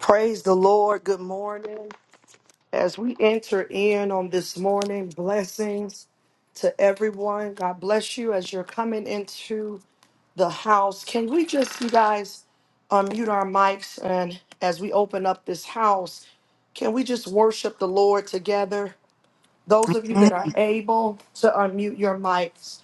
Praise the Lord. Good morning. As we enter in on this morning, blessings to everyone. God bless you as you're coming into the house. Can we just, you guys, unmute our mics? And as we open up this house, can we just worship the Lord together? Those of you that Amen. are able to unmute your mics,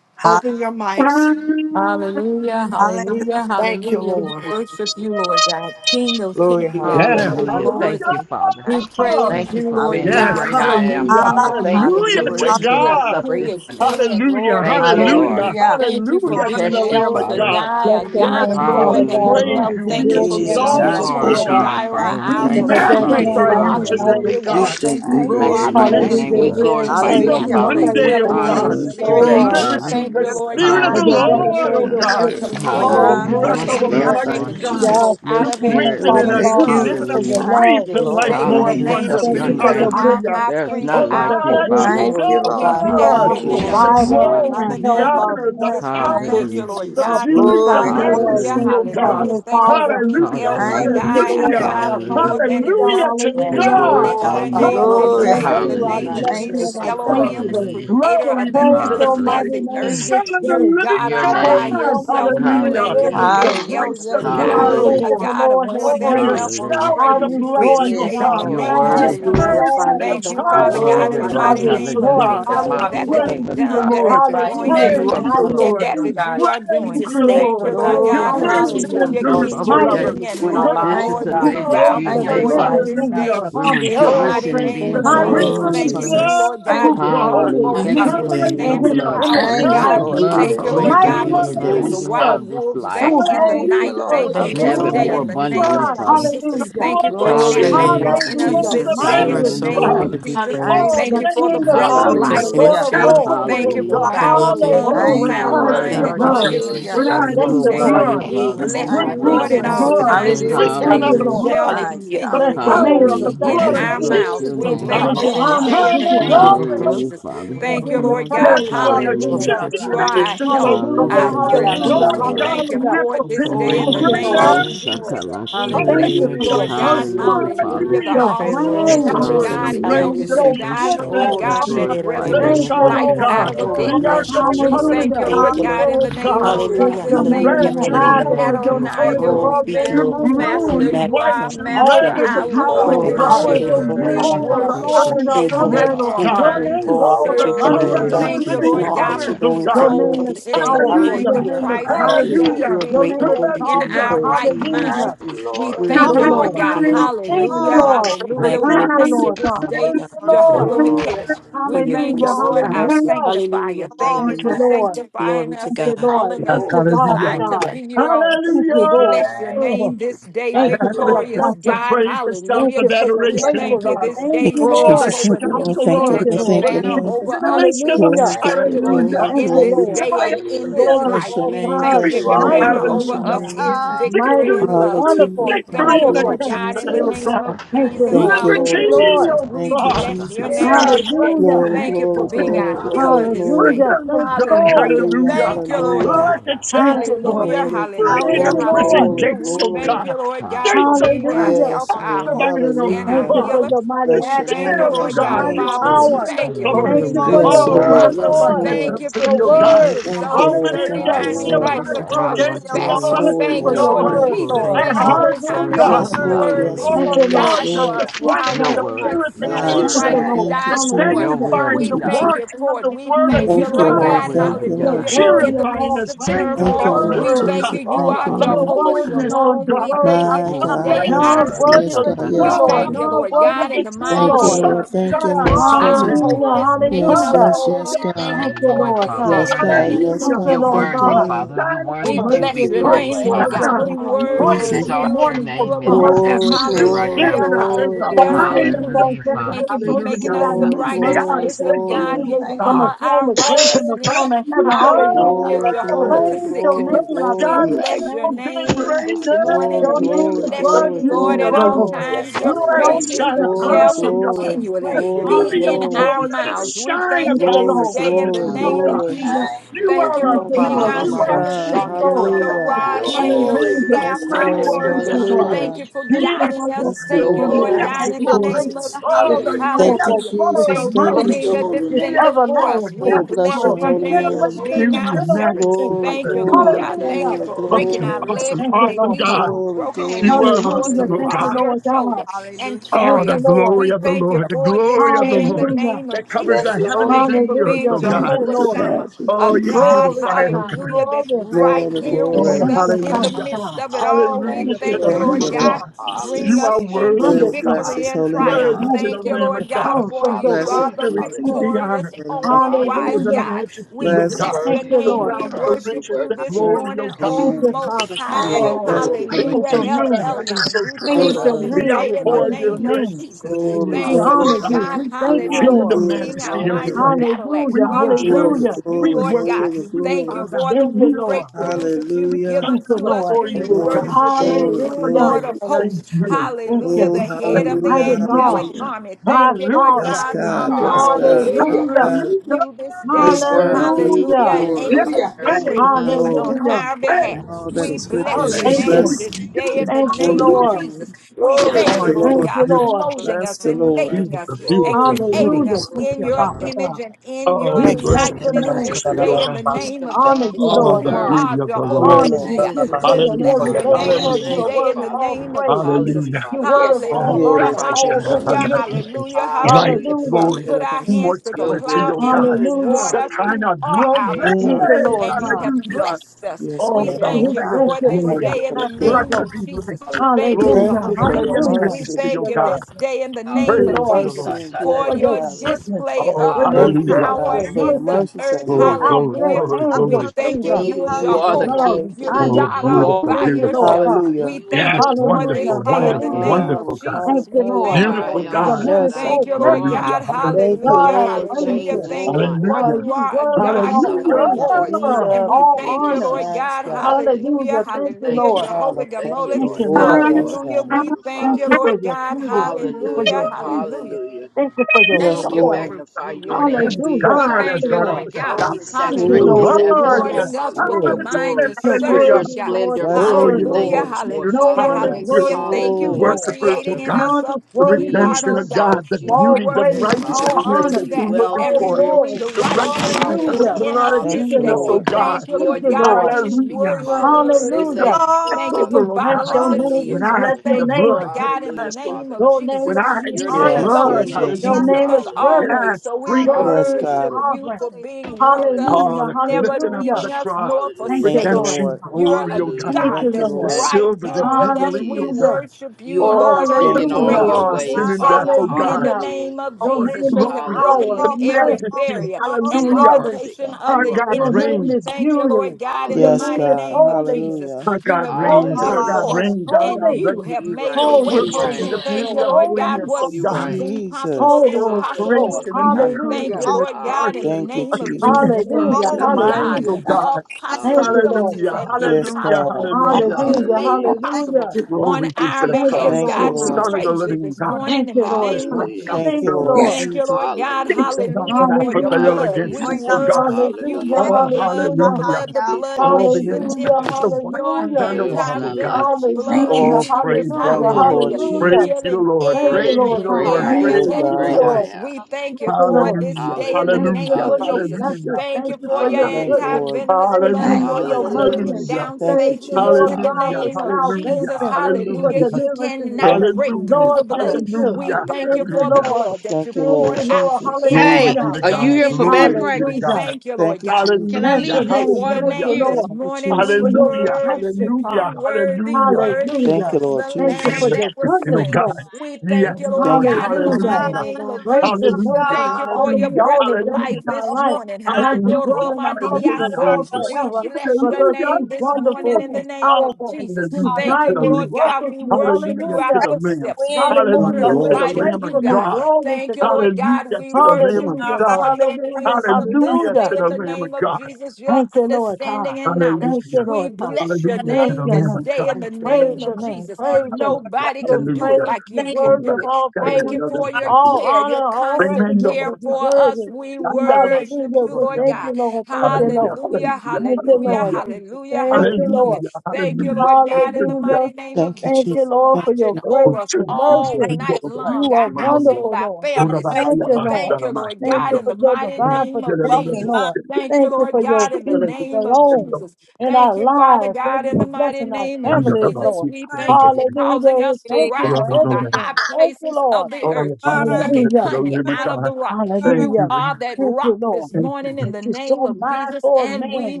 open your mics. Hallelujah, Hallelujah. Yes, hallelujah, Thank you, hallelujah. We Lord. worship you, Lord God, King of kings Glory, and Lord hallelujah. of Hallelujah. lords. Thank hallelujah. you, And Father. we praise Thank you you, for Lord being the Yes, Hallelujah. God. great I am, hallelujah, Hallelujah. Father. Hallelujah, Thank Father, you we hallelujah for to hallelujah. worship waking You you. are We us God. up King this praise of you. morning. kings and Hallelujah, Lord of Thank you, lords. Lord. hallelujah, Hallelujah. Thank you We for hallelujah Lord, to being the trust you, Lamb El of Glory, Father. God. Shaddai, Bless a your Yes, God of name, hallelujah. Lord, more Father we Thank you, than Hallelujah, God. We praise enough. Lord. give you. you Thank We Thank you you, glory for and Hey, Jesus. being exalt honor We You God, this just you, are O our thank bless Jehovah your God. morning you. God, name. Jireh, Father. Thank We We you, our Thank you Father. thank because for a you, there's new provider. Father. Thank you none magnify day, like you Lord. you in today, all Hallelujah. oh the Hallelujah. new Lord, We earth. God. strength, thank you. new We Thank You Lord, grace, are we you. magnify new that Lord. your thank Thank you mercy, name. Hallelujah. for We you, God. Lord. this We provision We're in just the glorify thank praise you, you Freedom Hallelujah. you, natural Father. as We praise Monday, well as oh and you, in honor just the Hold God. praise the you Thank glorify spirit. The Lord you, today, God. Glory, We Father. Jesus. liberty, thank the you, you, hallelujah. Lord Thank you, Spirit of for Lord, the God. for your are Hallelujah. Lord, wonderful fortifying Hallelujah. oh and our your You have God. spirit. goodness, holy your commanded the Oh, mercy, on. Hallelujah. We your breath Your morning of just and you God. Hallelujah. have favor, spirit, glorify Thank Almighty Lord. you, shaken you, God. Jesus. your evil Jesus. Your out outstretched You've of it. hand, breathed spirit, Lord, we in We Father Lord. us. thank God. You've Thank you. worship you given for us Hallelujah. your you life Thank love. you, and this life Lord. There's day Hallelujah. in more the Thank We nothing you, lift name up of Thank impossible Jesus. abundantly. your you for with Jesus, name. you. your our Hallelujah. goodness. high There's Thank priest, not you for our like your you, Hosanna, Father. potentate. Thank provision. you, glory, O We Lord. God. You bless Jesus! are We Thank your our you, Oh, Hallelujah. name The glorify this Jesus. oh, provider, you like and morning in glory, our the you. the magnify help, name of our honor, you. the strength, Jesus. Lord, We we Thank power, thank just you, you, Hallelujah. thank Lord you, the our Jesus. O God. God. peace, beauty, our the Glory, This Word, joy. Hallelujah. majesty, hallelujah. Hallelujah. Thank oh you, God. Hallelujah. Heavenly Hall- Thank word, you for Father. is being truly El Hallelujah, the day Hallelujah. Thank Thank you, you, that Shaddai, you a Lord have hallelujah. Jesus. God God. made of and you Hallelujah. more will than Hallelujah. rejoice enough. Hallelujah and to be glad We We Hallelujah. in it, oh God. Oh, bless glorify God. your Baba, Baba, you, Lord, name I Lord, we this Glory, Father. bless just day Hallelujah. in the thank you. you, I Thank oh hallelujah. you, name God, Hallelujah. of bless for Thank your you you, and Jesus, Jesus. I abundance Jesus. of thank you, Elohim, the Lord. blessings, Hallelujah. oh God. creator Glory of We the be Praise to thank the you, heavens oh your God, Hallelujah. and Christ, for mighty the even earth. name Son this waking of us the You're up day. living God today, Your all oh by God. Praise name. God. your yourself. mighty Hallelujah. We And name Hallelujah. thank our you Hallelujah. right for every The day. being minds, oh El God. Christ Hallelujah, of To For this Thank you, is Shaddai, God, the O Lord. Come Hallelujah. glory. day a that Lord. the before God you of Lord has once more Oh, than again your and made. enough. We Hallelujah. worship shout is I you a praise and you this praise blessing, rejoice you, O oh and day Yes, in I'm God. the God. You're Lord. name We of Your glad. worthy. just I'm Hallelujah. Jesus. mercy glorify glad. you, that oh Thank I'm you, God. We You're Father glad. triumphs God, worthy, over in Glory the magnify be I Lord. to mighty God. judgments, you, name O of rejoice. God. Hallelujah. oh Jesus, God. for Mighty that that Hallelujah. Hallelujah. Praise You name you've of be be the done, God. that Lord. Thank that you're you, glorified and going Hallelujah. to Jesus. Praise Because You do, are be Thank magnified you, the mighty once is Lord. and Lord. today, that oh that he God. you are We Praise doing. who be just the thank creates Thank the Lord. you, you, Lord God, day. Your Glory, for God. all that you're mercy hallelujah. Hallelujah. doing and Hallelujah. the all endures that King you're of lovely Mighty going day. is forever. King to do and in he our Praise Lord of This lives, is Thank and Lord, a you, be God, we who the day Jesus. that bow our created you have the Thank you, Lord. made, before families' Lord. you Father. living lives, this and God, things day Hallelujah. your We're upon the in people's the earth. lives. Oh, mighty rejoicing and thank you. name In The being of the Mighty mighty glad name is Thank Jesus. of you, in Oh, sprinkling it, of he Thanking Father. you, Jesus. Jesus. Lord blood so God. I who Thank of you. thank No God. you, created Hallelujah. foe God. Thank you can me Beautiful for day, Hallelujah. And I in your Lord withstand ask the his that Hallelujah. blood, God. you power image Father, of continue and and Thank what you, the God. to Lord. likeness. Thank blood you Hallelujah Thank of for you, for all the you're Lord Hallelujah. Jesus Mighty Hallelujah. doing God, for is in our blood Bless did of that keeping he we us. the lives. can I Jesus. wild have keep this in wolves this life, back who social. in the holds Thank you, Lord, the night. Hallelujah Lord. for earth Thank the you Thank That you, you in this have his will it blood day more Hallelujah. never in hand. Father. the of leave abundantly, name us of or God. Father. forsake Jesus. The us. Hallelujah. We Thank blood you for of bless Glory, you, oh Jesus. Hallelujah. The manifesting Praise God. you, in hallelujah. us blood Hallelujah. We of this the Jesus. thank day You you, Mighty in are the is oh so Hallelujah, God. name Lamb. worthy he, to of Father. be Jesus. Hallelujah. Thank We praised. Oh, Thank the you you, lift thank for you the you King up, for of Jesus. oh our breath Lord. of We Lord, kings, Hallelujah. life the just oh perpetual this Lord God. Hallelujah. lift of you day. up. Hallelujah. lords. Passover, Thank oh you Hallelujah, for oh Hallelujah. God. We God. And power, we love thank you. love, you, a Oh, when Thank You for Hallelujah. are you, sound our I Lord see Lord, mind worthy. the Thank God. our that you, Hallelujah. you've God, blood, our given Hallelujah. King, Jesus, when to for oh us I You this Thank see God. are the you, Apostle day. Our Lord worthy, blood, Sandy. We Jesus. Redeemer, Father. the oh bless You are Thank you, God. sprinkling you, In Thank the Lord, of you, at worthy. the mighty Jesus. all Ask Lord. for name blood, of the times. divine Your Jesus. Hallelujah. sprinkling Thank of you, the protection praises Hallelujah. Hallelujah. Lord. shall blood, My Hallelujah. the God. Bless continually the Hey. power name. of Hallelujah. the Hallelujah. be We Bless are in Lord, the blood of thank we our you, name. thank Hey, you, bless mouths. Jesus, your thank you, We and oh name. Give God. thank praise, divine you Lebrobo you oh this help God. honor. day Saba. in Give the you Oh, Hallelujah. we name over of glory. her, worship Hallelujah, Jesus. and Father. adore Hey, over Thank you, you, Give her you God. Lord mother, Yes, God. praise. Lebrobo Lord, you're Hallelujah, Hallelujah. Hallelujah. over Hallelujah. her shifting You Shira. the are hallelujah. our children, nations, help, oh Oh, we God. over Hallelujah. our her thank Hallelujah. you, oh healer. God. We Hallelujah. You Lord We Alalabako. grandchildren, thank are. you, God, oh thank you Hallelujah. God. for it over this her omnipotent, Oh, day great in Thank the Lord, you, we Mm, name Lord. Glory greater. of Thank it's grandchildren. you, Jesus. glorify so you. to Lord. the Jesus. name God. like of We In the Jesus. Thank name bless you Hallelujah. of you, for Hallelujah. your Lord You Jesus. God. mercy, Hallelujah, Glory to Father. Hallelujah. God. The We your Thank Hallelujah. all pray, you, Lord, Thank that you, Lord. sufficient grandness, doors Showers that Thank the have Jesus. God, Hallelujah. El rain, the Hallelujah. previously your been Shaddai beauty and are the shut a Oh, goodness. We Lord, God majesty. that glorify be The you. Thank resurrects now you, Son Rashirerararoshita. of life open, Lord. out you, God, of the Father oh we Lord. dead the Lord, God. Ark thing. bless of you, Lord, the We We Jesus. Covenant, thank Hallelujah. the you, glorify Thank God Lord of you, God, Lord. in rainbow the of name God. of Glory. the Lift Hallelujah, Jesus. hallelujah. your Your you. name Thank red, you hallelujah, You are on for your the high only Lord. being one hallelujah. yellow, because that your your can open name the Adonai. is Mm. purple, door. Oh, We above be make every your Thank you glorified, you, name. be blue, Lord. master. your You white, are magnified, your my thank All master, King. red and you, our You Jesus. green, are principalities, oh Lord, Oh, Thank Hallelujah. this you God. for powers, day. doing Oh, that We Rashirerararoshita. Baba, worthy. dominion, All and and Baba, the for your worship authorities Hallelujah. you are orange, perfect this the Thank you, under power. day red, Lord. oh for a Thank you, God. your Lord, Hallelujah. mind You for to name, all are All that the you're serve In you. thank under the doing, you, oh your colors name of Jesus. God, of worthy, Thank O you, living and God. jurisdiction. Lord Jesus. all God, that for colors, you're Yes, oh being going to Lord. Your God. Thank you do on for name is clothed this people in with the day. Yes, powerful. you this. mind Your Hallelujah. of are. Hallelujah, name is oh Christ Thank God. Thank this you you, mighty. for day Father. Hallelujah. You and are being Your great name and is clothed greatly to in be sovereign. our praised. We right mind. worship Hallelujah. Thank you. you, We Lord. We Thank thank you, you, adore you. Lord We Lord. Glory, God. glory, Hallelujah. glorify Thank you, you, Yes, oh Hallelujah. God. Thank Lord. you, Hallelujah. Jesus. We Thank you, thank you Lord Magnificent this God. one, oh glory, glory, day, Thank God. you, We Lord. We Lord. the thank Jehovah you, oh freedom give Glory. God, Makedesh. hallelujah. for We your thank you, Hallelujah. grace and glory, Lord, your our mercy. Hallelujah. sanctifier. Hallelujah, Thank Thank you glory, for you, and hallelujah. Thank Lord. honor. sanctifying Glory to us Thank you, and God. thank Lord. you, calling Thank us Lord. to you, the that Father you side hallelujah. to God. give Hallelujah. be your own. Thank Hallelujah. you, We Lord. bless your Thank name you, this day, thank Thank you you, That's for the your Lord. victorious shout of blessings. God. praise, the shout Thank Hallelujah. of you for your We adoration, Yes, oh thank you faithfulness. God. this Lord. day. Thank Thank you, you, You're Oh, the Lord. Jesus. Jehovah Thank you, shout, Lord. oh Thank Nisi, Thank you, Lord, and you, Lord. your Lord Thank for you, the banner Lord. Jesus. kings over in the us midst of is Hallelujah. Glory, us. Thank you, glory, Lord victory glory, Hallelujah. God. Thank in you, Thank this You glory. you. Lord. day and The in triumphant Hallelujah. this over Lord, Bless life. your all We name, God, thank you. is bless You your Your are everything. mighty. name, banner worthy, over bless your oh Hallelujah. us God. name. is It's Thank Hallelujah. you, mighty, victory Lord. Victory, and it's love. victory, Hallelujah, wonderful, We it's victory thank in you, the hallelujah, powerful. Lord camp God, Thank, in today, the oh Jesus. God. name of Thank thank you, you, Jesus. Lord. Thank Lord. you, Thank you, Lord Hallelujah. Liberty, Lord. Jesus. oh We Thank you, God. bless your Jesus. name Yes. Yes, Isakalaki. this let day. Hallelujah. the Glory, Thank Thank you for glory, you, being liberty, Lord. glory, our glory, healer Okokolashi. this Hallelujah. day. glory. Hallelujah. freedom oh Thank you, God, Lord. Hallelujah. Hallelujah, hallelujah. Thank you, Lord, Thank Lord you, hallelujah. Hallelujah, Let God. the Lord. Father. and Thank chains Thank you, you. pour. Lord for Hallelujah, you, Jesus. Glory, We Breaking Yahweh, Thank the hallelujah, you, glory, glorify Lord. prison you. glory, hallelujah. gates, for We oh you, thank glory. God. you, Lord God, for Lord. Gates of Hallelujah. being our brass, Hallelujah. health, Yes, arms our Hallelujah. Lord. of iron, wholeness, oh and Thank our Hallelujah. you God. for Hallelujah. healer. your You mighty We Bless your act. did thank Thank it, name, you, you oh for bless Lord your God. your God. You're, mighty name, You Father, we you're, power. Jesus. opened the thank you for You are Thank the doors. being you mm. for Thank, Glory, mighty Yes, your Jehovah Oh, we Lord. word, warrior, lift Rapha. up Yes, our Father Hallelujah. Lord. heads Thank Lord. up God. you to for thee, Your oh Hallelujah. God. word. Thank you Jesus, Thank for how you, belongs. you those Lord. Opening the Thank protect Hallelujah. you, 39 gates us. Thank of you Thank Lord. Hallelujah. you for stripes your Lord. for how everlasting you across word. He gates, his watch the back. Yes, over alone, Thank us. Lord. you everlasting Thank he for you, Yes, your Lord door. Thank you Lord. word, for how Jesus. Fukukura Lord. you Thank Our you go for alone hearts, oh before us counting Hallelujah. God. in us Yes, all worthy Lord. to worthy Yes, Shikari. things. to Thank Oh, you, Lord. Lord Yes, Lord, die Jesus. does for Lord. the us Thank you, while cleansing, we Your Lord. the were glorify. word, yet your sinners. My Thank word, purification, you, God. Christ thank, Lord. Thank you, the died for Jesus. your us. Hallelujah. Thank will you, sanctifying, be We the done. Jesus. thank you washing of for the it. We Word of thank you, Thank you, Lord Hallelujah. Your Lord. thank God. God, will Thank be you, You're Lord done, Hallelujah. Jesus. In worthy the Father. of purifying all midst us, of praise. you. You're Thank You you, turmoil, sanctifying are Hallelujah. us, we Lord worthy. oh thank worthy God, Jesus. you. of You all Thank are you, our. the Father. You're Lord. Jehovah worthy, holiness, oh Lord. Shalom. You're God, We worthy. thank you My the this Hallelujah. God. day, Yes, our Fukukura None God. righteousness worthy peace. Yes, of Shikari. but God. you, Yes, We Lord. God, Glory, thank you, God. None Lord the worthy God, in but the you, mighty Thank you, righteousness, Lord. name Son Lord. of of glory, Thank you, Jesus, You God, Lord Son of our Jesus. Man. are worthy. Hallelujah. wholeness making Yes, us Hallelujah. yes, whole. yes, Hallelujah, We thank God. you Thank you, for Hallelujah, it Lord this Father. God. Yes, day Your in the God. name. name Yes, of Thank hallelujah. you, You're God. Jesus. Lord Thank you, worthy, God. Lord. Father. You're Your We worthy Hosanna! mercy to Thank be bless you, your endure Lord praised, name, Lord forever. Father. Jesus. Your God. Hosanna! We Thank mercy is Are new you, We worship Jesus. worthy, every Hosanna, you exalt God. your morning. and you oh name in Your this alone. God! mercy is Glory, new atmosphere You've this right glory, given now, Hallelujah, day. us Father. as glory, the hallelujah, We can lion glory, of move hallelujah. on Hallelujah, Father. Abraham, Thank yesterday's you for He- mercy. We making hallelujah! us got the Thank glory, new you, The Father. mercy glory, Thank ox, righteousness you, the today of Jesus. from eagle, glory, God. you, oh You Thank from you, the God! are Lord. throne our of grace, from Oh, the righteousness. throne of heaven. You Hallelujah. are Hallelujah, hallelujah! Jehovah worthy. to glory, glory, God. Praise your glory, Tsikanu. name. I Lord We glory, God, You praise let your your bless your name. open name Thank rain magnify. this you, Lord. morning. Your down We Enter name is bless us the worthy glory, you, to be beauty Lord, at of glory, the all praised. Lord. glory, times. Yes, Your all. sir. Let Your it Thank Hallelujah. praises you. name shine is upon glory, glory, glory, shall us, worthy oh to God. be continually The praised. Thank you, glory, glory, be beauty of Worthy in Hallelujah. the to Father. glory, our be Lord, let it praised, mouths. We Father. shine thank Thank you you, upon the this glory, Lord. day in assignment the glory, room, oh name of God. Hallelujah. glory. Hallelujah. Jesus. Thank you, You Thank Lord. are you our for Thank Oh, you, being Baba, beauty. Lord our Baba, You Bless Hallelujah. Jesus. Baba, Hallelujah. shepherd. Thank God, Thank you, you Shandela, for Lord. Baba, your hallelujah. rod Haya. and Hallelujah. your Glory be the Hallelujah. to God. staff. Bless the mighty Thank Yes, Lord, you, Thank words Lord. Lord. Hallelujah. that you, cry, Lord. Hallelujah. Thank hallelujah. you for Thank you for Yes, guiding your us. Bless Lord, the Your Thank you, Lord. faithfulness Lord Oh, Thank Baba, yes, God, because Thank you, in the it's Lord. great. name Jesus. you. of Oh, It's Jesus. the Hallelujah. Thank you, yes, powerful. Hallelujah. It's Lord, Jesus. oh Thank you for Thank God, you, Bless mighty. being your a Jesus. holy It's name. yes, defender for us. Lord, We Oh, yes, everlasting. glory, glory. glory. Hallelujah, hallelujah. We bless bless your It's Lord. your from worship, Bless holy name your for witness. worship, name. holy generation being to name. Beauty our and worship. shepherd. majesty, generation. Glory, Thank you, Lord glory, hallelujah. Hallelujah. God. Bless Thank Hallelujah. you your glory, for holy breaking name. Awesome, glory, our legs awesome, Thank when you, they awesome Lord need to God. God. be glory, broken, and you You glory, will are throw glory, us Hallelujah. Hallelujah. awesome, oh Thank you, across glory. God. your Lord Hallelujah, shoulder God. and hallelujah. Hallelujah. Oh, Thank carry the you, us. Lord. glory We of the thank you Lord, the for this glory of the day in the Lord Hallelujah. name of that covers the Bless Jesus. your heavens holy Thank you and name. for the earth, being Hallelujah. oh Thank Jesus God. you, Jehovah Let of Lord. Shammah Nazareth. a Oh, you us God, Glory beautify see to it, Thank oh God. God. you, Jesus. hallelujah, that's Glory. Thank right you, Glory, Lord. here Oh, glory. with Thank us Jesus. you, in the Father hallelujah. midst God. of it all. Thank We Hallelujah Thank Hallelujah. you, you to thank the for you, Lord. Thank Lamb new you, Lord of God. God, Lord things, Hallelujah. bringing You Jesus. are us into worthy, Glory, O abundant bless God. things, victory his and holy Hallelujah. triumph. name. Worthy to Hallelujah. the Thank you, everything Lamb to Lord of God, God. come for from your you Bless his Hallelujah. grace. are To the holy name. receive Hallelujah. Lord. the victorious, honor, Holy the name. only Hallelujah. power, wise the Hallelujah. God. majesty, We O Bless his God. bless your Thank Worthy you, The to name. name. Lord be We wealth, God. My the praised. You're worship riches, you the worthy God. this to Bless be his glory, O morning, praised. God. holy oh Thank you, name. Most Father High. God. You are Thank you, Oh, Bless Lord. worthy his the holy Praise Hallelujah, name. your to opening of be El the name. heavens, praised. Elyon. O We God. Lord, Praise thank you I your this Hallelujah. don't The name. day We in the outpour understand. of praise your your name Hallelujah. of name. Jesus. graciousness and your Glory, We Thank Hallelujah. glory, love, you, O honor Lord God. you. glory, God. We thank you, glory, Hallelujah for Lord. Kingdom, Hallelujah. glory, being our majesty, and Hallelujah. glory, mighty praise. battle axe. We Hallelujah. We Hallelujah. worship you. glory, worship Hallelujah. you, We glory, Lord worship God. glory, you. We Thank you glory. bow down. for We the Thank you, kneel Lord. before you. breakthroughs that We you've Hallelujah. bow given Thank you, down to us. Lord. before We you, O Amen. Glory, God. worship you, glory, Shandela, Lord, you Hallelujah. make Lord glory. us of sing Baba. hosts. We Thank Hallelujah, you, Oh, the to head of the hallelujah, Almighty you. God, angelic hallelujah. army. my Thank you, Lord Hallelujah. Bless Father. God. God, Hallelujah. bless Hallelujah. Hallelujah, God, We bless Hallelujah. Father. Hallelujah. God, worship Hallelujah. you this day. You're bless God, bless the Hallelujah. Hallelujah. worthy, Lord. Yes, Father. Angels Hallelujah. Oh, being There's my praise. none released like soul, Yes, on Hallelujah. our praise. and you. behalf. all that We is bless within your me. Thank Hallelujah. name you. Hallelujah. Bless this day his in the Thank you, holy name of Hallelujah. Lord. Jesus. name. We Glory Bless be thank Oh, you, to the you're God. Lord so Thank Lord, you, God, for Lord. beautiful. molding bless us the and Lord. making us Beautiful, and Glory, beautiful, creating glory, Hallelujah. beautiful. us Thank glory. in you, your Father image God. and in Oh, We your in Thank you, bless worship your and likeness Thank name. Your this you, majesty, oh day Lord. in God. the name kingdom of Honor come, Jesus. you, Father, Oh, on Lord the You Okay. God. earth, beauty are of the Father, Jehovah Lord. Honor as it Yellow, you Thank Makia. you, this is in Lord. We day Jesus. and heaven, bless every Thank Hallelujah. your Father. you, day Lord. name because this you are Hallelujah. Thank you, day in worthy of the Father. all name of praise. Jesus. Hallelujah, Hallelujah. You're Father. worthy of Yes, We Oh, God. all Hallelujah, honor, rise glorify and you, all shine Yerabasha, Father. upon hallelujah, our recognition. people. hallelujah, Light, Hallelujah, hallelujah. Hallelujah. We Father. glory, put our yerabasha. hands to the Your immortality, will plow oh be and God. you done. Hallelujah. reward us. Hallelujah. You Shekinah, are our Hey, Thank Mm, reward you, Salah, glory. did you Lord and you God. have Hallelujah. blessed us. yes, We Oh, God. the We thank Yes, you light God. of thank the for you Thank this for Thank you. your glory. you day for in the the blessings, good. name Blessed Lord. of be light, Jesus. Thank you, glory, Thank Hallelujah. you Jehovah for beauty, your and Gamoleth. Hallelujah. We mercy. majesty, Thank O thank you, you God. Lord. this day in the Thank name you, Your Hallelujah. of Praise Lord, you, Jesus mercy Ta- Lord. ta- endure ta- for for did your your you forever. goodness, display Oh, of for your your Thank Hallelujah, you, hallelujah. grace, power God, your Father. for your in the mercy, mercies are earth. your new Glory, every glory, outstretched Hallelujah. glory, morning. hand, your We glory. Hallelujah, of thank you, favor, Great King. you're You is are your the your Jehovah. hallelujah. love King of and You're faithfulness. King. kindness Oh, God You toward all us. are beautiful, by Thank you, Lord beautiful. Lord yourself. God. Father. We Hallelujah. You thank are Yes, you the for great this Hallelujah. wonderful, day I in the wonderful, Hallelujah. am. name Ah, of we wonderful God. call Thank Jesus. you, We upon You you, Lord, are thank you, our God, Beautiful Lord and for El God. your you God. Shaddai. answer. Thank manifold you, You Lord blessings. are Hallelujah, God. the Thank hallelujah, you, God, Hallelujah. I God Lord. that praise Thank Hallelujah. you, you. changes Thank you Lord. not, hallelujah, for Are Father. you you are a worthy of God You all know who what we praise, have Sakalate need rewards. Glory, hallelujah. And of we all before kukulate thank you, we disi honor? Lord ask God. God. sakalate. Hallelujah. Hallelujah. Thank you, Hallelujah. Thank you, Lord. God, Father. I Jehovah Thank thank Gamoleth. you, you. Thank Lord. you, Lord Ora Thank you, Lord. Jesus. Hallelujah. Rashana. We Heavenly thank Thank you, Father. you for Lord your God. beauty. Thank you for your Hallelujah. Hallelujah. peace. Hallelujah. Hallelujah. Thank you for your Lord, Yes, Thank we you joy. for Lord. re- magnify your rewarding us. Yes, name. We Hallelujah. We God has exalt thank Thank you, your you, gone up Lord. name, Lord with the Father. God. We Glory. dots. Thank you, The saturate Hallelujah. Lord. this Oh, Thank you, Lord is atmosphere, the Lord. Rewarding bless the Father, us with with sun a of your the Lord. mind to temple. glory, You're with serve Hallelujah. your you, worthy, God. Lord. splendor, You're Bless Father. Oh, the We you're worthy. Hallelujah. thank you Lord. watching for it, You're No Hallelujah. Father. Oh, one is prophet. my Hallelujah. worthy but Thank you you, for soul. Hallelujah, Lord. worshipers creating of Father. in God, us None a is the worthy clean but We heart, redemption oh you. of God. exalt God, the It's you We all beauty, the today, worship praise, you Father. for all We righteousness honor, thank doing that you. you're that looking Wealth and all and for, renewing glory. the riches the right is righteousness spirit of the Hallelujah. ours, within Hallelujah. blood us of Thank Father, Thank this you, you, day. Jesus, Lord. oh Lord. God. Thank because you, we are Thank Lord you, your God. Lord. We righteous people, Hallelujah. You are worship Father. you worthy, We this The Lord Hallelujah. day. thank you for it, Thank you for We Father. Passover, oh bless God. bottling your the name. Hallelujah, When We tears. I We bless Father. see your the thank you, name. Lord blood, you God, in the Hallelujah, pass over. name Father. of Your name When Jesus. is I to be Your You see the said, honored. name, Yes, Lo, blood, your yes, you will name. yes, be Your yes. hallelujah. with name us is glory, Hallelujah. reverent. always. Yes, So we sprinkle Your us. Yes, name is Hallelujah. God. worship you sovereign. for hallelujah, being hallelujah. with us, Hallelujah. Oh, Hallelujah. the never lifting up of Hallelujah. the leaving us cross, nor Thank Hallelujah. you, Thank you, forsaking Lord. us. redemption, Lord. God. You're glory, a oh Hallelujah. God. Thank God you, Thank you, that's The Lord. Lord. As for right silver, here the God, with us. He jubilee, We oh is. Hallelujah. God. worship You you, are Yo, Oh, Lord of perfect the freedom Thank in la you, from all the Hallelujah. Lord mama, your law, breakthrough this sin ways, and Jesus. day. death, Father. mama. oh In God. the Hallelujah. Hallelujah. name of Oh, Your the Jesus, name is you have glory, Glory, broken power, Hallelujah. the through strength, every glory, majesty, barrier You glory, and are hallelujah. sovereignty. limitation perfect. God. of Our You the are God Your enemy. name perfect. We is reigns. thank you, Lord beauty. God, in the Your Yes, name mighty Hallelujah. is God. name of holiness. Jesus. Hallelujah. Our You God have gone reigns. Holy all Our is Hallelujah. the God honor, before Lord. us reigns. Our and God Holy, you reigns. have You made a reign. holy, way. You all Worship holy you, We the reign. is the praise, thank beauty you, Lord. of Lord God. Holy, holiness, What oh You glory, seems God. reign. impossible Jesus. holy is Oh, is the possible Lord. Hallelujah. with creation, a you. new Thank Hallelujah. you, Hallelujah. creation, all a Lord God, heart, in the Hallelujah. Thank authority, you, a name of clean Jesus. Jesus for hand, Hallelujah. being glory. pure a In Hallelujah. the minds, God name of oh Hallelujah. God. God. of Thank you, Jesus, Thank you, Hallelujah, Lord possibilities Hallelujah, God. and Father. Yes, hallelujah, God. impossible Thank things hallelujah. you. Lord. being Hallelujah. made Hallelujah. Thank Thank you, possible Hallelujah. you. Father. on Glory be to our We the Thank you, behalf. Christ, exalt Thank Lord you, you, God, God. we Glory. Lord Father. Son of the praise Jesus. you living this God. Lord, morning Thank in you, the Lord This name rock of Jesus. Hallelujah. I Thank Jesus. you, Thank you, build my Lord Lord. Yes. Thank you, church. Jesus. Lord God. Gates Hallelujah. and house Hallelujah and I for your Hallelujah. prevail blood. Hallelujah. against We it, Lord, Thank oh your God. Hallelujah. worship you Hallelujah, for the Oh, mama, Father. blood. The Hallelujah. hallelujah. blood, the Mahaya. blood Oh, the exalt makes you. the Hallelujah. intercessions, the difference. Your watchmen Hallelujah. on the There is wall, anti oh none God. venomous like you, blood Thank of Father. you. Hallelujah. Oh, praise Jesus. you, Hallelujah. Thank you, Lord. Lord Hallelujah. Hallelujah. Jesus. Hallelujah. Praise you, Healing The Lord. Thank you, Praise Great, you, the Lord every great God. Lord. I area am, Thank Oh, Praise you. the that Thank it you, you, great God. I Lord. Lord. touches. am. We thank Thank you you, for Lord. this Hallelujah. day in the Hallelujah, Thank you name Hallelujah. of for your hallelujah, Jesus. blessings. Hallelujah. Thank Thank you you for for your your hallelujah, Thank you, anti goodness. Hallelujah. Lord. venomous Thank blood you Thank you. of for Hallelujah. your Jesus hallelujah, mercy. bringing Hallelujah. Messiah. down Thank you, Thank Satan you, Jesus. Lord in the God, Hallelujah. for Hallelujah, name of Hallelujah. Jesus. salvation. Thank you hallelujah, for Hallelujah. Hallelujah. He deliverance and cannot Thank healing. you, break Jesus. through Hallelujah. the Lord, blood. thank you. We Hallelujah. hallelujah. thank you Thank you, for the Hallelujah. Lord. blood that you Thank you, Thank you, Lord poured out Lord. Jesus. in Glory Hey, be heaven Hallelujah. to are you and God. here in for the band Glory earth. be to We God. practice? Hallelujah. thank you, Thank Lord you, God Jesus. we Bless Hallelujah. your bless name. your Thank Hallelujah. you, name You. Thank this Lord, you, morning. Jesus. for We your Hallelujah. direction, worship you. Hallelujah. Father. Worthy, Hallelujah. worthy Thank Hallelujah. you, is Lord the Thank you Jesus. Oh, lamb for the your that was shifting goodness, of slain. God. Lord. We Yes, thank Lord. you, Lord Lord. Thank you, God, in the Jesus. Baba, Hallelujah. mighty God, Hallelujah. Baba, name let Baba. the of river Grace Jesus. and of mercy Hallelujah. Thank and you God, for follow your me Hallelujah. all breath the of days life of Hallelujah. my this oh life. morning. And God, I should Hando dwell thank Hallelujah. in you, the Lord. house Thank of you, the Out of Hallelujah. our romandidiasa. Lord Jesus. belly We shall forever bless flow your rivers because name he's this of morning wonderful, living in the he's name of powerful, water. Jesus. he's Hallelujah. Hallelujah. Thank you, mighty, he Lord The God. welcomes We me. worship Hallelujah you. to the Lamb. Hallelujah Our to Hallelujah. the refreshing Lamb. footsteps wind, being Thank Hallelujah. the you, ordered Hallelujah He to Holy made the Lord right of Jesus. place Lamb of you, for Spirit, me. God. God. Glory Thank to you, God. Lord God. Hallelujah We to refresh the Lamb worship of you our Hallelujah. for hearts, God. your refresh Hallelujah. wisdom all this of Hallelujah Hallelujah. day to in the the Lamb of name of God. Jesus, your Thank you, Lord God. understanding and knowledge. Thank you, Hallelujah. We Lord God. you, bless your and Hallelujah our to Yes, the name your Lamb this of name. day God. in the Thank flame. you, name Praise Lord. of your name. Jesus. morning, Hallelujah. Praise you. Lord Hallelujah. God. Nobody your can do it Hallelujah. praise. like your are you Thank you, can Hallelujah. worthy do of it. Hallelujah. all Thank praise, you Hallelujah. for God. your all care, your honor, all constant care recognition for deserves us. it. We worship Hallelujah. you, Good. Lord Thank God. you, Lord. Thank you, Hallelujah. Hallelujah. Lord. Hallelujah, Hallelujah. Thank you, hallelujah, Lord Jesus. hallelujah, Thank Thank you, you. hallelujah. Lord. Thank you, Lord God, in the Hallelujah. mighty name of Thank you, Thank Jesus. Jesus you, for Lord, Thank for watching your you, over grace, us your all mercy. Thank you, night Lord. Keep long, You are our household, wonderful, our Lord. our families. eyes on you, Thank We you, Hallelujah. Lord. thank you, Lord Thank Hallelujah. God, you in for the your mighty Lord. Oh, divine name of hallelujah wealthy protection, to Jesus. mind. Lord. the Thank you, Thank you Lord for your God, in the peace, name of shalom Jesus. in Thank our you, Father lives. Thank God, you in the for mighty blessing our name of families, Jesus. Lord. We Mercy, thank you for Hallelujah. causing We us to mercy, Thank you ride for on the high everything. Thank you, places of Lord. the earth, sucking Hallelujah. honey living mercy. out of God. the rock. Thank You Hallelujah. you, Lord. are that Thank you, rock Lord. this Thank you, morning in God. That the you're name so of Jesus, mindful of and man, we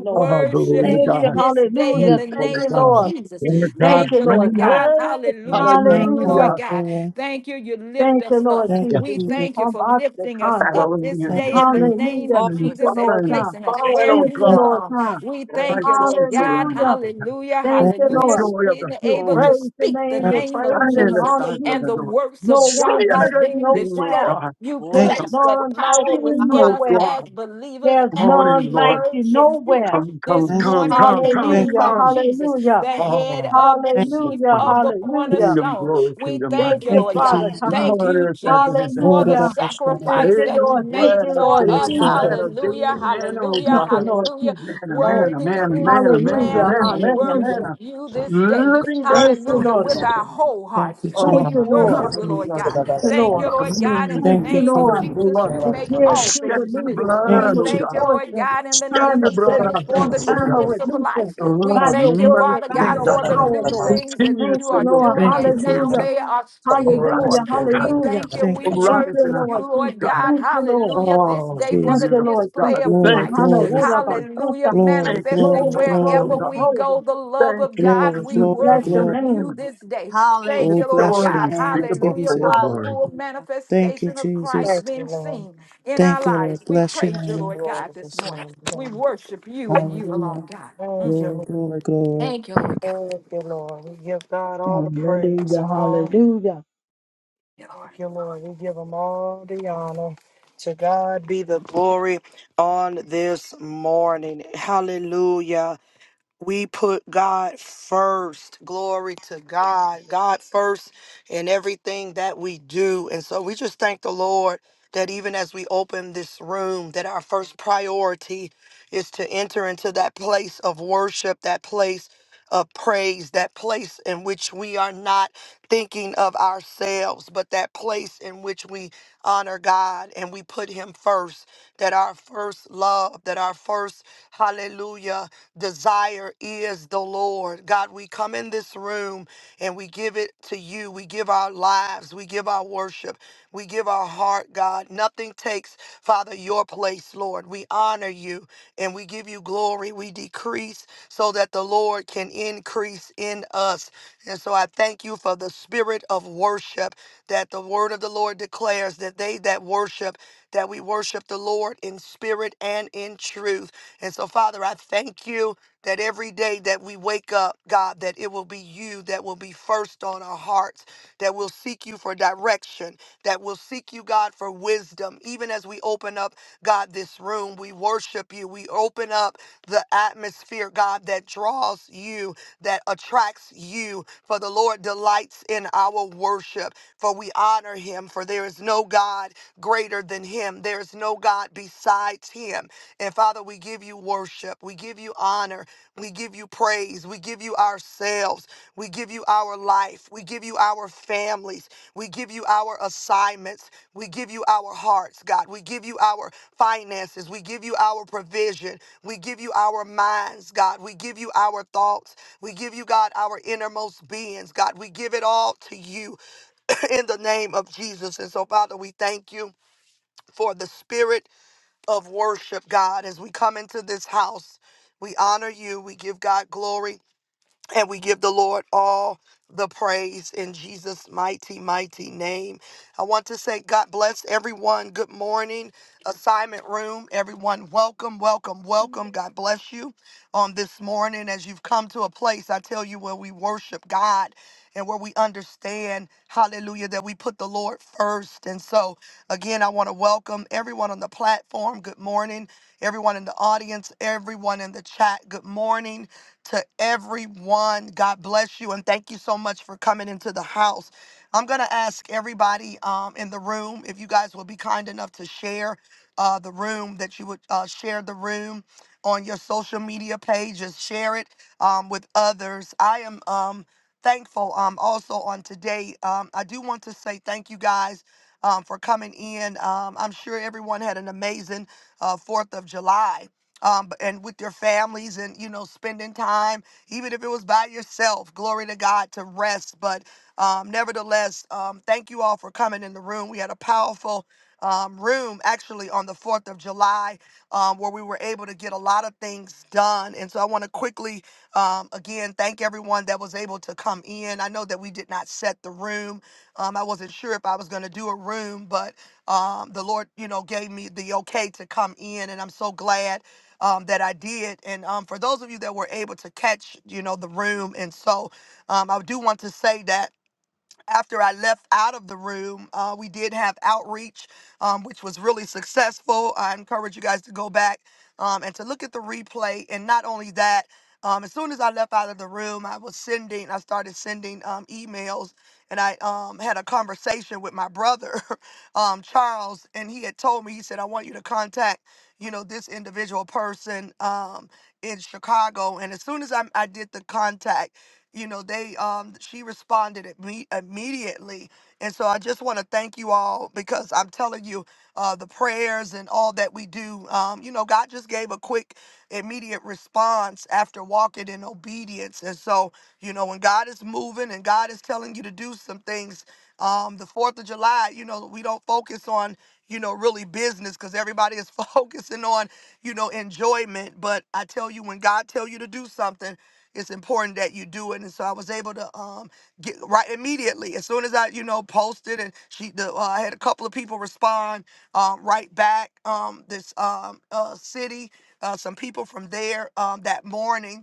Lord. Oh, glory worship to thank Thank you you. God. you, this day in Hallelujah. the Thank Useful you, name of God. Lord. thank you, Jesus. And Jesus. Thank God Thank you, you, Lord Lord reign. God. God. Hey, Yes, Hallelujah. God, Thank you, Lord Hallelujah. Hallelujah. God. hallelujah. Thank you. You lift Thank you, us Lord up. Thank Yeah. you, Jesus. We We Jesus. thank you come for back the lifting us condom. up this Thank Babylonians. day you, in the Jesus. name Hallelujah. of And Thank Glory. you, Jesus and Lord Following, God. placing us following where on Thank we you, Thank God. Lord belong. God. We you, thank you, Lord Righteousness God. around. Hallelujah. Hallelujah. Thank thank you, The you, Hallelujah. Lord. joy of the Being We able Lord. to praise your speak the name. thank We I'm name of praise standing and in the Jesus honor sides of and you. the the door. works No of City one of you, the darkness like you great being King, oh nowhere. destroyed. God. You thank you, thank you, There's Come placed that none like power rushing you in, within oh us nowhere. as God. believers, There's Come and on none in, we like Lord. you worship you nowhere. Come, this come, thank you, come, morning in come, the come, thank name Hallelujah. of come. Jesus, Hallelujah. the head Oh, of the you, chief Hallelujah. of the Hallelujah. kingdom cornerstone. glory, We kingdom might. Thank thank you, you, thank Lord you, God. Father Jesus. God. Now Thank on you, earth as it is Jesus, in for Lord the heaven. of Hallelujah. our The Thank shadow. sacrifice you, that daily you Lord. Thank made bread, you, our for Lord Yes, us. daily Jesus. bread, our God. daily Hallelujah, manna, oh hallelujah, Thank you, God. Lord hallelujah. Jesus. Manna, Oh, manna, Worthy manna, is the manna, manna, hallelujah. Lamb. manna, We manna, Hallelujah. worship manna. you this day. Living bread Thank from you, Hallelujah. Lord. heaven, With oh our Jesus. God. whole hearts, Thank you, Jesus. Thank we Oh, you, Thank Lord. you, worship God, you, we Jesus. Lord love God. you. Thank you, Thank Lord. you, Lord commune God, in with the Thank Thank you. you, you, name of Jesus. Covenant Lord. Jesus, blood, you It's make the here all to things shedding of believe the new. it's Thank We blood, time you, of oh Jesus. thank you, God, Lord rejoicing, God, in the shedding time name the of of blood of our setting Jesus, for free, the hearts, oh time God. of newness of life. releasing The We by Love, your thank you, word and Father mercy, by oh God, your Thank you, for the God, Jesus. power, new Lord. things that Thank you you, are continuously, oh Lord. doing, God, Thank you, and now Hallelujah. Jesus. they are springing forth. Hallelujah. arise, oh God, We Hallelujah. thank you. Thank We you, Thank arise you, in Jesus. worship our you, Lord hearts, oh Lord Jesus. God. God. Thank you, Lord. Hallelujah. This Oh, day for Thank Jesus. the you, beautiful Lord display God, of Jesus. We Glory, thank you Christ. honor for glory, all this of us. morning, Thank Hallelujah. you. glory, Thank you for Manifesting glory, Glory, July, oh wherever glory. glory, God. we go, glory. the love Thank of you for God. the Glory, We We freedom glory, bless and your worship glory, liberty, your you name. this day. Thank Oh, you, Hallelujah. Lord bless joy the God. name of unspeakable, Hallelujah full Jesus. for of the glory. full Hallelujah. Thank you, manifestation of Jesus. Christ Thank you, being Lord. seen in our Thank you, Lord. lives. We Bless your praise you, Give name. Lord Lord God, this this morning. morning, We God. worship you and you Hallelujah. alone, God. Mm. Thank you, Glory, glory, glory. Thank you, Lord. Lord Thank you, Lord. We give God all the praise Hallelujah, and all hallelujah. God. Thank you, Lord. We give him all the honor. To God be the glory on this morning. Hallelujah. We put God first. Glory to God. God first in everything that we do. And so we just thank the Lord that even as we open this room, that our first priority is to enter into that place of worship, that place of praise, that place in which we are not thinking of ourselves, but that place in which we honor God and we put Him first, that our first love, that our first hallelujah desire is the Lord. God, we come in this room and we give it to you. We give our lives, we give our worship, we give our heart, God. Nothing takes, Father, your place, Lord. We honor you and we give you glory. We decrease so that the Lord can increase in us. And so I thank you for the spirit of worship that the word of the Lord declares that they that worship, that we worship the Lord in spirit and in truth. And so, Father, I thank you that every day that we wake up, God, that it will be you that will be first on our hearts, that will seek you for direction, that will seek you, God, for wisdom. Even as we open up, God, this room, we worship you. We open up the atmosphere, God, that draws you, that attracts you. For the Lord delights in our worship, for we honor him, for there is no God greater than him. There is no God besides him. And Father, we give you worship. We give you honor. We give you praise. We give you ourselves. We give you our life. We give you our families. We give you our assignments. We give you our hearts, God. We give you our finances. We give you our provision. We give you our minds, God. We give you our thoughts. We give you, God, our innermost beings, God. We give it all to you in the name of Jesus. And so, Father, we thank you for the spirit of worship, God, as we come into this house. We honor you. We give God glory. And we give the Lord all the praise in Jesus' mighty, mighty name. I want to say, God bless everyone. Good morning, assignment room. Everyone, welcome, welcome, welcome. God bless you on this morning as you've come to a place, I tell you, where we worship God and where we understand, hallelujah, that we put the Lord first. And so, again, I want to welcome everyone on the platform. Good morning. Everyone in the audience, everyone in the chat. Good morning to everyone. God bless you and thank you so much for coming into the house. I'm going to ask everybody um, in the room if you guys will be kind enough to share uh, the room, that you would uh, share the room on your social media pages, share it um, with others. I am um, thankful um, also on today. Um, I do want to say thank you guys um, for coming in. Um, I'm sure everyone had an amazing uh, 4th of July um, b- and with your families and you know spending time even if it was by yourself glory to god to rest but um, nevertheless um, thank you all for coming in the room we had a powerful um, room actually on the 4th of july um, where we were able to get a lot of things done and so i want to quickly um, again thank everyone that was able to come in i know that we did not set the room um, i wasn't sure if i was going to do a room but um, the lord you know gave me the okay to come in and i'm so glad um, that I did. And um, for those of you that were able to catch, you know, the room, and so um, I do want to say that after I left out of the room, uh, we did have outreach, um, which was really successful. I encourage you guys to go back um, and to look at the replay. And not only that, um, as soon as I left out of the room, I was sending, I started sending um, emails, and I um, had a conversation with my brother, um, Charles, and he had told me, he said, I want you to contact, you know, this individual person um, in Chicago. And as soon as I, I did the contact, you know they um she responded at me immediately and so i just want to thank you all because i'm telling you uh the prayers and all that we do um you know god just gave a quick immediate response after walking in obedience and so you know when god is moving and god is telling you to do some things um the 4th of july you know we don't focus on you know really business because everybody is focusing on you know enjoyment but i tell you when god tell you to do something it's important that you do it. And so I was able to um, get right immediately as soon as I you know posted and she the, uh, I had a couple of people respond um, right back um, this um, uh, city uh, some people from there um, that morning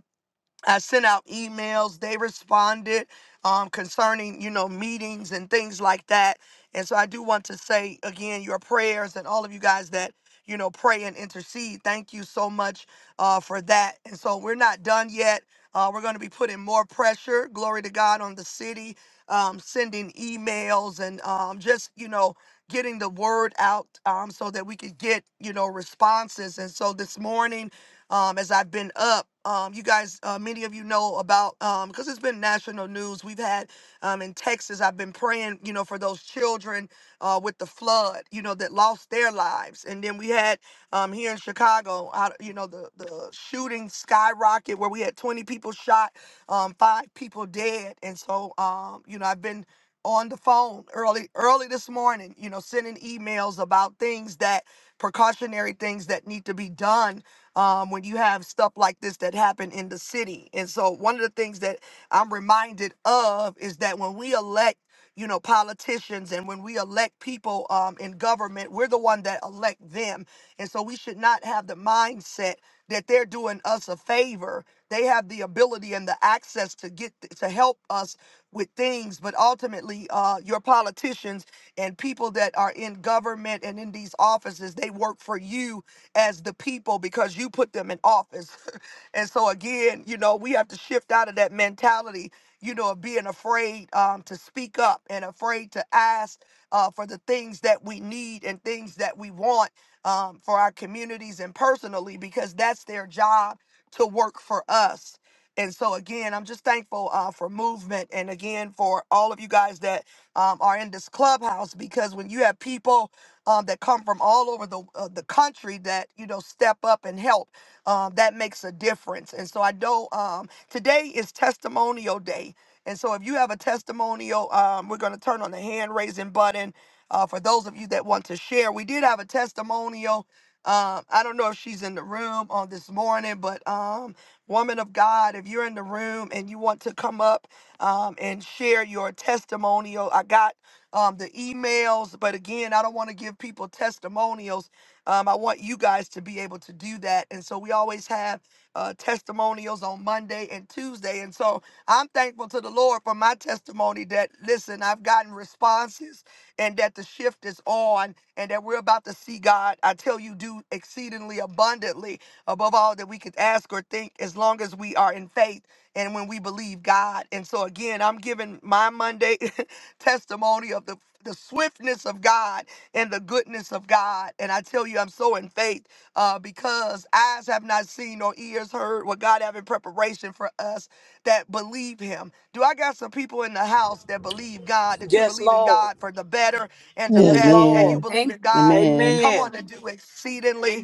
I sent out emails. They responded um, concerning, you know, meetings and things like that. And so I do want to say again, your prayers and all of you guys that, you know, pray and intercede. Thank you so much uh, for that. And so we're not done yet. Uh, we're going to be putting more pressure, glory to God, on the city, um, sending emails and um, just, you know, getting the word out um, so that we could get, you know, responses. And so this morning, um, as I've been up. Um, you guys, uh, many of you know about because it's been national news. We've had um, in Texas. I've been praying, you know, for those children uh, with the flood, you know, that lost their lives. And then we had um, here in Chicago, out, you know, the the shooting skyrocket where we had 20 people shot, um, five people dead. And so, um, you know, I've been on the phone early early this morning you know sending emails about things that precautionary things that need to be done um, when you have stuff like this that happen in the city. And so one of the things that I'm reminded of is that when we elect you know politicians and when we elect people um, in government we're the one that elect them and so we should not have the mindset that they're doing us a favor they have the ability and the access to get to help us with things but ultimately uh, your politicians and people that are in government and in these offices they work for you as the people because you put them in office. and so again, you know, we have to shift out of that mentality, you know, of being afraid um, to speak up and afraid to ask uh, for the things that we need and things that we want um, for our communities and personally because that's their job to work for us. And so again, I'm just thankful uh, for movement, and again for all of you guys that um, are in this clubhouse. Because when you have people um, that come from all over the uh, the country that you know step up and help. Um, that makes a difference. And so I know um, today is Testimonial Day. And so if you have a testimonial, um, we're going to turn on the hand raising button uh, for those of you that want to share. We did have a testimonial. Um, I don't know if she's in the room on this morning, but um, woman of God, if you're in the room and you want to come up um, and share your testimonial, I got um, the emails. But again, I don't want to give people testimonials. Um, I want you guys to be able to do that. And so we always have uh, testimonials on Monday and Tuesday. And so I'm thankful to the Lord for my testimony that, listen, I've gotten responses and that the shift is on and that we're about to see God, I tell you, do exceedingly abundantly above all that we could ask or think as long as we are in faith and when we believe God. And so, again, I'm giving my Monday. testimony of the the swiftness of God and the goodness of God. And I tell you, I'm so in faith uh, because eyes have not seen nor ears heard what God have in preparation for us that believe Him. Do I got some people in the house that believe God, that you're Yes, believing Lord. God for the better and the Yes, best, and you Lord. Amen. believe Amen. in God? Amen. Come Amen. on and do exceedingly.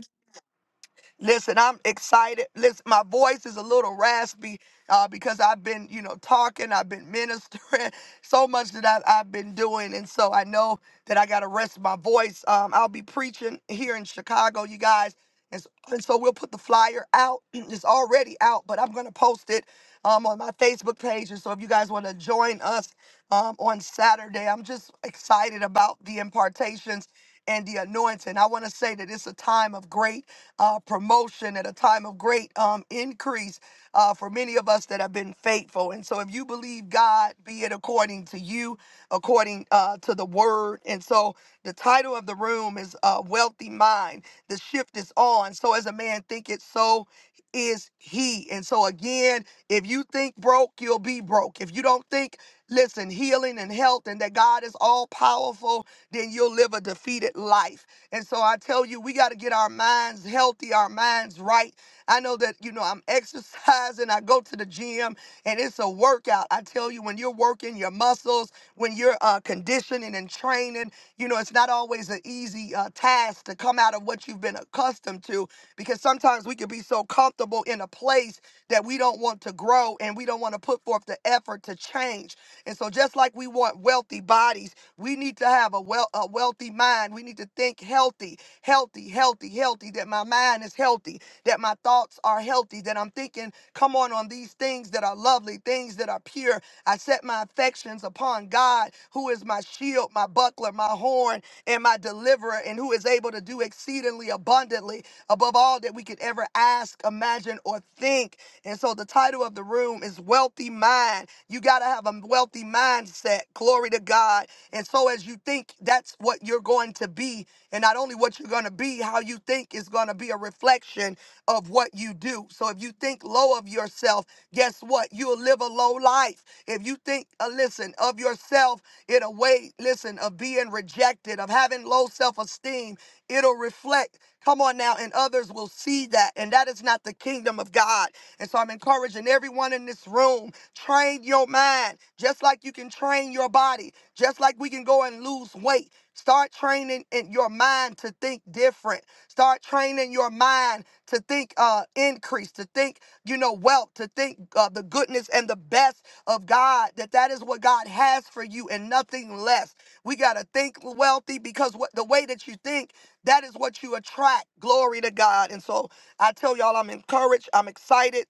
Listen, I'm excited. Listen, my voice is a little raspy uh, because I've been, you know, talking, I've been ministering, so much that I've, I've been doing. And so I know that I got to rest my voice. Um, I'll be preaching here in Chicago, you guys. And so, and so we'll put the flyer out. It's already out, but I'm going to post it um, on my Facebook page. And so if you guys want to join us um, on Saturday, I'm just excited about the impartations and the anointing. I want to say that it's a time of great uh, promotion, at a time of great um, increase uh, for many of us that have been faithful. And so, if you believe God, be it according to you, according uh, to the word. And so, the title of the room is uh, Wealthy Mind. The shift is on. So, as a man thinketh, so is he. And so, again, if you think broke, you'll be broke. If you don't think listen, healing and health and that God is all powerful, then you'll live a defeated life. And so I tell you, we got to get our minds healthy, our minds right. I know that, you know, I'm exercising, I go to the gym, and it's a workout. I tell you, when you're working your muscles, when you're uh, conditioning and training, you know, it's not always an easy uh, task to come out of what you've been accustomed to because sometimes we can be so comfortable in a place that we don't want to grow and we don't want to put forth the effort to change. And so, just like we want wealthy bodies, we need to have a, well, a wealthy mind. We need to think healthy, healthy, healthy, healthy, that my mind is healthy, that my thoughts are healthy, that I'm thinking, come on, on these things that are lovely, things that are pure. I set my affections upon God, who is my shield, my buckler, my horn, and my deliverer, and who is able to do exceedingly abundantly above all that we could ever ask, imagine, or think. And so the title of the room is Wealthy Mind. You got to have a wealthy mindset. Glory to God. And so as you think, that's what you're going to be. And not only what you're going to be, how you think is going to be a reflection of what you do. So if you think low of yourself, guess what? You'll live a low life. If you think, uh, listen, of yourself in a way, listen, of being rejected, of having low self esteem, it'll reflect. Come on now, and others will see that. And that is not the kingdom of God. And so I'm encouraging everyone in this room train your mind, just like you can train your body, just like we can go and lose weight. Start training in your mind to think different. Start training your mind to think uh, increase, to think, you know, wealth, to think uh, the goodness and the best of God, that that is what God has for you and nothing less. We got to think wealthy because what the way that you think that is what you attract. Glory to God. And so I tell y'all, I'm encouraged. I'm excited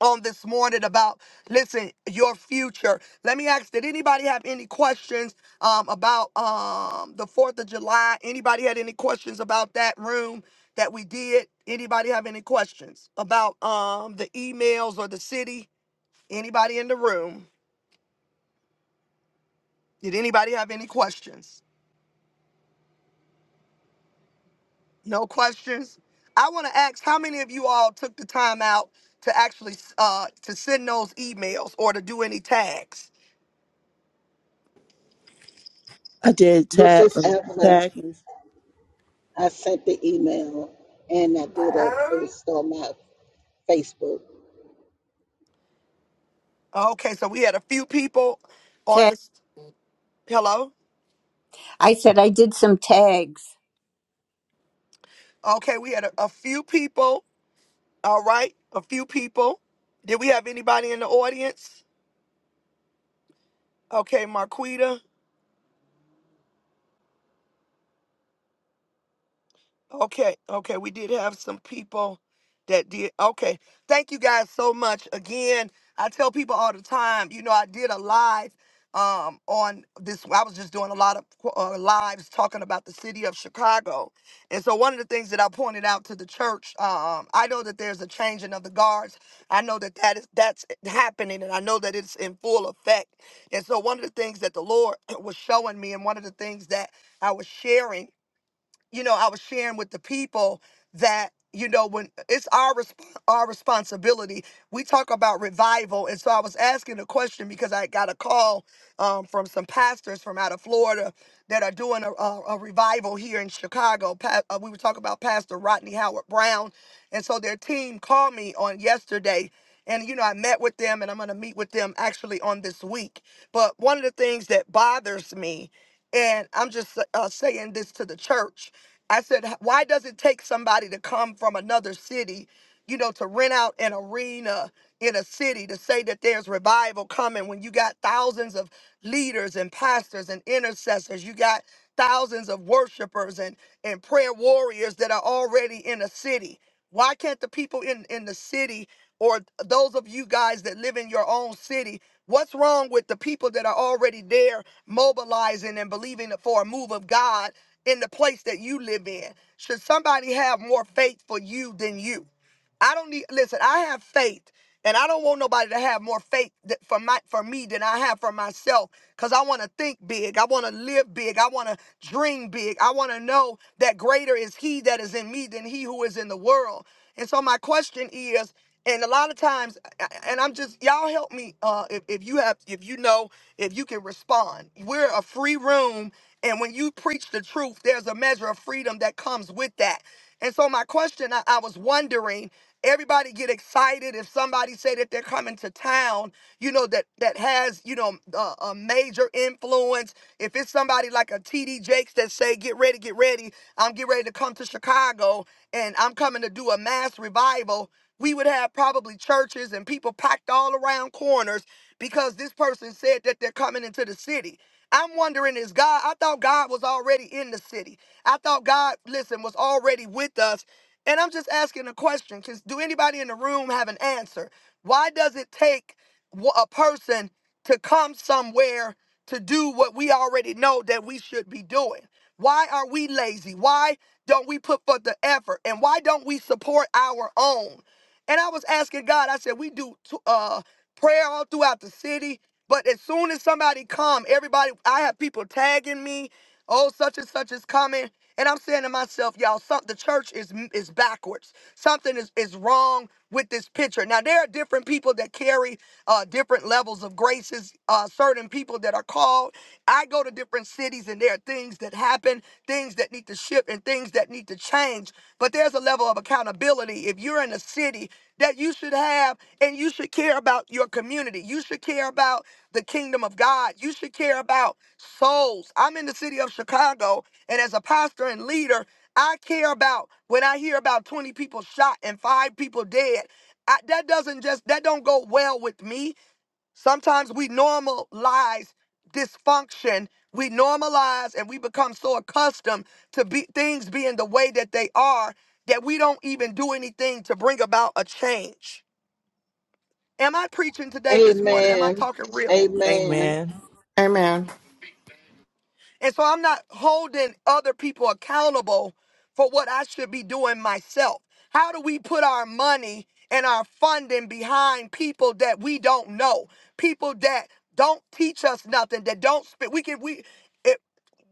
on this morning about, listen, your future. Let me ask, did anybody have any questions um, about um, the 4th of July? Anybody had any questions about that room that we did? Anybody have any questions about um, the emails or the city? Anybody in the room? Did anybody have any questions? No questions. I want to ask how many of you all took the time out to actually uh, to send those emails or to do any tags? I did This tap. is Evelyn. tag. I sent the email and I did a post on my Facebook. Okay, so we had a few people on Tag. this. Hello. I said I did some tags. Okay, we had a, a few people. All right, a few people. Did we have anybody in the audience? Okay, Marquita. Okay, okay, we did have some people that did. Okay, thank you guys so much again. I tell people all the time, you know, I did a live um on this. I was just doing a lot of uh, lives talking about the city of Chicago, and so one of the things that I pointed out to the church, um, I know that there's a changing of the guards. I know that that is that's happening, and I know that it's in full effect. And so one of the things that the Lord was showing me, and one of the things that I was sharing you know, I was sharing with the people that you know when it's our resp- our responsibility. We talk about revival, and so I was asking a question because I got a call um, from some pastors from out of Florida that are doing a, a, a revival here in Chicago. Pa- uh, we were talking about Pastor Rodney Howard Brown, and so their team called me on yesterday. And you know, I met with them, and I'm going to meet with them actually on this week. But one of the things that bothers me, and I'm just uh, saying this to the church, I said, "H- why does it take somebody to come from another city, you know, to rent out an arena in a city to say that there's revival coming when you got thousands of leaders and pastors and intercessors? You got thousands of worshipers and, and prayer warriors that are already in a city. Why can't the people in, in the city or those of you guys that live in your own city? What's wrong with the people that are already there mobilizing and believing for a move of God in the place that you live in? Should somebody have more faith for you than you? I don't need listen, I have faith and I don't want nobody to have more faith th- for my for me than I have for myself cuz I want to think big. I want to live big. I want to dream big. I want to know that greater is he that is in me than he who is in the world. And so my question is and a lot of times a- and I'm just y'all help me uh if, if you have if you know if you can respond. We're a free room and when you preach the truth, there's a measure of freedom that comes with that. And so my question, I, I was wondering, everybody get excited if somebody say that they're coming to town, you know, that that has, you know, a, a major influence. If it's somebody like a TD Jakes that say, get ready, get ready, I'm getting ready to come to Chicago and I'm coming to do a mass revival, we would have probably churches and people packed all around corners because this person said that they're coming into the city. I'm wondering is God, I thought God was already in the city. I thought God, listen, was already with us. And I'm just asking a question because do anybody in the room have an answer? Why does it take wh- a person to come somewhere to do what we already know that we should be doing? Why are we lazy? Why don't we put forth the effort? And why don't we support our own? And I was asking God, I said, we do t- uh, prayer all throughout the city, but as soon as somebody come, everybody, I have people tagging me, oh, such and such is coming. And I'm saying to myself, y'all, some, the church is is backwards. Something is, is wrong with this picture. Now, there are different people that carry uh, different levels of graces, uh, certain people that are called. I go to different cities and there are things that happen, things that need to shift, and things that need to change. But there's a level of accountability. If you're in a city, that you should have and you should care about your community. You should care about the kingdom of God. You should care about souls. I'm in the city of Chicago and as a pastor and leader, I care about when I hear about 20 people shot and 5 people dead. I, that doesn't just that don't go well with me Sometimes we normalize dysfunction. We normalize and we become so accustomed to be, things being the way that they are that we don't even do anything to bring about a change. Am I preaching today, this morning? Am I Amen. talking real? Amen. Amen. Amen. And so I'm not holding other people accountable for what I should be doing myself. How do we put our money and our funding behind people that we don't know? People that don't teach us nothing, that don't spit. We can, we.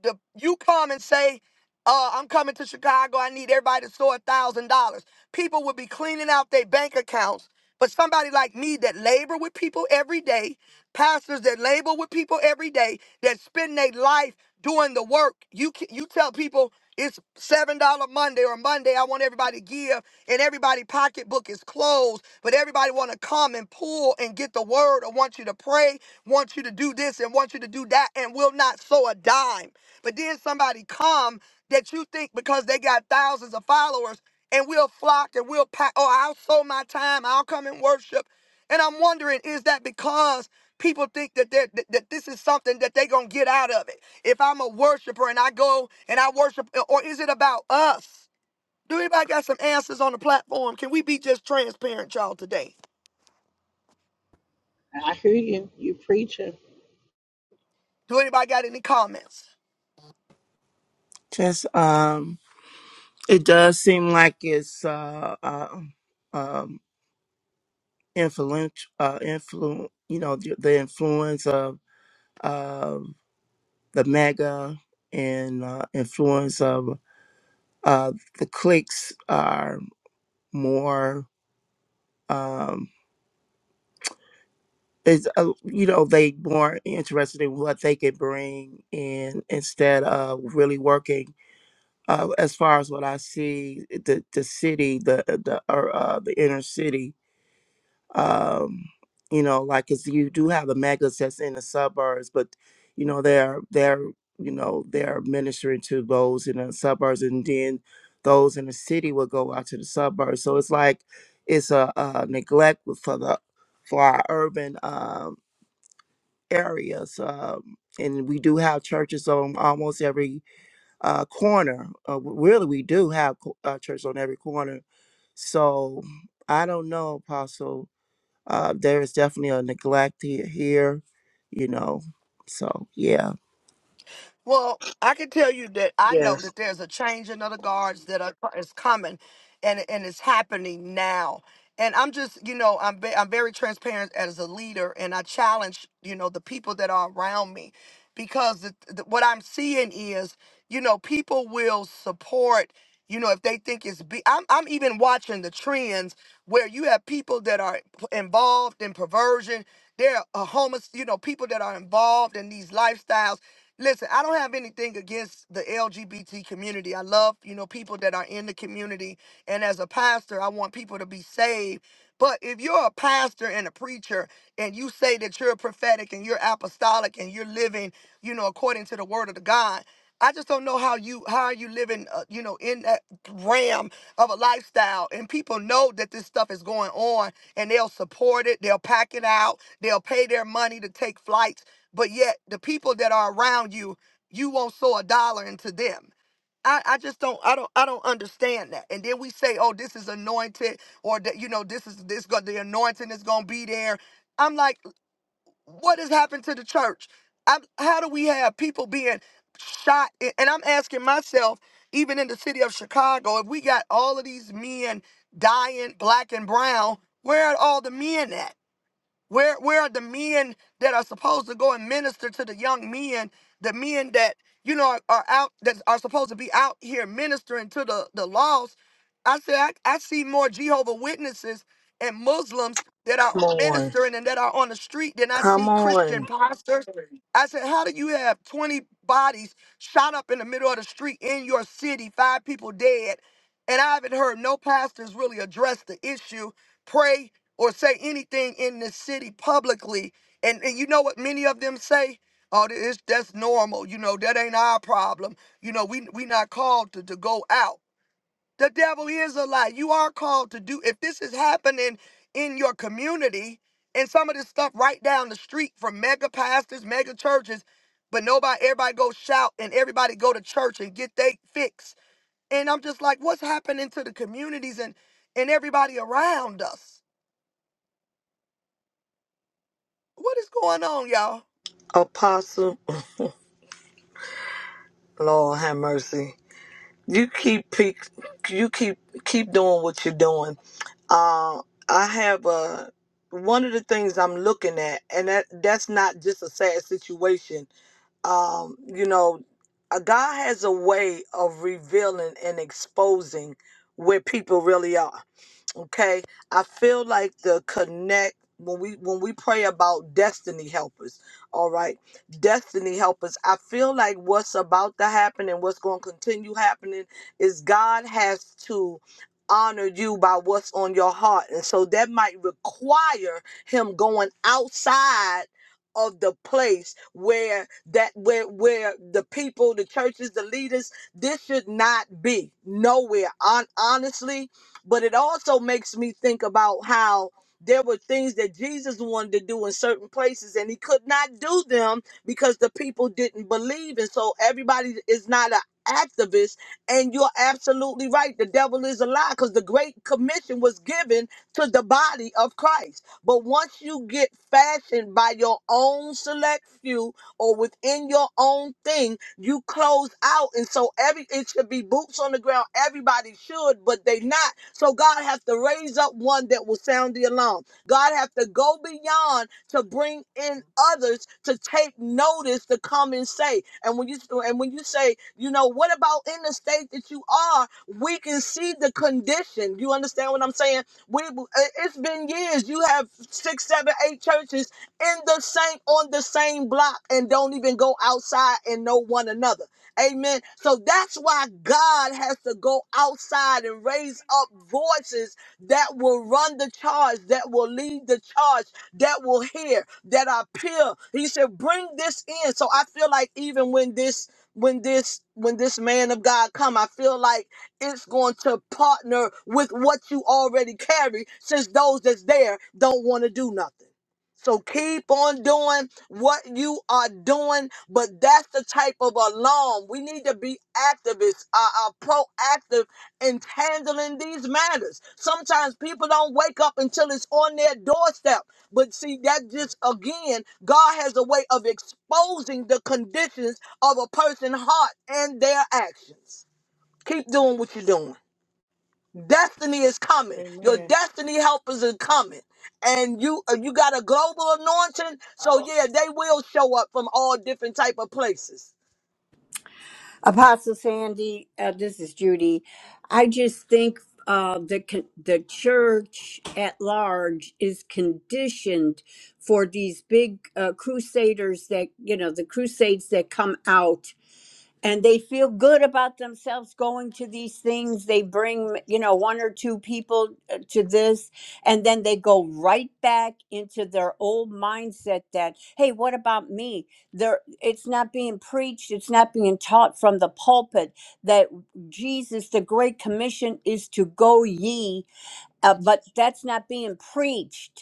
the you come and say, uh, I'm coming to Chicago. I need everybody to store a thousand dollars. People would be cleaning out their bank accounts. But somebody like me that labor with people every day, pastors that labor with people every day, that spend their life doing the work. You ca- you tell people it's seven dollar Monday or Monday. I want everybody to give, and everybody pocketbook is closed, but everybody want to come and pull and get the word, or want you to pray, want you to do this, and want you to do that, and will not sow a dime. But then somebody come that you think because they got thousands of followers and we'll flock and we'll pack. Oh, I'll sow my time. I'll come and worship. And I'm wondering, is that because people think that they're- that, that this is something that they're going to get out of it? If I'm a worshiper and I go and I worship, or is it about us? Do anybody got some answers on the platform? Can we be just transparent, y'all, today? I hear you. You preaching. Do anybody got any comments? Just, um, it does seem like it's, uh, uh um, influence, uh, influ, you know, the, the influence of, uh, the mega and, uh, influence of, uh, the cliques are more um is uh, you know they more interested in what they can bring in instead of really working uh, as far as what I see the the city the the or, uh, the inner city um, you know, like like 'cause you do have the megas that's in the suburbs, but you know they're they're you know they're ministering to those in the suburbs, and then those in the city will go out to the suburbs. So it's like it's a, uh neglect for the for our urban um, areas, um, and we do have churches on almost every uh, corner. Uh, w- really, we do have co- uh, church on every corner. So I don't know, Apostle uh, there is definitely a neglect here, here, you know. So yeah, Well, I can tell you that I know Yes. that there's a changing of the guards that are, is coming, and and it's happening now. And I'm just, you know, I'm ve- I'm very transparent as a leader, and I challenge, you know, the people that are around me, because the, the, what I'm seeing is, you know, people will support, you know, if they think it's. Be- I'm I'm even watching the trends where you have people that are p- involved in perversion. There are homeless, you know, people that are involved in these lifestyles Listen, I don't have anything against the LGBT community. I love, you know, people that are in the community. And as a pastor, I want people to be saved. But if you're a pastor and a preacher and you say that you're prophetic and you're apostolic and you're living, you know, according to the word of the God, I just don't know how you how are you living, uh, you know, in that realm of a lifestyle. And people know that this stuff is going on, and they'll support it. They'll pack it out. They'll pay their money to take flights but yet the people that are around you, you won't sow a dollar into them. I, I just don't I don't I don't understand that. And then we say, oh, this is anointed, or that you know, this is this go the anointing is gonna be there. I'm like, what has happened to the church? I'm, how do we have people being shot? A- And I'm asking myself, even in the city of Chicago, if we got all of these men dying, black and brown, where are all the men at? Where where are the men that are supposed to go and minister to the young men, the men that you know are, are out that are supposed to be out here ministering to the the lost? I said I, I see more Jehovah Witnesses and Muslims that are Come on. ministering and that are on the street than I Come see Christian on. pastors. I said, how do you have 20 bodies shot up in the middle of the street in your city, five people dead, and I haven't heard no pastors really address the issue, pray or say anything in this city publicly. And, and you know what many of them say? Oh, th- it's, that's normal. You know, that ain't our problem. You know, we we not called to, to go out. The devil is a lie. You are called to do if this is happening in your community and some of this stuff right down the street from mega pastors, mega churches, but nobody everybody go shout and everybody go to church and get they fix. And I'm just like, what's happening to the communities and and everybody around us? What is going on, y'all? Apostle. Lord have mercy. you keep pick, you keep keep doing what you're doing. Uh, I have a one of the things I'm looking at, and that that's not just a sad situation. Um, you know, uh, God has a way of revealing and exposing where people really are okay i feel like the connect when we when we pray about destiny helpers all right destiny helpers i feel like what's about to happen and what's going to continue happening is god has to honor you by what's on your heart and so that might require him going outside of the place where that where where the people the churches the leaders this should not be nowhere on honestly but it also makes me think about how there were things that Jesus wanted to do in certain places and he could not do them because the people didn't believe. And so everybody is not an activist. And you're absolutely right. The devil is a lie because the Great Commission was given to the body of Christ. But once you get fashioned by your own select few, or within your own thing, you close out. And so every it should be boots on the ground. Everybody should, but they not. So God has to raise up one that will sound the alarm. God has to go beyond to bring in others to take notice to come and say. And when you and when you say, you know, what about in the state that you are? We can see the condition. You understand what I'm saying? We it- has been years. You have six, seven, eight churches in the same on the same block and don't even go outside and know one another. Amen. So that's why God has to go outside and raise up voices that will run the charge, that will lead the charge, that will hear, that are pure. He said, bring this in. So I feel like even when this when this when this man of God come, I feel like it's going to partner with what you already carry since those that's there don't want to do nothing. So keep on doing what you are doing, but that's the type of alarm. We need to be activists, uh, uh, proactive in handling these matters. Sometimes people don't wake up until it's on their doorstep. But see, that just again, God has a way of exposing the conditions of a person's heart and their actions. Keep doing what you're doing. Destiny is coming. Your Amen. destiny helpers are coming. And you uh, you got a global anointing. So yeah, they will show up from all different type of places. Apostle Sandy, uh, this is Judy. I just think uh, the con- the church at large is conditioned for these big uh, crusaders that you know the crusades that come out and they feel good about themselves going to these things they bring you know one or two people uh, to this and then they go right back into their old mindset that hey what about me there it's not being preached it's not being taught from the pulpit that jesus the great commission is to go ye uh, but that's not being preached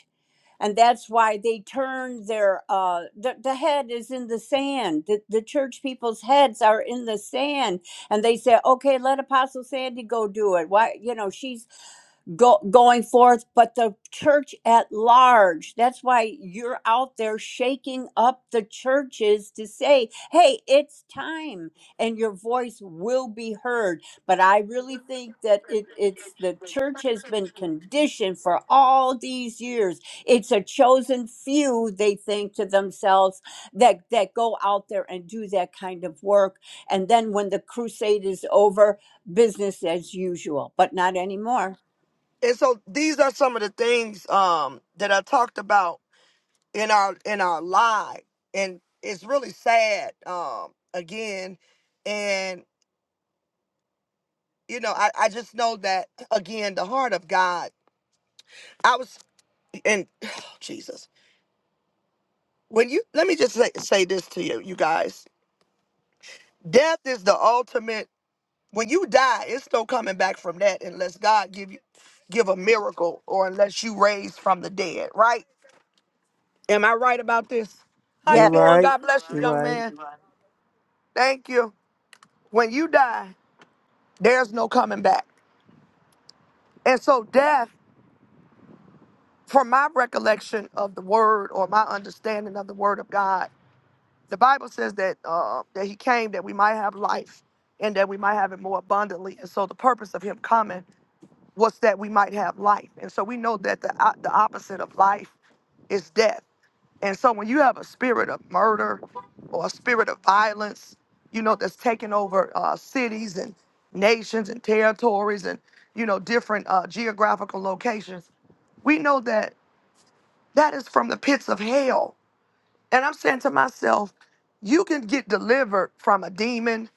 and that's why they turn their uh the, the head is in the sand the, the church people's heads are in the sand and they say okay let apostle sandy go do it why you know she's go, going forth, but the church at large. That's why you're out there shaking up the churches to say, hey, it's time and your voice will be heard. But I really think that it, it's the church has been conditioned for all these years. It's a chosen few, they think to themselves, that, that go out there and do that kind of work. And then when the crusade is over, business as usual, but not anymore. And so these are some of the things um, that I talked about in our in our live, and it's really sad um, again. And you know, I, I just know that again, the heart of God. I was and Jesus. When you let me just say, say this to you, you guys. Death is the ultimate. When you die, it's no coming back from that unless God give you give a miracle or unless you raise from the dead, right? Am I right about this? How you You're Yes, doing? right. God bless you, You're young right. man. Thank you. When you die, there's no coming back. And so death, from my recollection of the word or my understanding of the word of God, the Bible says that uh, that he came that we might have life and that we might have it more abundantly. And so the purpose of him coming was that we might have life. And so we know that the, o- the opposite of life is death. And so when you have a spirit of murder or a spirit of violence, you know, that's taking over uh, cities and nations and territories and, you know, different uh, geographical locations, we know that that is from the pits of hell. And I'm saying to myself, you can get delivered from a demon,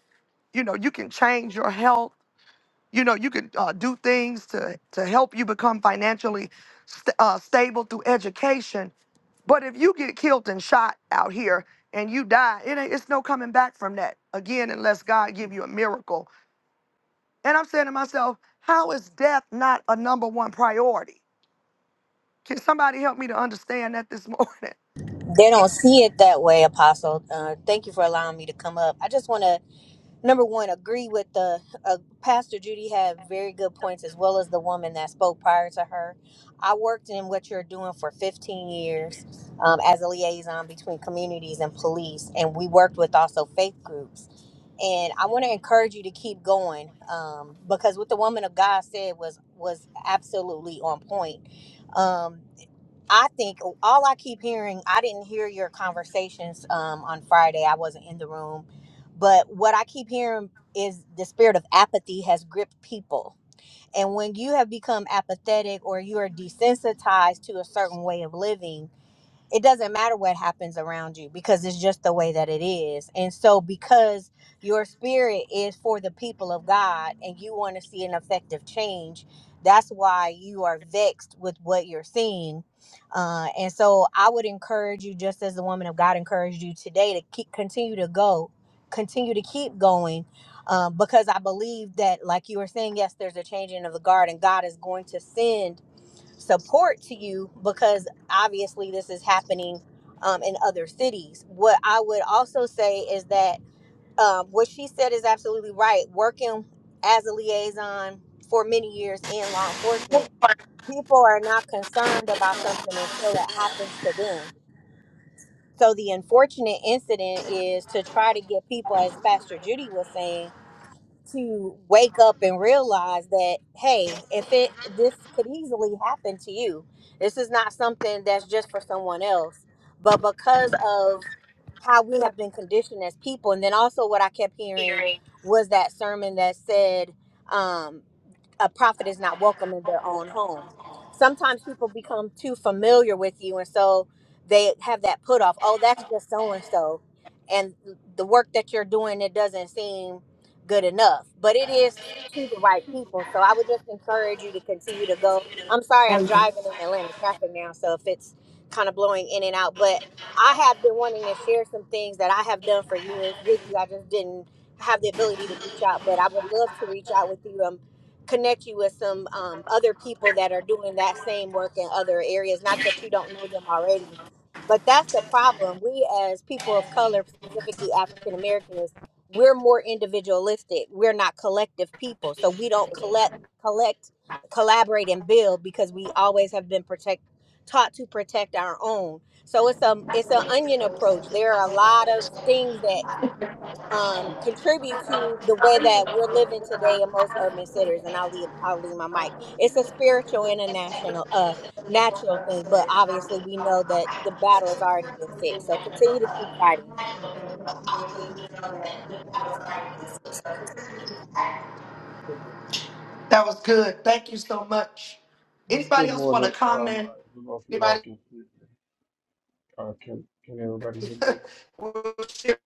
you know, you can change your health you know, you can uh, do things to, to help you become financially st- uh, stable through education. But if you get killed and shot out here and you die, it ain't, it's no coming back from that again unless God give you a miracle. And I'm saying to myself, how is death not a number one priority? Can somebody help me to understand that this morning? They don't see it that way, Apostle. Uh, thank you for allowing me to come up. I just want to, number one, agree with the uh, Pastor Judy had very good points, as well as the woman that spoke prior to her. I worked in what you're doing for 15 years um, as a liaison between communities and police, and we worked with also faith groups. And I want to encourage you to keep going um, because what the woman of God said was was absolutely on point. Um, I think oh, all I keep hearing, I didn't hear your conversations um, on Friday. I wasn't in the room. But what I keep hearing is the spirit of apathy has gripped people. And when you have become apathetic or you are desensitized to a certain way of living, it doesn't matter what happens around you because it's just the way that it is. And so, because your spirit is for the people of God and you want to see an effective change, that's why you are vexed with what you're seeing. Uh, and so, I would encourage you, just as the woman of God encouraged you today, to keep continue to go, continue to keep going. Um, because I believe that, like you were saying, yes, there's a changing of the guard, and God is going to send support to you because obviously this is happening um, in other cities. What I would also say is that um, what she said is absolutely right. Working as a liaison for many years in law enforcement, people are not concerned about something until it happens to them. So the unfortunate incident is to try to get people, as Pastor Judy was saying to wake up and realize that hey if it this could easily happen to you this is not something that's just for someone else but because of how we have been conditioned as people and then also what i kept hearing Hearing. was that sermon that said um, a prophet is not welcome in their own home. Sometimes people become too familiar with you, and so they have that put off. Oh, that's just so and so, and the work that you're doing it doesn't seem good enough, but it is to the right people. So I would just encourage you to continue to go. I'm sorry, I'm driving in Atlanta traffic now, so if it's kind of blowing in and out, but I have been wanting to share some things that I have done for years with you. I just didn't have the ability to reach out, but I would love to reach out with you. Um, connect you with some um, other people that are doing that same work in other areas. Not that you don't know them already, but that's the problem. We, as people of color, specifically African Americans, we're more individualistic. We're not collective people, so we don't collect, collect, collaborate, and build because we always have been protect taught to protect our own. So it's a it's an onion approach. There are a lot of things that um, contribute to the way that we're living today in most urban centers. And I'll leave I'll leave my mic. It's a spiritual and a national uh natural thing, but obviously we know that the battle has already been fixed. So continue to keep fighting. Good mo- That was good. Thank you so much. Anybody good else want to morning. Um, comment? I don't know if you all Anybody? can, uh, can, can everybody hear me? We'll share.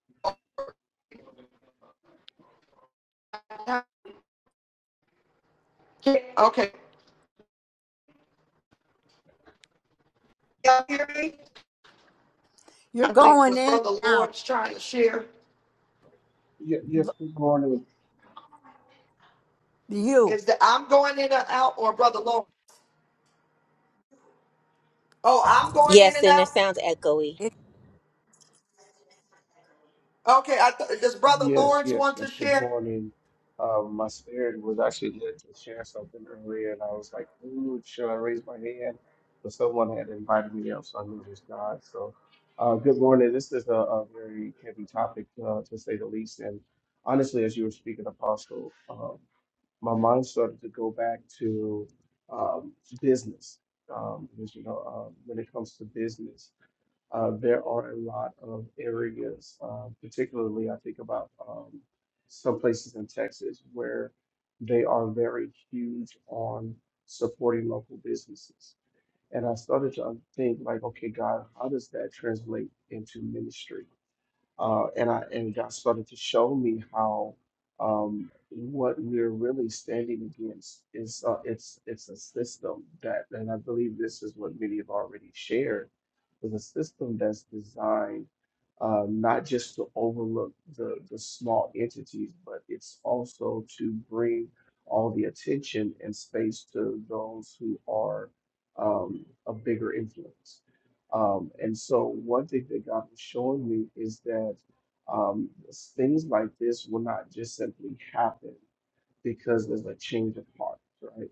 Okay. y'all hear me? you're I think going was in and Brother out. Lawrence trying to share Ye- yes, good morning. You. is that I'm going in and out, or Brother Lawrence. Oh, I'm going in Yes, and and it out. sounds echoey. It, Okay, I th- does Brother Yes, Lawrence want yes, to yes, good share? morning. Um, my spirit was actually led to share something earlier and I was like, ooh, should I raise my hand? But someone had invited me up, so I knew it was God. So, uh, good morning. This is a, a very heavy topic, uh, to say the least. And honestly, as you were speaking, Apostle, um, my mind started to go back to um, business. Um, because, you know, um, when it comes to business, uh, there are a lot of areas, uh, particularly I think about um, some places in Texas where they are very huge on supporting local businesses. And I started to think like, okay, God, how does that translate into ministry? uh, and I and God started to show me how um, what we're really standing against is uh, it's it's a system that, and I believe this is what many have already shared, is a system that's designed uh, not just to overlook the the small entities, but it's also to bring all the attention and space to those who are um, a bigger influence um, and so one thing that God was showing me is that um, things like this will not just simply happen because there's a change of heart, right?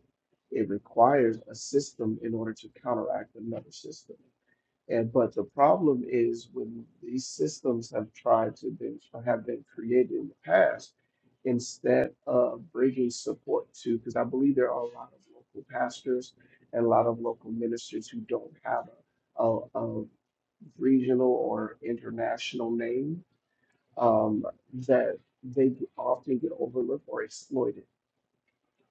It requires a system in order to counteract another system. And but the problem is when these systems have tried to been have been created in the past, instead of bringing support to, because I believe there are a lot of local pastors and a lot of local ministers who don't have a, a, a regional or international name um, that they often get overlooked or exploited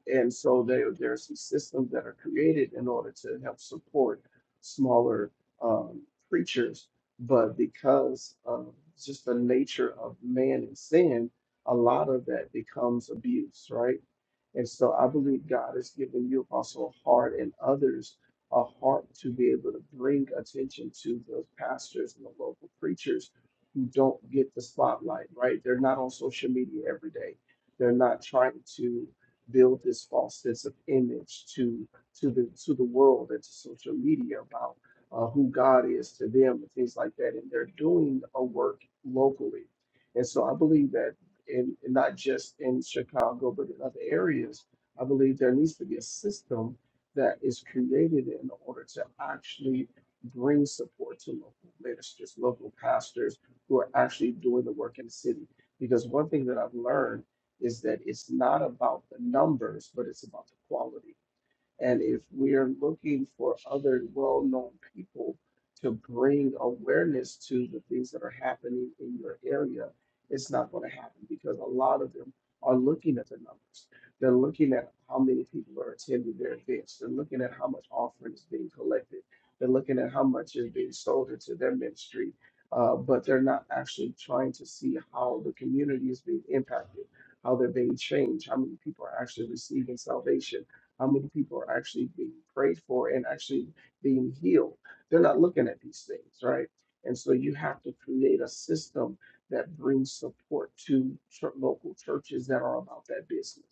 and so there, there are some systems that are created in order to help support smaller um, creatures. But because of just the nature of man and sin, a lot of that becomes abuse, right? And so I believe God has given you also a heart and others a heart to be able to bring attention to those pastors and the local preachers who don't get the spotlight, right? They're not on social media every day. They're not trying to build this false sense of image to to the to the world and to social media about uh, who God is to them and things like that. And they're doing a work locally, and so I believe that in in not just in Chicago but in other areas, I believe there needs to be a system that is created in order to actually bring support to local ministers, local pastors who are actually doing the work in the city. Because one thing that I've learned is that it's not about the numbers, but it's about the quality. And if we are looking for other well known people to bring awareness to the things that are happening in your area, it's not going to happen because a lot of them are looking at the numbers. They're looking at how many people are attending their events. They're looking at how much offering is being collected. They're looking at how much is being sold into their ministry. Uh, but they're not actually trying to see how the community is being impacted, how they're being changed, how many people are actually receiving salvation how many people are actually being prayed for and actually being healed. They're not looking at these things, right? And so you have to create a system that brings support to chur- local churches that are about that business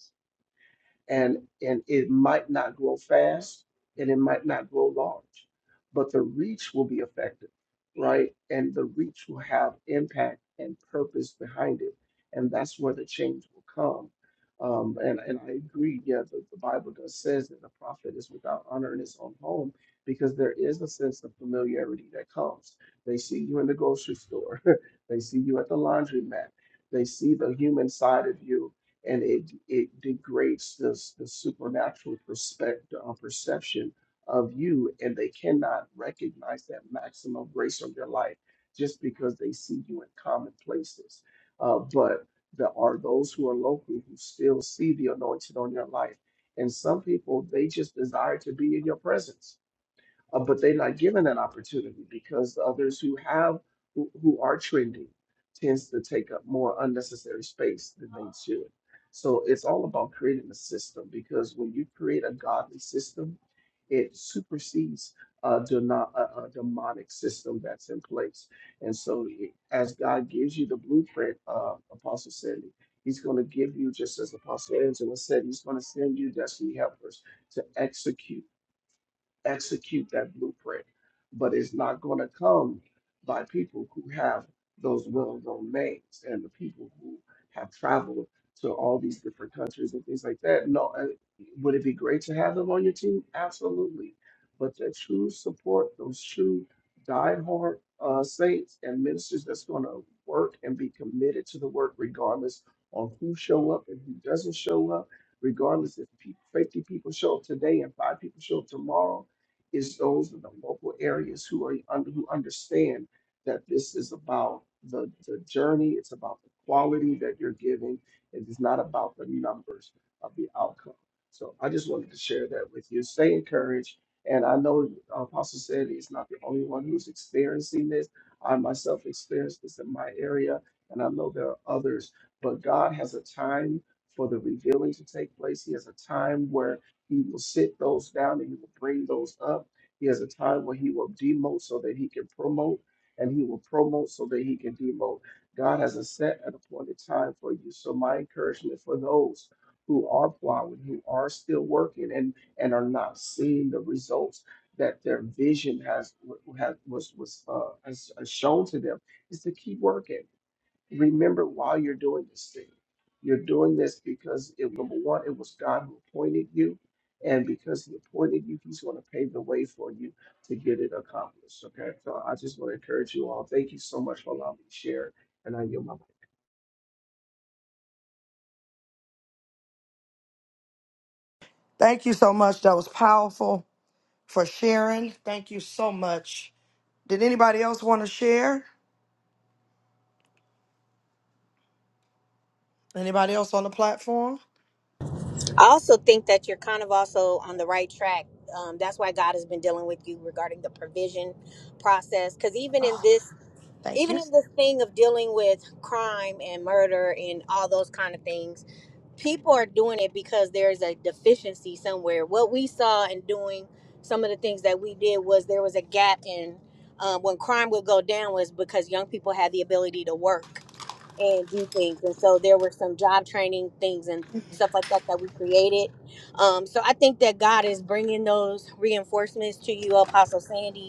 and and it might not grow fast and it might not grow large but the reach will be effective right and the reach will have impact and purpose behind it and that's where the change will come um, and and I agree yeah the, the Bible does says that the prophet is without honor in his own home because there is a sense of familiarity that comes they see you in the grocery store they see you at the laundromat they see the human side of you and it it degrades this the supernatural perspective uh, perception of you, and they cannot recognize that maximum grace of your life just because they see you in common places. Uh, but there are those who are local who still see the anointing on your life, and some people they just desire to be in your presence uh, but they're not given that opportunity because others who have who, who are trending tends to take up more unnecessary space than they should. So it's all about creating a system because when you create a godly system, it supersedes a, deno- a, a demonic system that's in place. And so, it- as God gives you the blueprint, uh, Apostle Sandy, He's going to give you, just as Apostle Angela said, He's going to send you destiny helpers to execute execute that blueprint, but it's not going to come by people who have those well-known names and the people who have traveled to all these different countries and things like that. No, uh, would it be great to have them on your team? Absolutely, but the true support, those true diehard uh, saints and ministers that's going to work and be committed to the work, regardless on who show up and who doesn't show up regardless if people, 50 people show up today and five people show up tomorrow is those in the local areas who are under, who understand that this is about the, the journey, it's about the quality that you're giving, it is not about the numbers of the outcome. So I just wanted to share that with you. Stay encouraged. And I know uh, Apostle said he's not the only one who's experiencing this. I myself experienced this in my area, and I know there are others. But God has a time for the revealing to take place. He has a time where he will sit those down and he will bring those up. He has a time where he will demote so that he can promote, and he will promote so that he can demote. God has a set and appointed time for you. So my encouragement for those who are plowing, who are still working, and and are not seeing the results that their vision has, has was was uh, has shown to them, is to keep working remember while you're doing this thing, you're doing this because it, number one, it was God who appointed you, and because He appointed you, He's going to pave the way for you to get it accomplished. Okay, so I just want to encourage you all. Thank you so much for allowing me to share, and I yield my mic. Thank you so much. That was powerful for sharing. Thank you so much. Did anybody else want to share? Anybody else on the platform? I also think that you're kind of also on the right track. Um, that's why God has been dealing with you regarding the provision process. Because even in this, Thank even you. in this thing of dealing with crime and murder and all those kind of things people are doing it because there's a deficiency somewhere. What we saw in doing some of the things that we did was there was a gap in um, when crime would go down was because young people had the ability to work and do things, and so there were some job training things and stuff like that that we created. Um, so I think that God is bringing those reinforcements to you, Apostle Sandy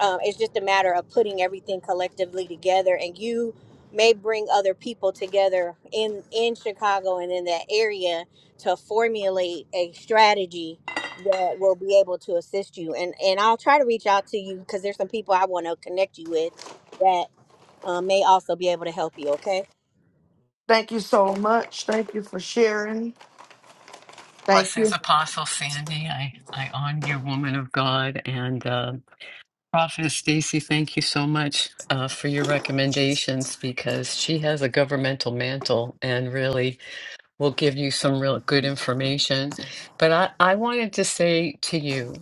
um, it's just a matter of putting everything collectively together and you may bring other people together in in chicago and in that area to formulate a strategy that will be able to assist you and and i'll try to reach out to you because there's some people i want to connect you with that um, may also be able to help you okay Thank you so much. Thank you for sharing. Thank you. Blessings, Apostle Sandy. I, I honor you, woman of God. And uh, Prophetess Stacy, thank you so much uh, for your recommendations because she has a governmental mantle and really will give you some real good information. But I, I wanted to say to you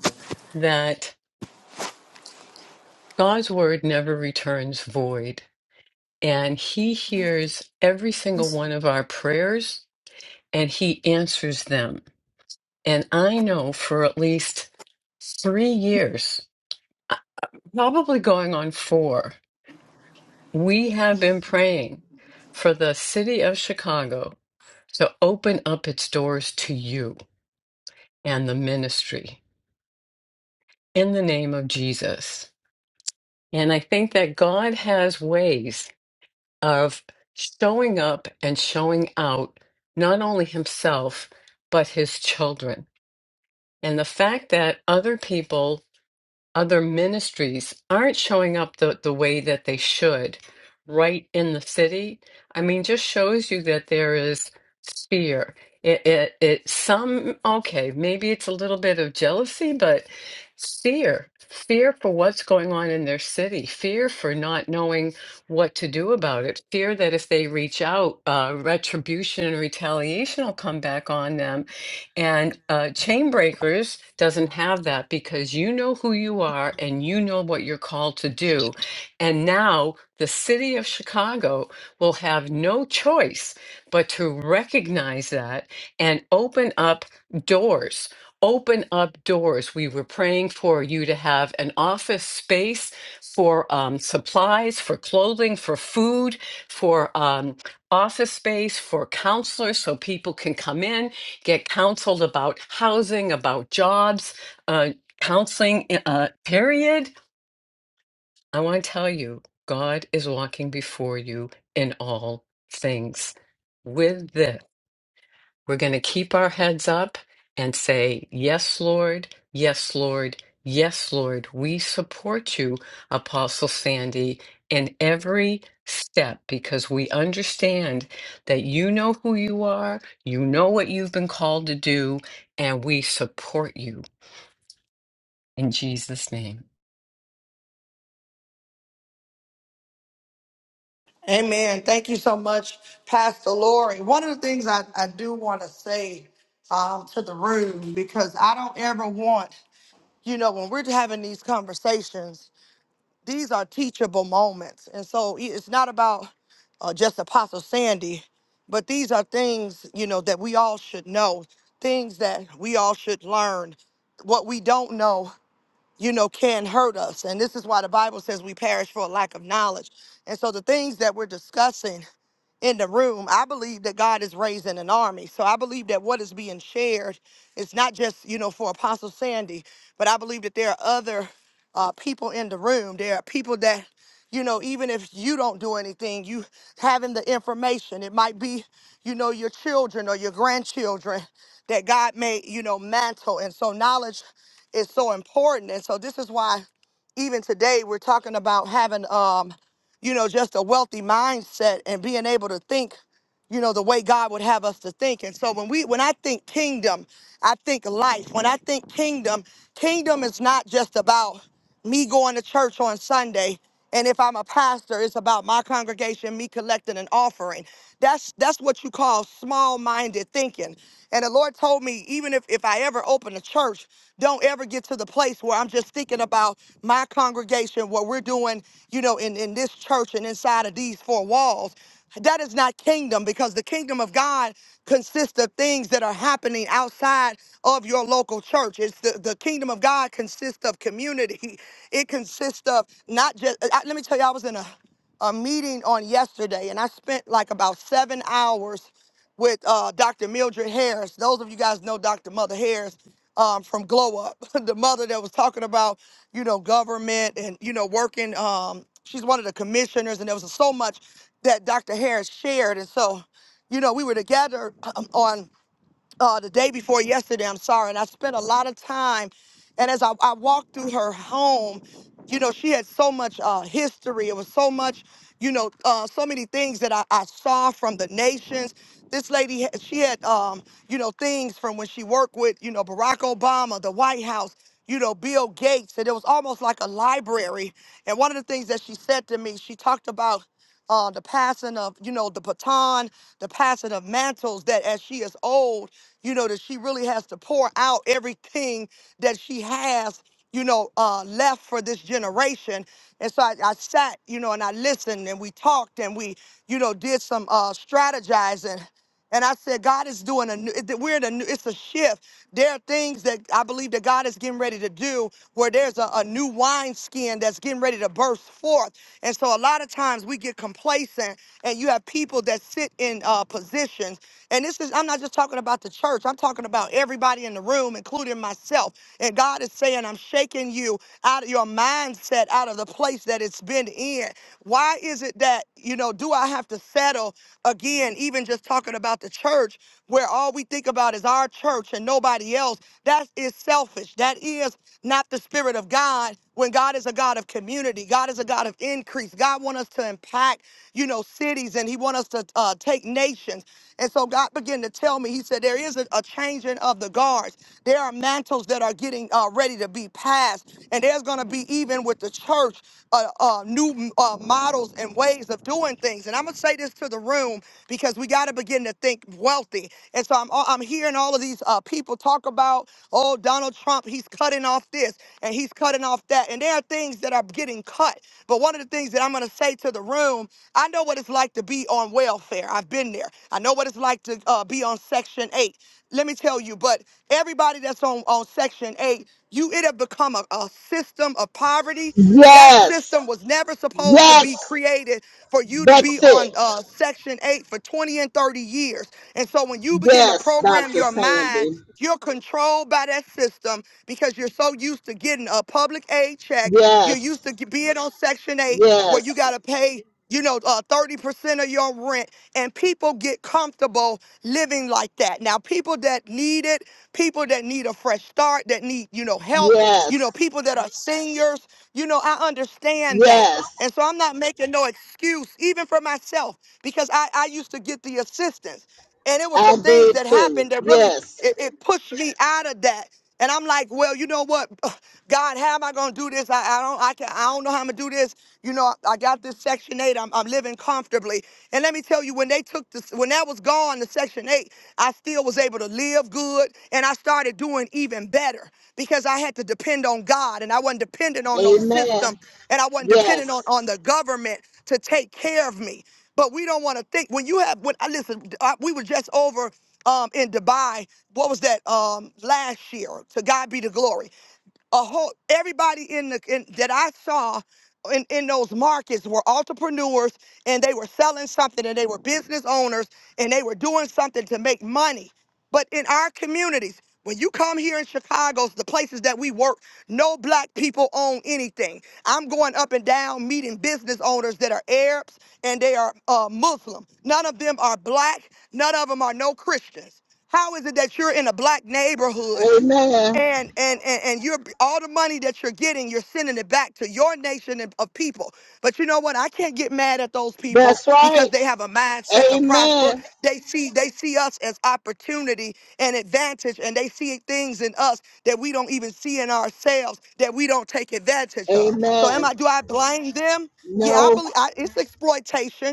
that God's word never returns void, and He hears every single one of our prayers and He answers them. And I know for at least three years, uh, probably going on four, we have been praying for the city of Chicago to open up its doors to you and the ministry in the name of Jesus. And I think that God has ways of showing up and showing out not only himself, but his children. And the fact that other people other ministries aren't showing up the, the way that they should right in the city i mean just shows you that there is fear it, it it some okay maybe it's a little bit of jealousy but fear fear for what's going on in their city fear for not knowing what to do about it fear that if they reach out uh, retribution and retaliation will come back on them and uh, Chain Breakers doesn't have that because you know who you are and you know what you're called to do. And now the city of Chicago will have no choice but to recognize that and open up doors. Open up doors. We were praying for you to have an office space for um, supplies, for clothing, for food, for um, office space, for counselors so people can come in get counseled about housing, about jobs, uh, counseling, uh, period. I want to tell you, God is walking before you in all things. With this. We're going to keep our heads up and say, Yes, Lord. Yes, Lord. Yes, Lord. We support you, Apostle Sandy, in every step because we understand that you know who you are, you know what you've been called to do, and we support you in Jesus' name. Amen. Thank you so much, Pastor Lori. One of the things I, I do want to say um, to the room, because I don't ever want, you know, when we're having these conversations, these are teachable moments. And so it- it's not about uh, just Apostle Sandy, but these are things, you know, that we all should know, things that we all should learn. What we don't know, you know, can hurt us. And this is why the Bible says we perish for a lack of knowledge. And so the things that we're discussing, in the room, I believe that God is raising an army. So I believe that what is being shared is not just, you know, for Apostle Sandy, but I believe that there are other uh, people in the room. There are people that, you know, even if you don't do anything, you having the information. It might be, you know, your children or your grandchildren that God may, you know, mantle. And so knowledge is so important. And so this is why even today we're talking about having um you know, just a wealthy mindset and being able to think, you know, the way God would have us to think. And so when we when I think kingdom, I think life. When I think kingdom, kingdom is not just about me going to church on Sunday. And if I'm a pastor, it's about my congregation, me collecting an offering. That's that's what you call small-minded thinking. And the Lord told me, even if, if I ever open a church, don't ever get to the place where I'm just thinking about my congregation, what we're doing, you know, in, in this church and inside of these four walls. That is not kingdom because the kingdom of God consists of things that are happening outside of your local church. It's the, the kingdom of God consists of community. It consists of not just, I, let me tell you, I was in a, a meeting on yesterday and I spent like about seven hours with uh, Dr. Mildred Harris. Those of you guys know Dr. Mother Harris um, from Glow Up, the mother that was talking about, you know, government and, you know, working. Um, she's one of the commissioners, and there was so much that Dr. Harris shared. And so, you know, we were together um, on uh, the day before yesterday. I'm sorry, and I spent a lot of time. And as I, I walked through her home, you know, she had so much uh, history. It was so much, you know, uh, so many things that I, I saw from the nations. This lady, had- she had, um, you know, things from when she worked with, you know, Barack Obama, the White House, you know, Bill Gates, and it was almost like a library. And one of the things that she said to me, she talked about uh, the passing of, you know, the baton, the passing of mantles. That as she is old, you know, that she really has to pour out everything that she has, you know, uh, left for this generation. And so I, I sat, you know, and I listened and we talked and we, you know, did some uh, strategizing. And I said, God is doing a new, it- we're in a new, it's a shift. There are things that I believe that God is getting ready to do where there's a, a new wineskin that's getting ready to burst forth. And so a lot of times we get complacent and you have people that sit in uh, positions and this is, I'm not just talking about the church, I'm talking about everybody in the room, including myself. And God is saying, I'm shaking you out of your mindset, out of the place that it's been in. Why is it that, you know, do I have to settle again, even just talking about the church, where all we think about is our church and nobody else? That is selfish. That is not the spirit of God when God is a God of community. God is a God of increase. God wants us to impact, you know, cities and he wants us to uh, take nations. And so God began to tell me, He said, there is a, a changing of the guards. There are mantles that are getting uh, ready to be passed. And there's going to be, even with the church, uh, uh, new uh, models and ways of doing things. And I'm going to say this to the room because we got to begin to think wealthy. And so I'm, uh, I'm hearing all of these uh, people talk about, oh, Donald Trump, he's cutting off this and he's cutting off that. And there are things that are getting cut. But one of the things that I'm going to say to the room, I know what it's like to be on welfare. I've been there. I know what it's like to uh, be on Section 8. Let me tell you, but everybody that's on, on Section 8, you it have become a, a system of poverty. That Yes. system was never supposed to Yes. be created for you to be That's it. on uh, Section 8 for 20 and 30 years. And so when you begin to Yes, program Dr. your mind, Sandy. you're controlled by that system because you're so used to getting a public aid check. You're Yes. used to ge- being on Section 8 where Yes. you got to pay you know, uh, 30% of your rent, and people get comfortable living like that. Now, people that need it, people that need a fresh start, that need, you know, help, Yes. you know, people that are seniors, you know, I understand that. Yes. And so I'm not making no excuse, even for myself, because I, I used to get the assistance. And it was I some things did that too. happened that really, Yes. it, it pushed me out of that. And I'm like, well, you know what? God, how am I gonna do this? I, I don't I can I don't know how I'm gonna do this. You know, I got this Section 8. I'm, I'm living comfortably. And let me tell you, when they took this, when that was gone, the Section 8, I still was able to live good and I started doing even better because I had to depend on God and I wasn't dependent on no system Amen. and I wasn't dependent on, Yes. on the government to take care of me. But we don't want to think when you have, when I listen, I, we were just over um, in Dubai. What was that um, last year? To God be the glory a whole everybody in the in, that I saw in, in those markets were entrepreneurs and they were selling something and they were business owners and they were doing something to make money. But in our communities, when you come here in Chicago, the places that we work, no black people own anything. I'm going up and down meeting business owners that are Arabs and they are uh, Muslim. None of them are black. None of them are no Christians. How is it that you're in a black neighborhood Amen. and and and, and you're all the money that you're getting you're sending it back to your nation and- of people but you know what i can't get mad at those people That's because right. they have a mindset to prosper Amen. they see they see us as opportunity and advantage and they see things in us that we don't even see in ourselves that we don't take advantage of so am Amen. i do i blame them yeah i No, believe I, it's exploitation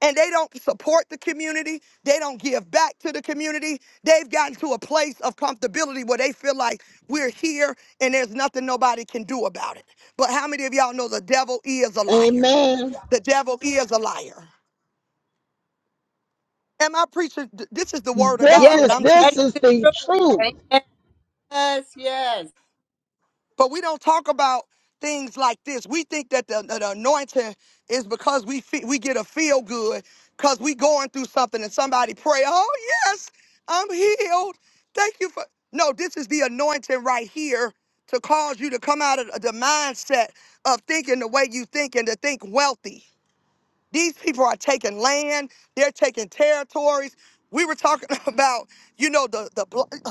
and they don't support the community. They don't give back to the community. They've gotten to a place of comfortability where they feel like we're here and there's nothing nobody can do about it. But how many of y'all know the devil is a liar? amen. The devil is a liar. Am I preaching? Th- This is the word of This Yes, God that is I'm that's this teaching. is the the truth. truth. Amen. Yes, yes. But we don't talk about things like this. We think that the, the, anointing is because we fe- we get a feel good because we going through something and somebody pray, oh yes, I'm healed. Thank you for no. This is the anointing right here to cause you to come out of the mindset of thinking the way you think and to think wealthy. These people are taking land. They're taking territories. We were talking about, you know, the the block.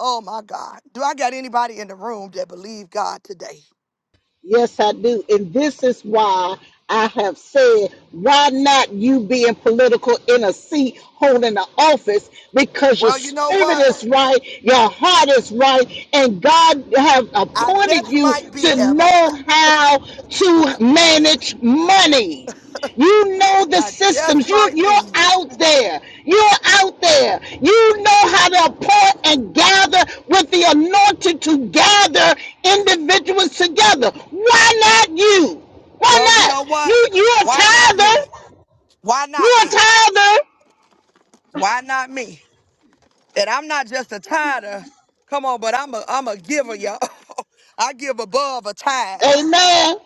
Oh my God. Do I got anybody in the room that believe God today? Yes, I do. And this is why I have said, why not you being political in a seat holding the office? Because your Well, you know spirit what? is right, your heart is right, and God have I appointed just you might to be, Evelyn. know how to manage money. You know the I just systems. You might you're be. out there. You're out there. You know how to appoint and gather with the anointed to gather individuals together. Why not you? Why Well, you not? know what? You you're a Why not me? tither. Why not You're me? a tither. Why not me? And I'm not just a tither. Come on, but I'm a I'm a giver, y'all. I give above a tithe. Amen.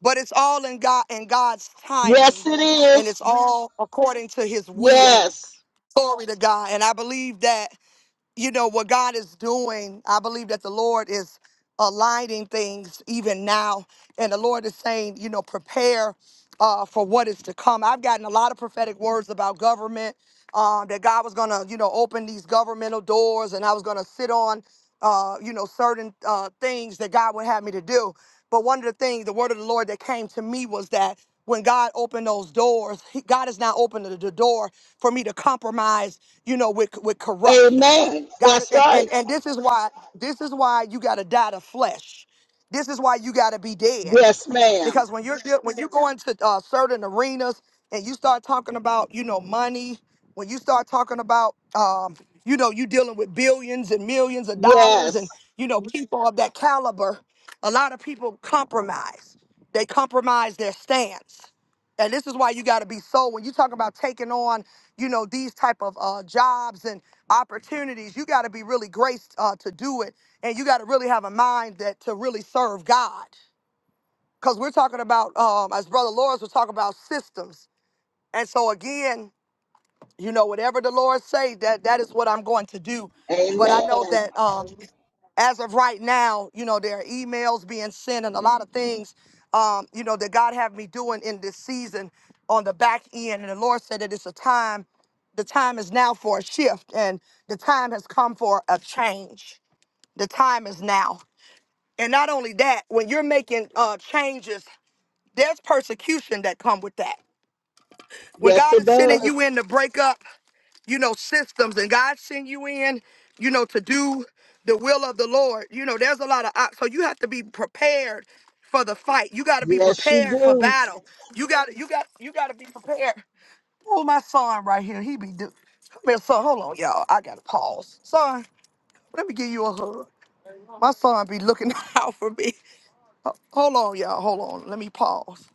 But it's all in God in God's Yes, timing. it And is. it's all according to his will. Yes. Glory to God. And I believe that you know what God is doing. I believe that the Lord is aligning things even now, and the Lord is saying, you know, prepare uh, for what is to come. I've gotten a lot of prophetic words about government uh, that God was going to, you know, open these governmental doors, and I was going to sit on, uh, you know, certain uh, things that God would have me to do. But one of the things, the word of the Lord that came to me was that when God opened those doors, he, God is now opening the the door for me to compromise, you know, with with corruption. Amen. God, That's and, right. and, and this is why, this is why you gotta die to flesh. This is why you gotta be dead Yes, ma'am. because when you're deal- when you go into uh, certain arenas and you start talking about you know money, when you start talking about um, you know you dealing with billions and millions of dollars Yes. and you know people of that caliber, a lot of people compromise. They compromise their stance. And this is why you got to be so when you talk about taking on, you know, these type of uh, jobs and opportunities, you got to be really graced uh, to do it, and you got to really have a mind that to really serve God because we're talking about, um, as Brother Lawrence was talking about systems. And so again, you know, whatever the Lord say, that that is what I'm going to do. But I know Amen. that um, as of right now, you know, there are emails being sent and a lot of things, um, you know, that God have me doing in this season on the back end. And the Lord said that it's a time, the time is now for a shift and the time has come for a change. The time is now. And not only that, when you're making uh, changes there's persecution that come with that. When Yes, God it is sending does. you in to break up, you know, systems and God send you in, you know, to do the will of the Lord, you know, there's a lot of op- so you have to be prepared for the fight. You got to be Yes, you prepared for do. battle. You got to you got you got to be prepared. Oh, my son right here, he be do. Come here, son. Hold on, y'all. I gotta pause, son. Let me give you a hug. My son be looking out for me. Ho- Hold on, y'all. Hold on. Let me pause.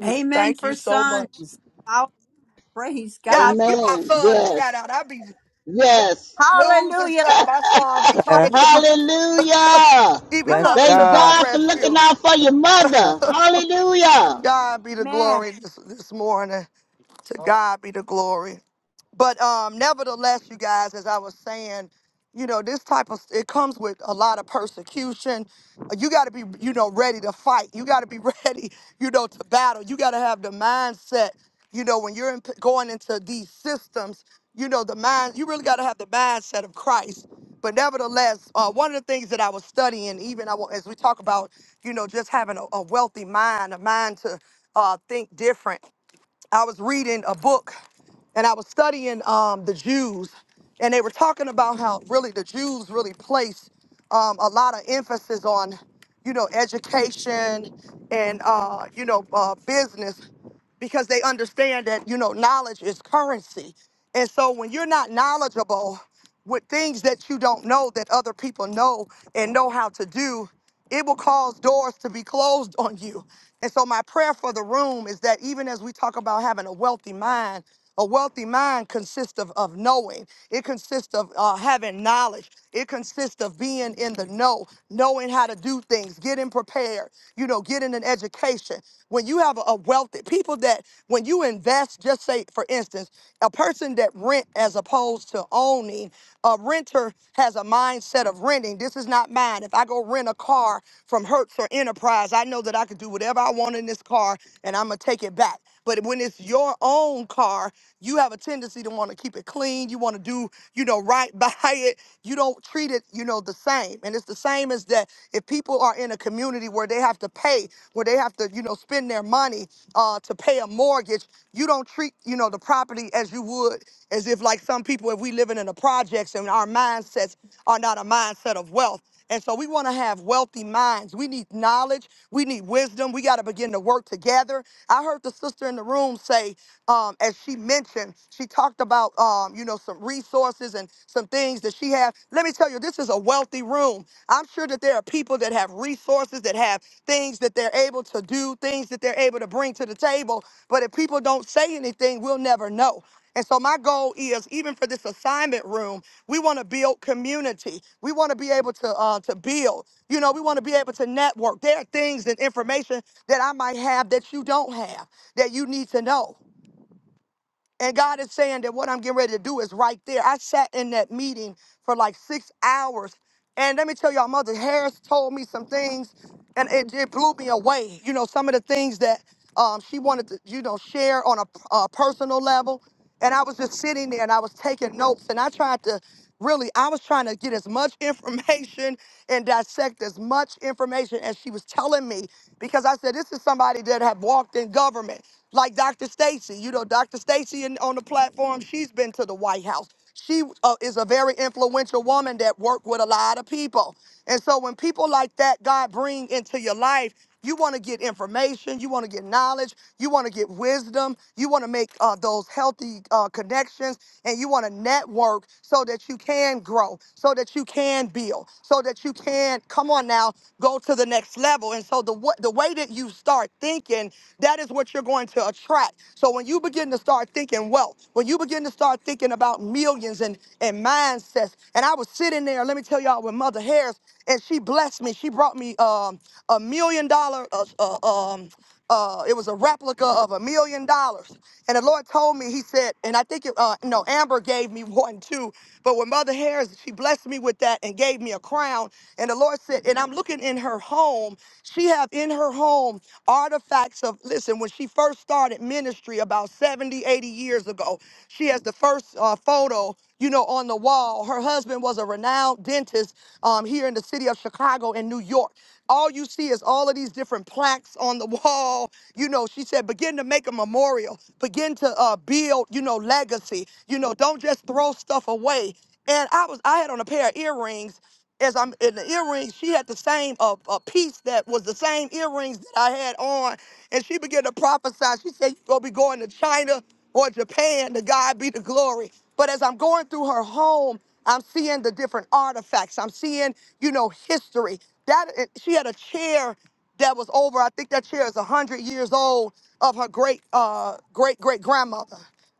You, amen thank you for so sons. much. I'll praise God Y'all for give my Amen. son a shout Yes. out. I be ma- Yes. losing hallelujah. stuff. My son be coming Bless, to my Hallelujah. he be Come bless on, coming to Thank my God. God for looking rescue. out for your God, mother. To Hallelujah. God be the man. glory this, this morning. To God be the glory. But um, nevertheless, you guys, as I was saying, you know, this type of it comes with a lot of persecution. Uh, You got to be, you know, ready to fight. You got to be ready, you know, to battle. You got to have the mindset, you know, when you're in, going into these systems, you know, the mind. You really got to have the mindset of Christ. But nevertheless, uh, one of the things that I was studying, even I, wa- as we talk about, you know, just having a, a wealthy mind, a mind to uh, think different. I was reading a book and I was studying um, the Jews, and they were talking about how really the Jews really placed um, a lot of emphasis on, you know, education and, uh, you know, uh, business because they understand that you know knowledge is currency and so when you're not knowledgeable with things that you don't know that other people know and know how to do it will cause doors to be closed on you and so my prayer for the room is that even as we talk about having a wealthy mind a wealthy mind consists of, of knowing it consists of uh, having knowledge it consists of being in the know knowing how to do things getting prepared you know getting an education when you have a wealthy people that when you invest, just say for instance, a person that rent as opposed to owning, a renter has a mindset of renting. This is not mine. If I go rent a car from Hertz or Enterprise, I know that I can do whatever I want in this car and I'm gonna take it back. But when it's your own car, you have a tendency to want to keep it clean. You want to do, you know, right by it. You don't treat it, you know, the same. And it's the same as that if people are in a community where they have to pay, where they have to, you know, spend their money uh, to pay a mortgage, you don't treat, you know, the property as you would as if like some people, if we living in the projects and our mindsets are not a mindset of wealth. And so we want to have wealthy minds. We need knowledge. We need wisdom. We got to begin to work together. I heard the sister in the room say, um, as she mentioned, she talked about, um, you know, some resources and some things that she has. Let me tell you, this is a wealthy room. I'm sure that there are people that have resources, that have things that they're able to do, things that they're able to bring to the table. But if people don't say anything, we'll never know. And so my goal is, even for this assignment room, we want to build community. We want to be able to uh, to build. You know, we want to be able to network. There are things and information that I might have that you don't have that you need to know. And God is saying that what I'm getting ready to do is right there. I sat in that meeting for like six hours. And let me tell y'all, Mother Harris told me some things, and it, it blew me away. You know, some of the things that um, she wanted to, you know, share on a, a personal level. And I was just sitting there and I was taking notes, and I tried to really, I was trying to get as much information and dissect as much information as she was telling me because I said, this is somebody that had walked in government. Like Dr. Stacy, you know, Dr. Stacy in- on the platform, she's been to the White House. She uh, is a very influential woman that worked with a lot of people. And so when people like that God bring into your life, you want to get information, you want to get knowledge, you want to get wisdom, you want to make uh, those healthy uh, connections, and you want to network so that you can grow, so that you can build, so that you can come on now, go to the next level. And so the wa- the way that you start thinking, that is what you're going to attract. So when you begin to start thinking wealth, when you begin to start thinking about millions and and mindsets, and I was sitting there, let me tell y'all, with Mother Harris, and she blessed me. She brought me um, a million dollar uh, uh, um, uh, it was a replica of a million dollars. And the Lord told me, He said, and I think, it, uh, no, Amber gave me one too. But when Mother Harris, she blessed me with that and gave me a crown. And the Lord said, and I'm looking in her home. She have in her home artifacts of, listen, when she first started ministry about 70, 80 years ago, she has the first uh, photo you know, on the wall. Her husband was a renowned dentist um, here in the city of Chicago and New York all you see is all of these different plaques on the wall you know, she said, begin to make a memorial, begin to uh, build, you know, legacy. You know, don't just throw stuff away. And I was, I had on a pair of earrings. As I'm in the earrings, she had the same uh, a piece that was the same earrings that I had on, and she began to prophesy. She said, "You're gonna be going to China or Japan. To God be the glory." But as I'm going through her home, I'm seeing the different artifacts. I'm seeing, you know, history. That she had a chair that was over. I think that chair is a hundred years old of her great uh great great grandmother.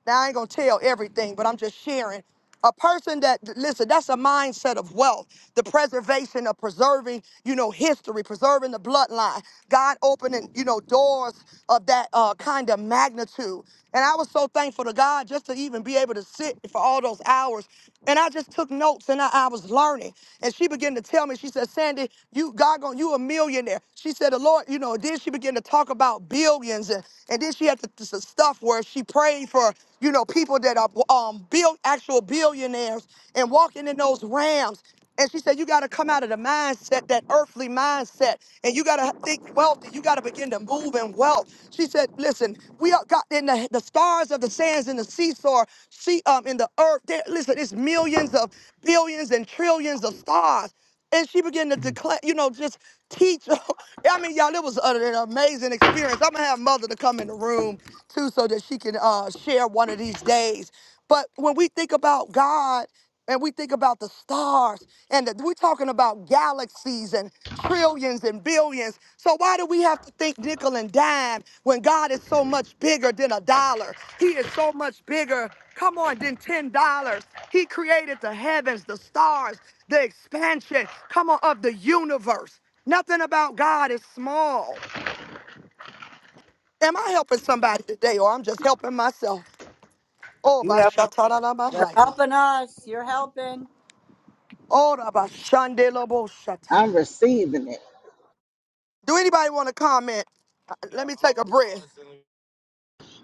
Now I ain't gonna tell everything, but I'm just sharing. A person that listen, that's a mindset of wealth, the preservation of preserving, you know, history, preserving the bloodline. God opening, you know, doors of that uh, kind of magnitude. And I was so thankful to God just to even be able to sit for all those hours. And I just took notes and I, I was learning. And she began to tell me, she said, Sandy, you God gon' you a millionaire. She said, the Lord, you know, then she began to talk about billions. And, and then she had the, the stuff where she prayed for, you know, people that are um bill actual billionaires and walking in those rams. And she said, You got to come out of the mindset, that earthly mindset, and you got to think wealth, and you got to begin to move in wealth. She said, Listen, we are got in the, the stars of the sands and the seesaw, see, um, in the earth. There, listen, it's millions of billions and trillions of stars. And she began to declare, you know, just teach. I mean, y'all, it was a- an amazing experience. I'm gonna have mother to come in the room too, so that she can uh, share one of these days. But when we think about God and we think about the stars. And that we're talking about galaxies and trillions and billions. So why do we have to think nickel and dime when God is so much bigger than a dollar? He is so much bigger, come on, than $10. He created the heavens, the stars, the expansion, come on, of the universe. Nothing about God is small. Am I helping somebody today or I'm just helping myself? Oh, You by have to. Shatana you have You're Mahaya. helping us. You're helping. Oh, by Shandela bo shatara. I'm receiving it. Do anybody want to comment? Uh, Let me take a breath.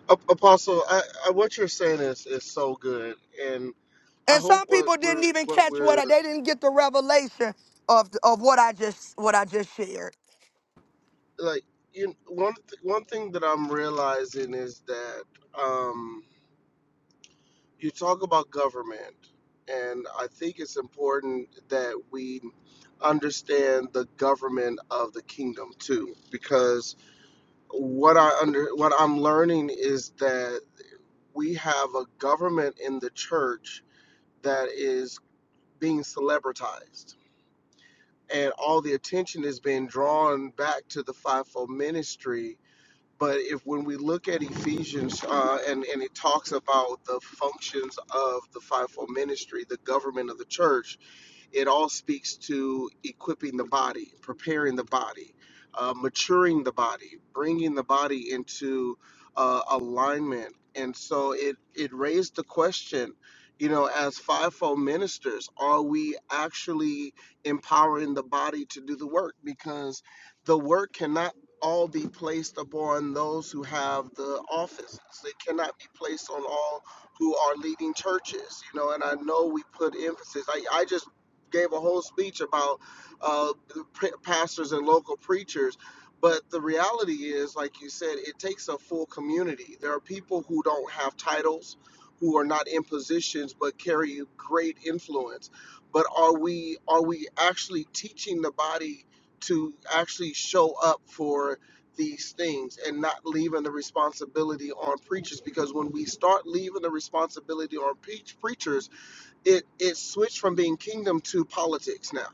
A- Apostle, I, I, what you're saying is, is so good, and I And hope some what people didn't we're even what catch what we're I, they didn't get the revelation of of what I just what I just shared. like. You one th- one thing that I'm realizing is that. Um, you talk about government, and I think it's important that we understand the government of the kingdom too, because what I under what I'm learning is that we have a government in the church that is being celebritized, and all the attention is being drawn back to the fivefold ministry but if when we look at Ephesians uh, and, and it talks about the functions of the fivefold ministry, the government of the church, it all speaks to equipping the body, preparing the body, uh, maturing the body, bringing the body into uh, alignment. And so it, it raised the question, you know, as fivefold ministers, are we actually empowering the body to do the work? Because the work cannot all be placed upon those who have the offices. It cannot be placed on all who are leading churches, you know, and I know we put emphasis. I, I just gave a whole speech about uh, pastors and local preachers. But the reality is, like you said, it takes a full community. There are people who don't have titles, who are not in positions, but carry great influence. But are we are we actually teaching the body to actually show up for these things and not leaving the responsibility on preachers? Because when we start leaving the responsibility on preach preachers, it it switched from being kingdom to politics now.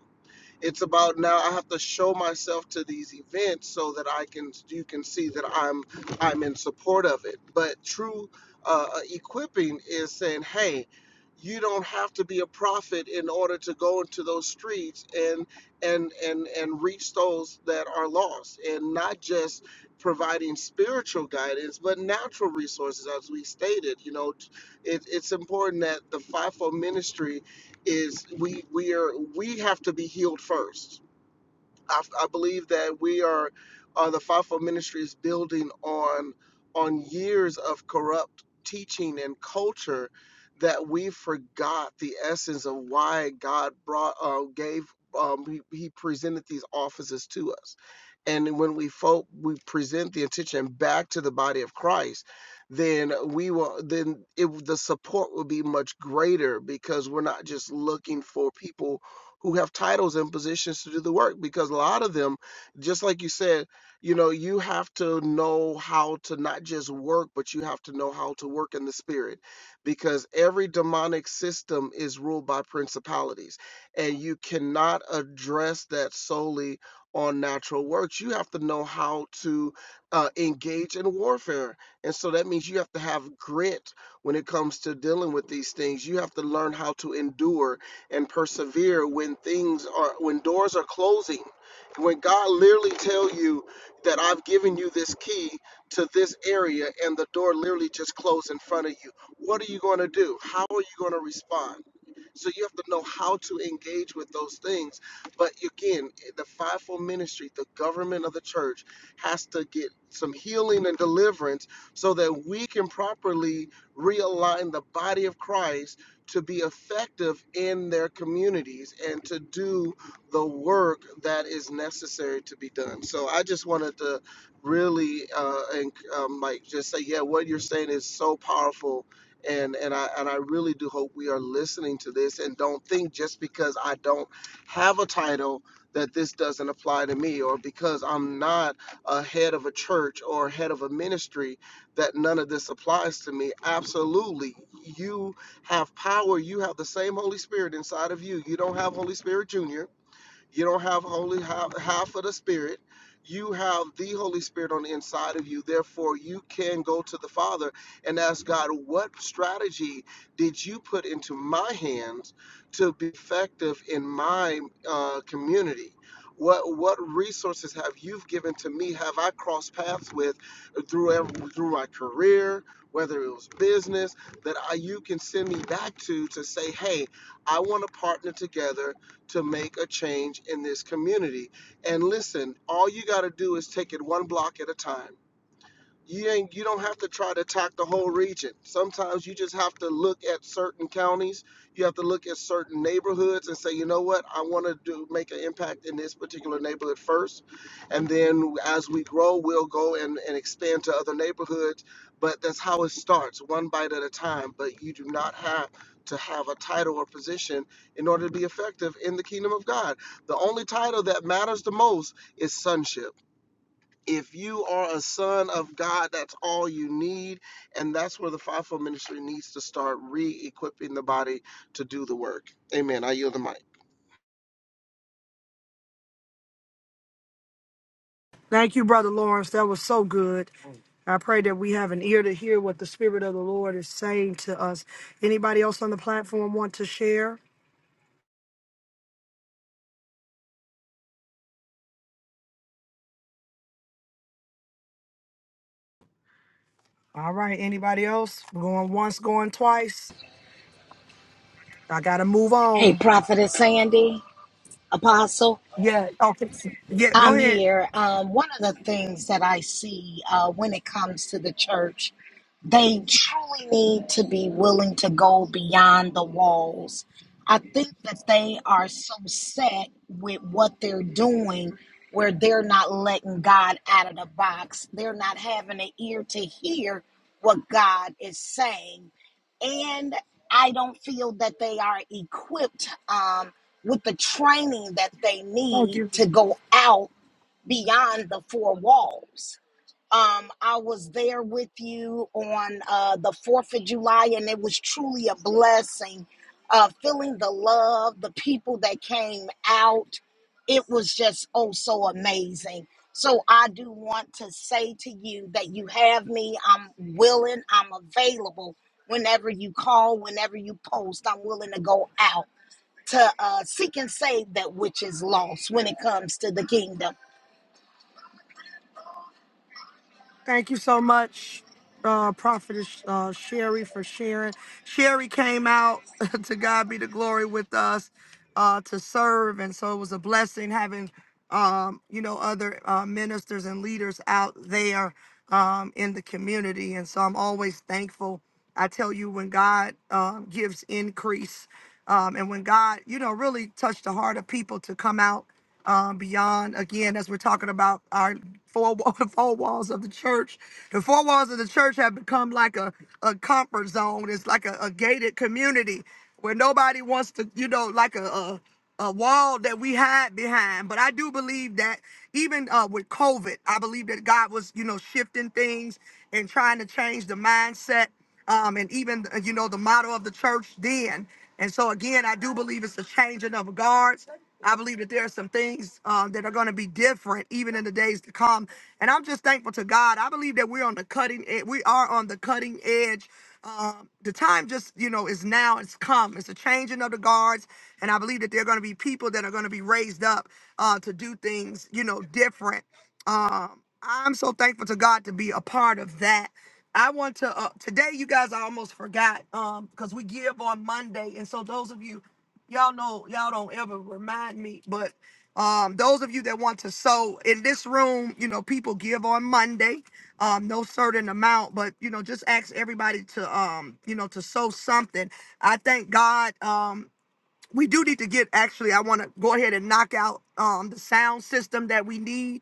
It's about now I have to show myself to these events so that I can you can see that I'm I'm in support of it. But true uh, uh, equipping is saying, hey, you don't have to be a prophet in order to go into those streets and and and and reach those that are lost, and not just providing spiritual guidance, but natural resources, as we stated. You know, it, it's important that the fivefold ministry is we we are we have to be healed first. I, I believe that we are uh, the fivefold ministry is building on on years of corrupt teaching and culture that we forgot the essence of why God brought uh, gave um, he, he presented these offices to us. And when we folk we present the intention back to the body of Christ, then we will then it, the support will be much greater because we're not just looking for people who have titles and positions to do the work because a lot of them just like you said you know you have to know how to not just work but you have to know how to work in the spirit because every demonic system is ruled by principalities and you cannot address that solely on natural works you have to know how to uh, engage in warfare and so that means you have to have grit when it comes to dealing with these things you have to learn how to endure and persevere when things are when doors are closing when god literally tell you that i've given you this key to this area and the door literally just closed in front of you what are you going to do how are you going to respond so you have to know how to engage with those things. But again, the fivefold ministry, the government of the church, has to get some healing and deliverance so that we can properly realign the body of Christ to be effective in their communities and to do the work that is necessary to be done. So I just wanted to really uh, and um, like just say, yeah, what you're saying is so powerful and and I and I really do hope we are listening to this and don't think just because I don't have a title that this doesn't apply to me or because I'm not a head of a church or head of a ministry that none of this applies to me. Absolutely. You have power. You have the same Holy Spirit inside of you. You don't have Holy Spirit Jr you don't have holy half, half of the Spirit. You have the Holy Spirit on the inside of you. Therefore, you can go to the Father and ask God, what strategy did you put into my hands to be effective in my uh, community? What what resources have you given to me? Have I crossed paths with through ev- through my career, whether it was business that I, you can send me back to to say, hey, I want to partner together to make a change in this community. And listen, all you got to do is take it one block at a time you ain't you don't have to try to attack the whole region. Sometimes you just have to look at certain counties, you have to look at certain neighborhoods and say, you know what, I want to do make an impact in this particular neighborhood first, and then as we grow, we'll go and, and expand to other neighborhoods. But that's how it starts, one bite at a time. But you do not have to have a title or position in order to be effective in the kingdom of God. The only title that matters the most is sonship if you are a son of God, that's all you need. And that's where the fivefold ministry needs to start re equipping the body to do the work. Amen. I yield the mic. Thank you, Brother Lawrence. That was so good. I pray that we have an ear to hear what the Spirit of the Lord is saying to us. Anybody else on the platform want to share? All right. Anybody else? Going once, going twice. I got to move Hey, on. Prophetess Sandy, Apostle, Yeah. Okay. Yeah. Go I'm ahead. here. Um, one of the things that I see uh, when it comes to the church, they truly need to be willing to go beyond the walls. I think that they are so set with what they're doing where they're not letting God out of the box. They're not having an ear to hear what God is saying. And I don't feel that they are equipped. Um, with the training that they Thank you. need to go out beyond the four walls. Um, I was there with you on uh, the 4th of July, and it was truly a blessing. Uh, feeling the love, the people that came out, it was just oh so amazing. So, I do want to say to you that you have me. I'm willing, I'm available whenever you call, whenever you post. I'm willing to go out to uh, seek and save that which is lost when it comes to the kingdom. Thank you so much, uh, Prophetess uh, Sherry, for sharing. Sherry came out to God be the glory with us uh, to serve, and so it was a blessing having um, you know other uh, ministers and leaders out there um, in the community. And so I'm always thankful. I tell you, when God uh, gives increase, um, and when God, you know, really touched the heart of people to come out um, beyond again as we're talking about our four, wa- four walls of the church the four walls of the church have become like a, a comfort zone it's like a, a gated community where nobody wants to you know like a, a a wall that we hide behind but i do believe that even uh, with covid i believe that god was you know shifting things and trying to change the mindset um, and even uh, you know the motto of the church then and so again i do believe it's a changing of guards I believe that there are some things um, that are going to be different even in the days to come. And I'm just thankful to God. I believe that we're on the cutting edge. We are on the cutting edge. Um, the time just, you know, is now. It's come. It's a changing of the guards. And I believe that there are going to be people that are going to be raised up uh, to do things, you know, different. Um, I'm so thankful to God to be a part of that. I want to uh, today. You guys, I almost forgot um, because we give on Monday, and so those of you y'all know y'all don't ever remind me but um those of you that want to sow in this room you know people give on monday um no certain amount but you know just ask everybody to um you know to sow something i thank god um we do need to get actually i want to go ahead and knock out um the sound system that we need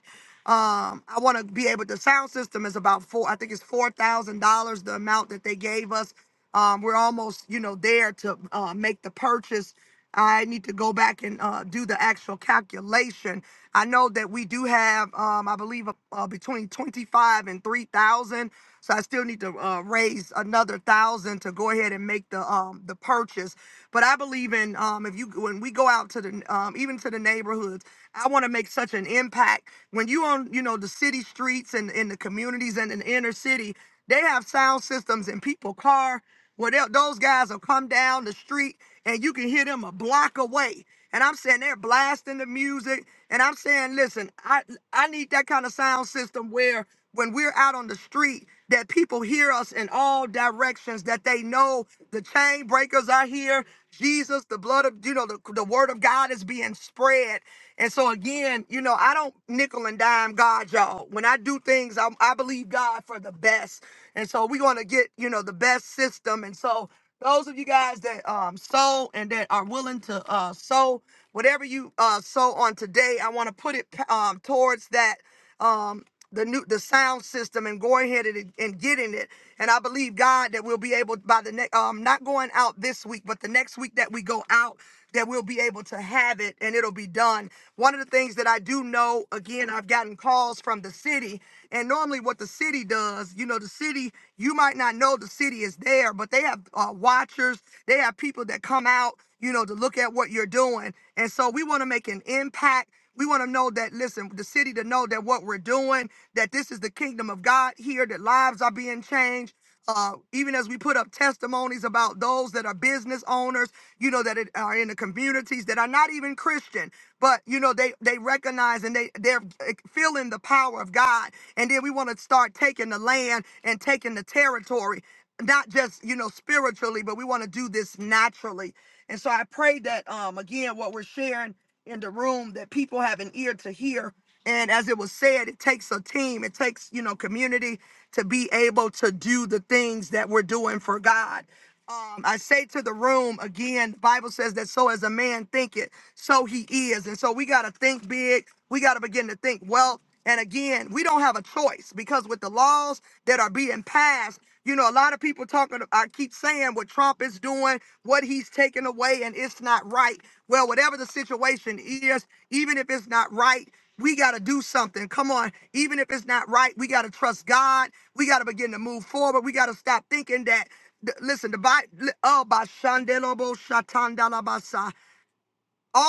um i want to be able the sound system is about four i think it's four thousand dollars the amount that they gave us um, we're almost, you know, there to uh, make the purchase I need to go back and uh, do the actual calculation. I know that we do have, um, I believe, uh, uh, between 25 and 3,000. So I still need to uh, raise another thousand to go ahead and make the um, the purchase. But I believe in um, if you when we go out to the um, even to the neighborhoods, I want to make such an impact. When you on you know the city streets and in the communities and in the inner city, they have sound systems in people car. Well, they'll- those guys will come down the street and you can hear them a block away. And I'm saying they're blasting the music. And I'm saying, listen, I I need that kind of sound system where when we're out on the street, that people hear us in all directions, that they know the chain breakers are here. Jesus, the blood of, you know, the, the word of God is being spread. And so again, you know, I don't nickel and dime God, y'all. When I do things, I, I believe God for the best. And so we're going to get, you know, the best system. And so those of you guys that um sow and that are willing to uh sow whatever you uh sow on today, I want to put it um towards that um the new the sound system and going ahead and, and getting it. And I believe God that we'll be able by the next um not going out this week, but the next week that we go out that we'll be able to have it and it'll be done. One of the things that I do know, again, I've gotten calls from the city, and normally what the city does, you know, the city, you might not know the city is there, but they have uh, watchers, they have people that come out, you know, to look at what you're doing. And so we want to make an impact. We want to know that, listen, the city to know that what we're doing, that this is the kingdom of God here, that lives are being changed uh, even as we put up testimonies about those that are business owners, you know, that it- are in the communities that are not even Christian, but you know, they they recognize and they they're eh, feeling the power of God. And then we want to start taking the land and taking the territory, not just you know spiritually, but we want to do this naturally. And so I pray that um again, what we're sharing in the room, that people have an ear to hear and as it was said, it takes a team, it takes, you know, community to be able to do the things that we're doing for God. Um, I say to the room again, the Bible says that so as a man thinketh, so he is. And so we got to think big. We got to begin to think wealth. And again, we don't have a choice because with the laws that are being passed, you know, a lot of people talking, I keep saying what Trump is doing, what he's taking away, and it's not right. Well, whatever the situation is, even if it's not right, we got to do something. Come on. Even if it's not right, we got to trust God. We got to begin to move forward. We got to stop thinking that. th- Listen, the Bible, all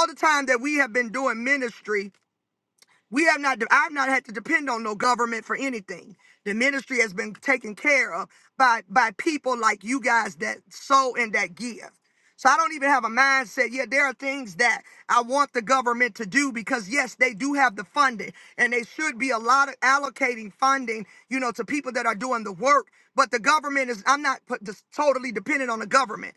the time that we have been doing ministry, we have not, I've not had to depend on no government for anything. The ministry has been taken care of by, by people like you guys that sow and that give. So I don't even have a mindset. Yeah, there are things that I want the government to do because yes, they do have the funding and they should be a lot of allocating funding, you know, to people that are doing the work. But the government is I'm not put, just totally dependent on the government.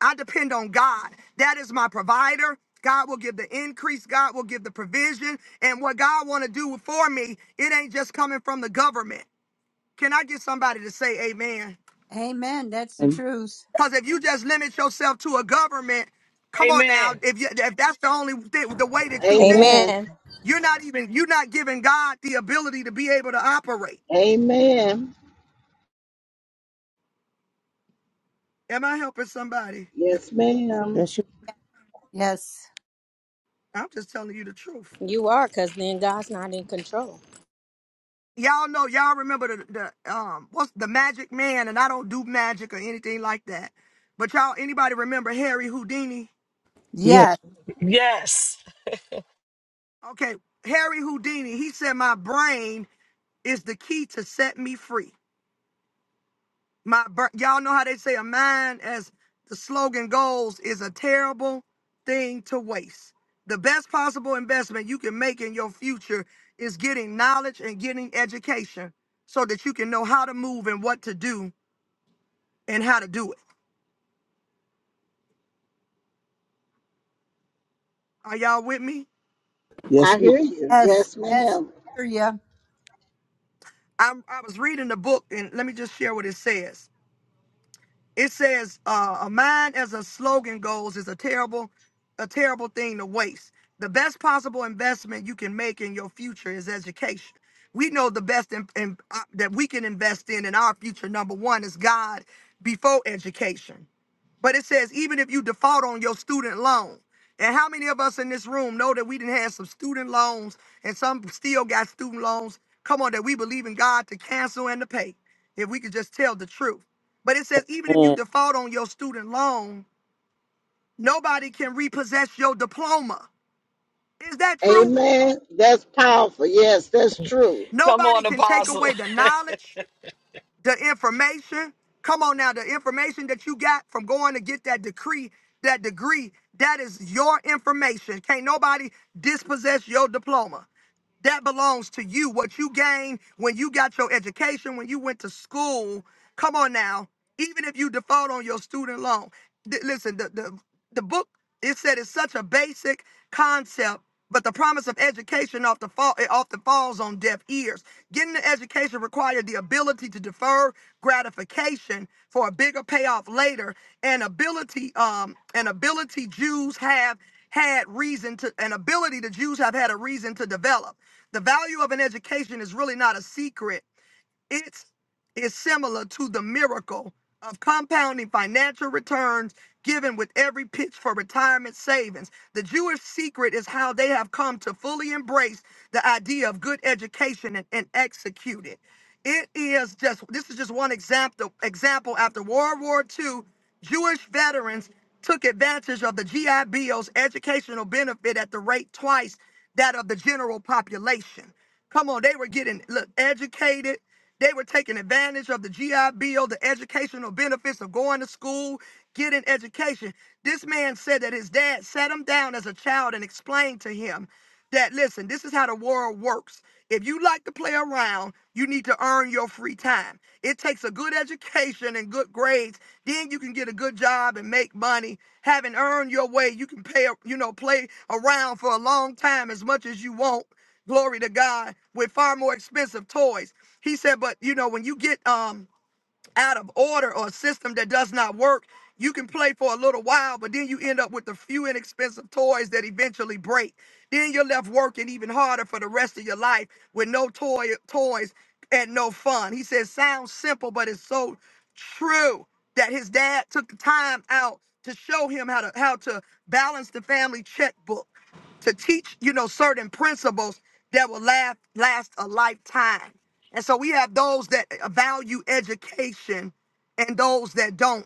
I depend on God. That is my provider. God will give the increase. God will give the provision. And what God want to do for me, it ain't just coming from the government. Can I get somebody to say amen? Amen. That's the to- truth. Because if you just limit yourself to a government, come on now. If you, if that's the only thi- the way that you think, Amen. amen you're not even you're not giving God the ability to be able to operate. Amen. Am I helping somebody? Yes, ma'am. Yes, you. Yes. I'm just telling you the truth. you are because then god's not in control y'all know y'all remember the, the um what's the magic man and i don't do magic or anything like that but y'all anybody remember harry houdini Yeah. Yes. Yes. okay harry houdini he said my brain is the key to set me free my br- y'all know how they say a mind as the slogan goes is a terrible thing to waste the best possible investment you can make in your future is getting knowledge and getting education so that you can know how to move and what to do and how to do it Are y'all with me? I Yes, we. hear you. Yes. Yes, Yes. we ma'am. hear ya. I, I was reading the book, and let me just share what it says. It says, uh, "A mind as a slogan goes is a terrible, a terrible thing to waste. The best possible investment you can make in your future is education. We know the best in, in, uh, that we can invest in in our future. Number one is God before education. But it says, even if you default on your student loan. And how many of us in this room know that we didn't have some student loans and some still got student loans? Come on, that we believe in God to cancel and to pay if we could just tell the truth. But it says, even if you Amen. default on your student loan, nobody can repossess your diploma. Is that true? Amen. That's powerful. Yes, that's true. Come Nobody can take on, away the knowledge. the information come on now the information that you got from going to get that decree that degree that is your information can't nobody dispossess your diploma that belongs to you. What you gained when you got your education, when you went to school. Come on now. Even if you default on your student loan. Th- listen, the, the, the book, it said it's such a basic concept, but the promise of education often, fall, it often falls on deaf ears. Getting an education required the ability to defer gratification for a bigger payoff later, and ability, um, an ability Jews have had reason to, an ability the Jews have had a reason to develop. The value of an education is really not a secret. It's similar to the miracle of compounding financial returns given with every pitch for retirement savings. The Jewish secret is how they have come to fully embrace the idea of good education and, and execute it. It is just this is just one example example after World War II, Jewish veterans took advantage of the GI Bill's educational benefit at the rate twice that of the general population. Come on, they were getting look educated they were taking advantage of the GI Bill, the educational benefits of going to school, getting education. This man said that his dad sat him down as a child and explained to him that, listen, this is how the world works. If you like to play around, you need to earn your free time. It takes a good education and good grades. Then you can get a good job and make money. Having earned your way, you can pay, you know, play around for a long time as much as you want glory to God, with far more expensive toys. He said, but you know, when you get um out of order or a system that does not work, you can play for a little while, but then you end up with a few inexpensive toys that eventually break. Then you're left working even harder for the rest of your life with no toy toys and no fun. He says, sounds simple, but it's so true that his dad took the time out to show him how to how to balance the family checkbook to teach, you know, certain principles that will last last a lifetime. And so we have those that value education and those that don't.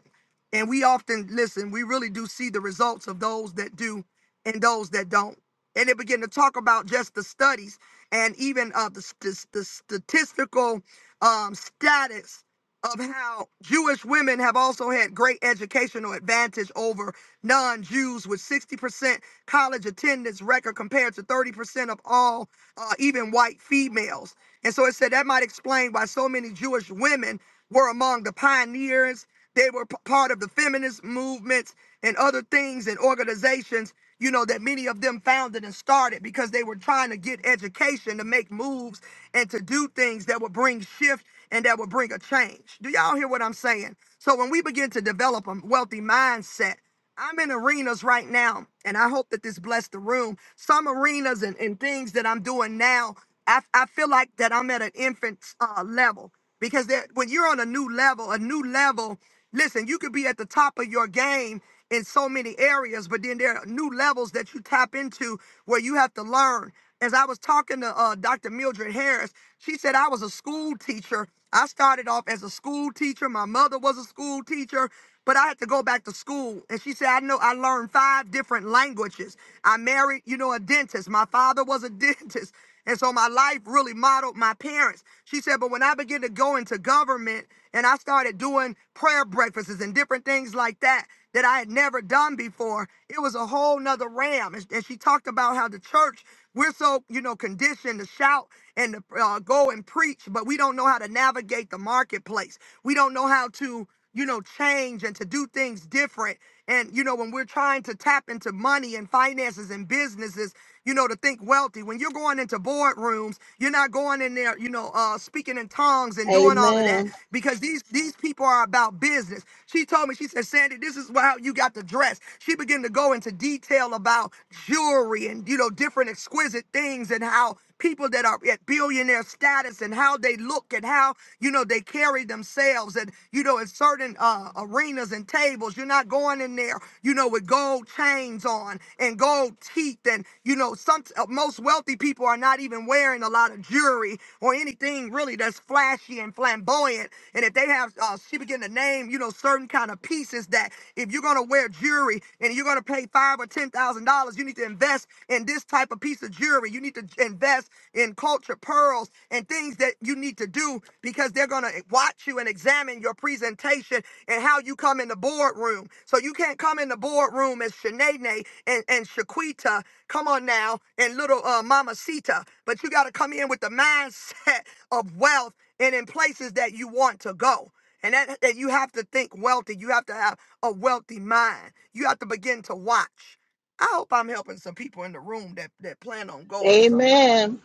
And we often listen, we really do see the results of those that do and those that don't. And they begin to talk about just the studies and even uh, the, st- the statistical um, status of how Jewish women have also had great educational advantage over non Jews, with 60% college attendance record compared to 30% of all, uh, even white females. And so it said that might explain why so many Jewish women were among the pioneers. They were p- part of the feminist movements and other things and organizations, you know, that many of them founded and started because they were trying to get education to make moves and to do things that would bring shift and that would bring a change. Do y'all hear what I'm saying? So when we begin to develop a wealthy mindset, I'm in arenas right now, and I hope that this blessed the room. Some arenas and, and things that I'm doing now, I, I feel like that I'm at an infant uh, level because that when you're on a new level, a new level, listen, you could be at the top of your game in so many areas, but then there are new levels that you tap into where you have to learn. As I was talking to uh, Dr. Mildred Harris, she said I was a school teacher. I started off as a school teacher. My mother was a school teacher. But I had to go back to school. And she said, I know I learned five different languages. I married, you know, a dentist. My father was a dentist. And so my life really modeled my parents. She said, but when I began to go into government and I started doing prayer breakfasts and different things like that that I had never done before, it was a whole nother ram. And, and she talked about how the church, we're so, you know, conditioned to shout and to uh, go and preach, but we don't know how to navigate the marketplace. We don't know how to you know, change and to do things different. And, you know, when we're trying to tap into money and finances and businesses, you know, to think wealthy, when you're going into boardrooms, you're not going in there, you know, uh, speaking in tongues and doing all of that Amen. because these, these people are about business. She told me, she said, Sandy, this is how you got to dress. She began to go into detail about jewelry and, you know, different exquisite things and how people that are at billionaire status and how they look and how you know they carry themselves and you know in certain uh, arenas and tables you're not going in there you know with gold chains on and gold teeth and you know some uh, most wealthy people are not even wearing a lot of jewelry or anything really that's flashy and flamboyant and if they have uh, she began to name, you know, certain kind of pieces that if you're gonna wear jewelry and you're gonna pay five or ten thousand dollars, you need to invest in this type of piece of jewelry. You need to invest in culture pearls and things that you need to do because they're gonna watch you and examine your presentation and how you come in the boardroom. So you can't come in the boardroom as Shanae and, and Shaquita, come on now, and little uh, Mama Sita, but you gotta come in with the mindset of wealth and in places that you want to go. And that, that you have to think wealthy. You have to have a wealthy mind. You have to begin to watch. I hope I'm helping some people in the room that, that plan on going somewhere. Amen.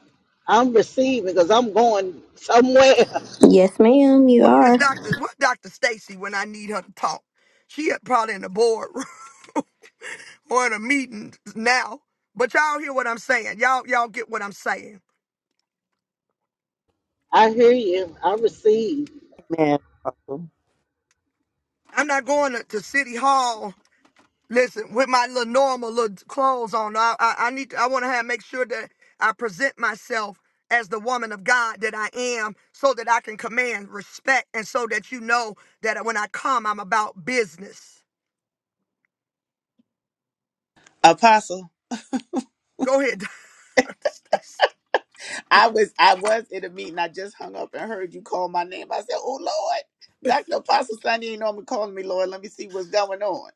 I'm receiving because I'm going somewhere. Yes, ma'am, you Where's are. Dr. What Dr. Stacy when I need her to talk? She is probably in the boardroom or in a meeting now. But y'all hear what I'm saying. Y'all, y'all get what I'm saying. I hear you. I receive. Amen. Apostle. I'm not going to, to City Hall Listen, with my little normal little clothes on, I I, I need to, I want to have make sure that I present myself as the woman of God that I am, so that I can command respect, and so that you know that when I come, I'm about business. Apostle, Go ahead. Dante. I was I was in a meeting. I just hung up and heard you call my name. I said, "Oh Lord, Doctor Apostle Sunday ain't normally calling me Lord. Let me see what's going on."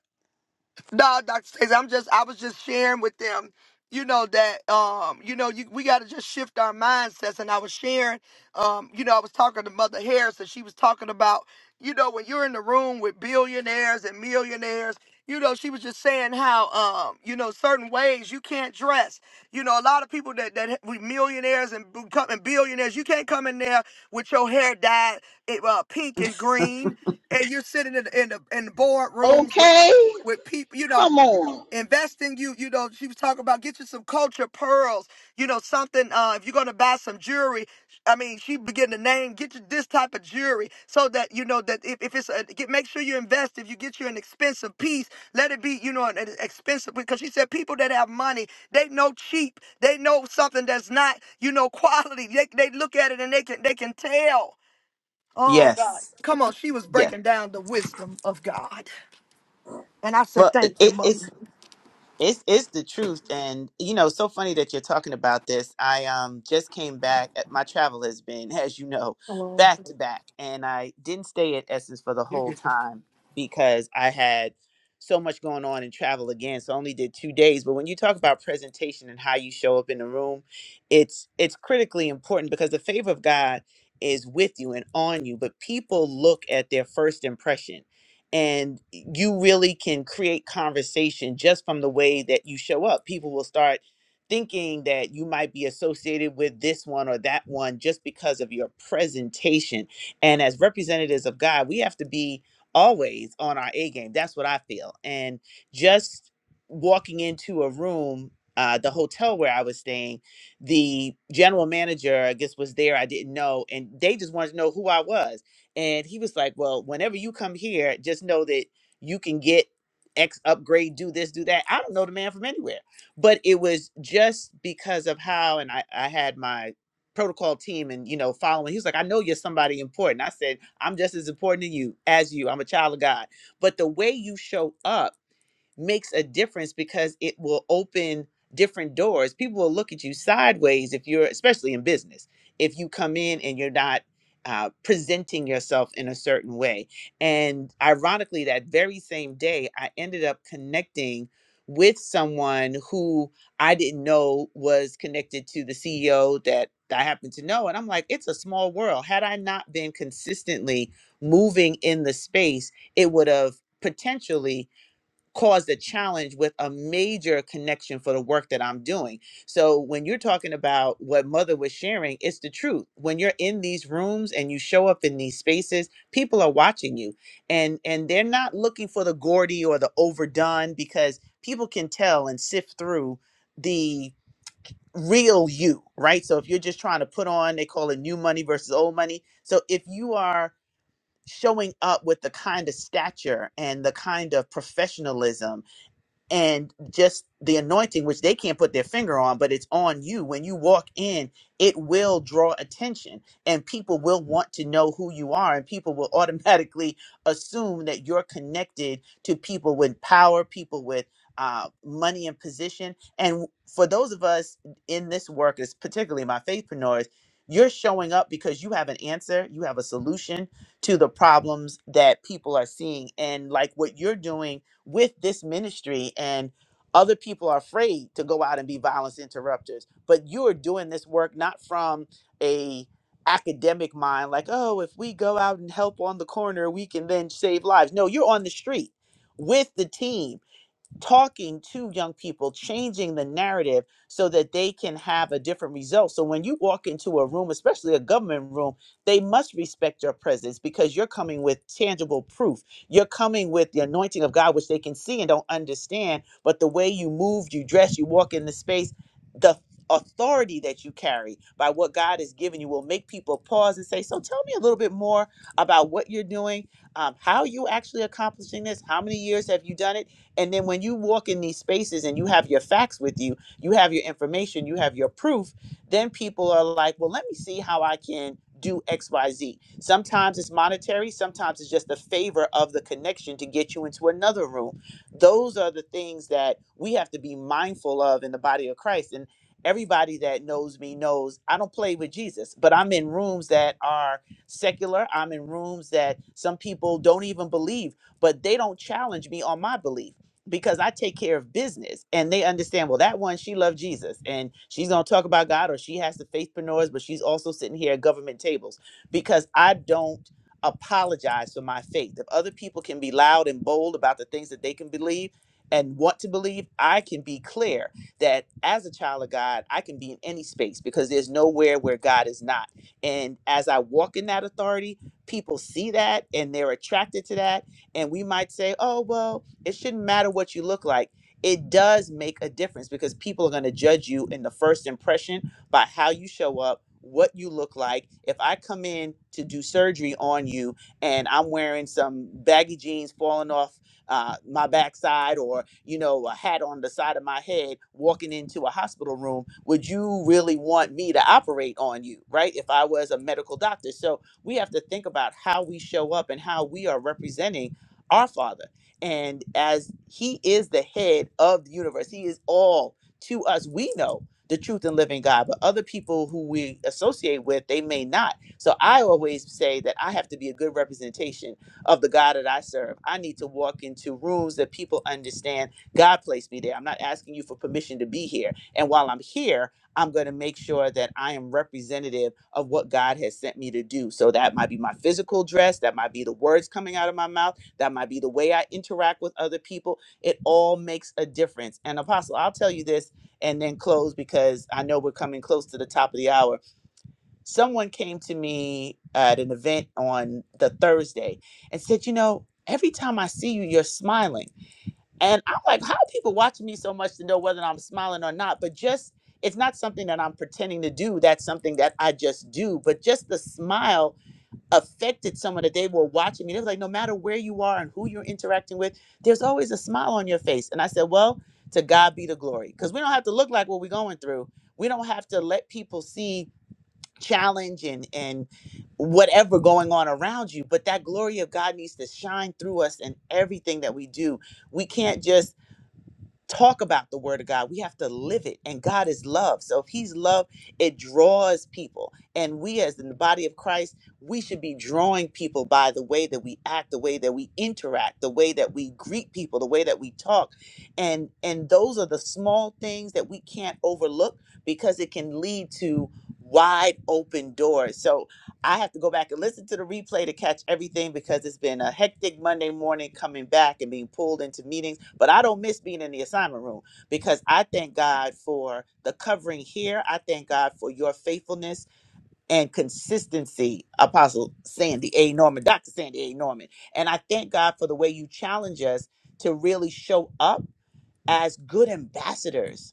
No, Dr. Stacey, I'm just I was just sharing with them, you know, that um, you know, you, we gotta just shift our mindsets. And I was sharing, um, you know, I was talking to Mother Harris and she was talking about, you know, when you're in the room with billionaires and millionaires, you know, she was just saying how um, you know, certain ways you can't dress. You know, a lot of people that that we millionaires and become and billionaires, you can't come in there with your hair dyed it, uh, pink and green and you're sitting in the in the, in the boardrooms with Okay. with people, you know, Come on. investing you, you know, she was talking about get you some culture pearls, you know, something, uh, if you're going to buy some jewelry, I mean, she began to name, get you this type of jewelry so that, you know, that if, if it's, a, get, make sure you invest, if you get you an expensive piece, let it be, you know, an, an expensive, because she said people that have money, they know cheap, they know something that's not, you know, quality. They, they look at it and they can, they can tell. Oh God. Yes. Come on, she was Yes. breaking down the wisdom of God. And I said, Well, it, Thank you, it- mother. it's it's it's the truth, and you know, so funny that you're talking about this. I um just came back. At, My travel has been, as you know, Hello. back to back, and I didn't stay at Essence for the whole time because I had so much going on in travel again. So I only did two days. But when you talk about presentation and how you show up in the room, it's it's critically important because the favor of God is with you and on you, but people look at their first impression and you really can create conversation just from the way that you show up. People will start thinking that you might be associated with this one or that one just because of your presentation. And as representatives of God, we have to be always on our A game. That's what I feel. And just walking into a room, uh, the hotel where I was staying, the general manager, I guess, was there. I didn't know. And they just wanted to know who I was. And he was like, Well, whenever you come here, just know that you can get X upgrade, do this, do that. I don't know the man from anywhere. But it was just because of how, and I, I had my protocol team and, you know, following. He was like, I know you're somebody important. I said, I'm just as important to you as you. I'm a child of God. But the way you show up, makes a difference because it will open different doors. People will look at you sideways if you're, especially in business, if you come in and you're not uh, presenting yourself in a certain way. And ironically, that very same day, I ended up connecting with someone who I didn't know was connected to the CEO that I happened to know. And I'm like, it's a small world. Had I not been consistently moving in the space, it would have potentially caused a challenge with a major connection for the work that I'm doing. So when you're talking about what mother was sharing, it's the truth. When you're in these rooms and you show up in these spaces, people are watching you and and they're not looking for the gaudy or the overdone because people can tell and sift through the real you, right? So if you're just trying to put on, they call it new money versus old money. So if you are showing up with the kind of stature and the kind of professionalism and just the anointing which they can't put their finger on but it's on you when you walk in it will draw attention and people will want to know who you are and people will automatically assume that you're connected to people with power people with uh, money and position and for those of us in this work is particularly my faithpreneurs you're showing up because you have an answer you have a solution to the problems that people are seeing and like what you're doing with this ministry and other people are afraid to go out and be violence interrupters but you are doing this work not from a academic mind like oh if we go out and help on the corner we can then save lives no you're on the street with the team talking to young people, changing the narrative so that they can have a different result. So when you walk into a room, especially a government room, they must respect your presence because you're coming with tangible proof. You're coming with the anointing of God, which they can see and don't understand. But the way you move, you dress, you walk in the space, the authority that you carry by what God has given you will make people pause and say, So tell me a little bit more about what you're doing um, how are you actually accomplishing this? How many years have you done it? And then when you walk in these spaces and you have your facts with you, you have your information, you have your proof, then people are like, well, let me see how I can do XYZ. Sometimes it's monetary, sometimes it's just the favor of the connection to get you into another room. Those are the things that we have to be mindful of in the body of Christ. And everybody that knows me knows I don't play with Jesus, but I'm in rooms that are secular, I'm in rooms that some people don't even believe, but they don't challenge me on my belief because I take care of business and they understand, well, that one, she loved Jesus and she's going to talk about God or she has the faithpreneurs, but she's also sitting here at government tables because I don't apologize for my faith. If other people can be loud and bold about the things that they can believe and want to believe, I can be clear that as a child of God, I can be in any space because there's nowhere where God is not. And as I walk in that authority, people see that and they're attracted to that. And we might say, oh, well, it shouldn't matter what you look like. It does make a difference because people are going to judge you in the first impression by how you show up, what you look like. If I come in to do surgery on you and I'm wearing some baggy jeans falling off uh, my backside or, you know, a hat on the side of my head walking into a hospital room, would you really want me to operate on you, right? If I was a medical doctor. So we have to think about how we show up and how we are representing our Father and as he is the head of the universe, he is all to us. We know the truth and living God, but other people who we associate with, they may not. So I always say that I have to be a good representation of the God that I serve. I need to walk into rooms that people understand God placed me there. I'm not asking you for permission to be here. And while I'm here, I'm going to make sure that I am representative of what God has sent me to do. So that might be my physical dress, that might be the words coming out of my mouth that might be the way I interact with other people. It all makes a difference. And Apostle, I'll tell you this and then close because I know we're coming close to the top of the hour. Someone came to me at an event on the Thursday and said, You know, every time I see you, you're smiling. And I'm like, How are people watching me so much to know whether I'm smiling or not? But just, it's not something that I'm pretending to do. That's something that I just do. But just the smile affected someone that they were watching me. They were like, no matter where you are and who you're interacting with, there's always a smile on your face. And I said, well, to God be the glory. Because we don't have to look like what we're going through. We don't have to let people see challenge and and whatever going on around you but that glory of god needs to shine through us in everything that we do we can't just talk about the word of God. We have to live it. And God is love. So if he's love, it draws people. And we as in the body of Christ, we should be drawing people by the way that we act, the way that we interact, the way that we greet people, the way that we talk. And and those are the small things that we can't overlook because it can lead to wide open doors. So I have to go back and listen to the replay to catch everything because it's been a hectic Monday morning coming back and being pulled into meetings. But I don't miss being in the assignment room because I thank God for the covering here. I thank God for your faithfulness and consistency, Apostle Sandy A. Norman, Dr. Sandy A. Norman. And I thank God for the way you challenge us to really show up as good ambassadors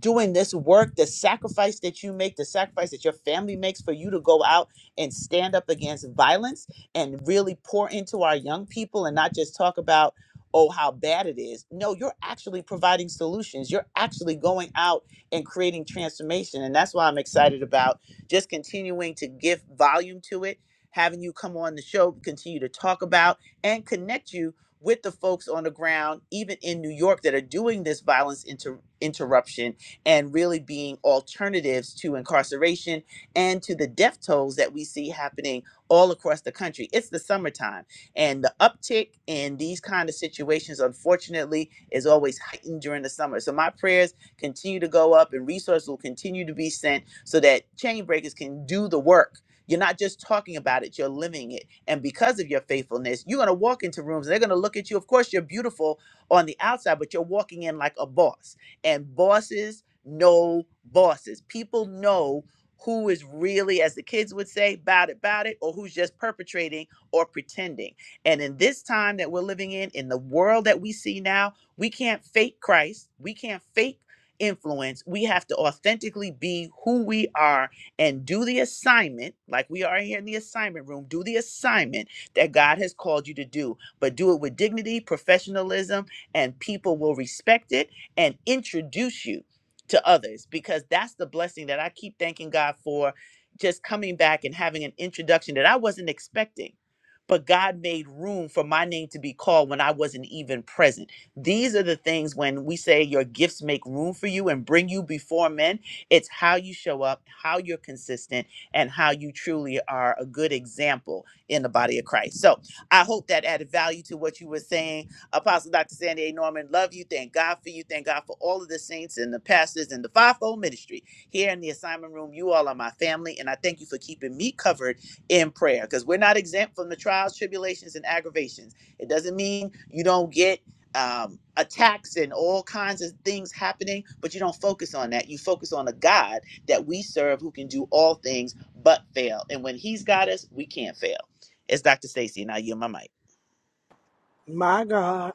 doing this work, the sacrifice that you make, the sacrifice that your family makes for you to go out and stand up against violence and really pour into our young people and not just talk about, oh, how bad it is. No, you're actually providing solutions. You're actually going out and creating transformation. And that's why I'm excited about just continuing to give volume to it, having you come on the show, continue to talk about and connect you with the folks on the ground, even in New York, that are doing this violence inter- interruption and really being alternatives to incarceration and to the death tolls that we see happening all across the country. It's the summertime, and the uptick in these kind of situations, unfortunately, is always heightened during the summer. So my prayers continue to go up, and resources will continue to be sent so that chain breakers can do the work. You're not just talking about it, you're living it. And because of your faithfulness, you're going to walk into rooms and they're going to look at you. Of course, you're beautiful on the outside, but you're walking in like a boss. And bosses no bosses. People know who is really, as the kids would say, about it, about it, or who's just perpetrating or pretending. And in this time that we're living in, in the world that we see now, we can't fake Christ. We can't fake influence. We have to authentically be who we are and do the assignment, like we are here in the assignment room, do the assignment that God has called you to do, but do it with dignity, professionalism, and people will respect it and introduce you to others because that's the blessing that I keep thanking God for just coming back and having an introduction that I wasn't expecting. But God made room for my name to be called when I wasn't even present. These are the things when we say your gifts make room for you and bring you before men. It's how you show up, how you're consistent, and how you truly are a good example in the body of Christ. So I hope that added value to what you were saying Apostle Dr. Sandy A. Norman, love you. Thank God for you. Thank God for all of the saints and the pastors and the fivefold ministry here in the assignment room. You all are my family, and I thank you for keeping me covered in prayer because we're not exempt from the trials, tribulations, and aggravations. It doesn't mean you don't get um, attacks and all kinds of things happening, but you don't focus on that. You focus on the God that we serve who can do all things but fail. And when He's got us, we can't fail. It's Dr. Stacy, and I yield my mic. My God.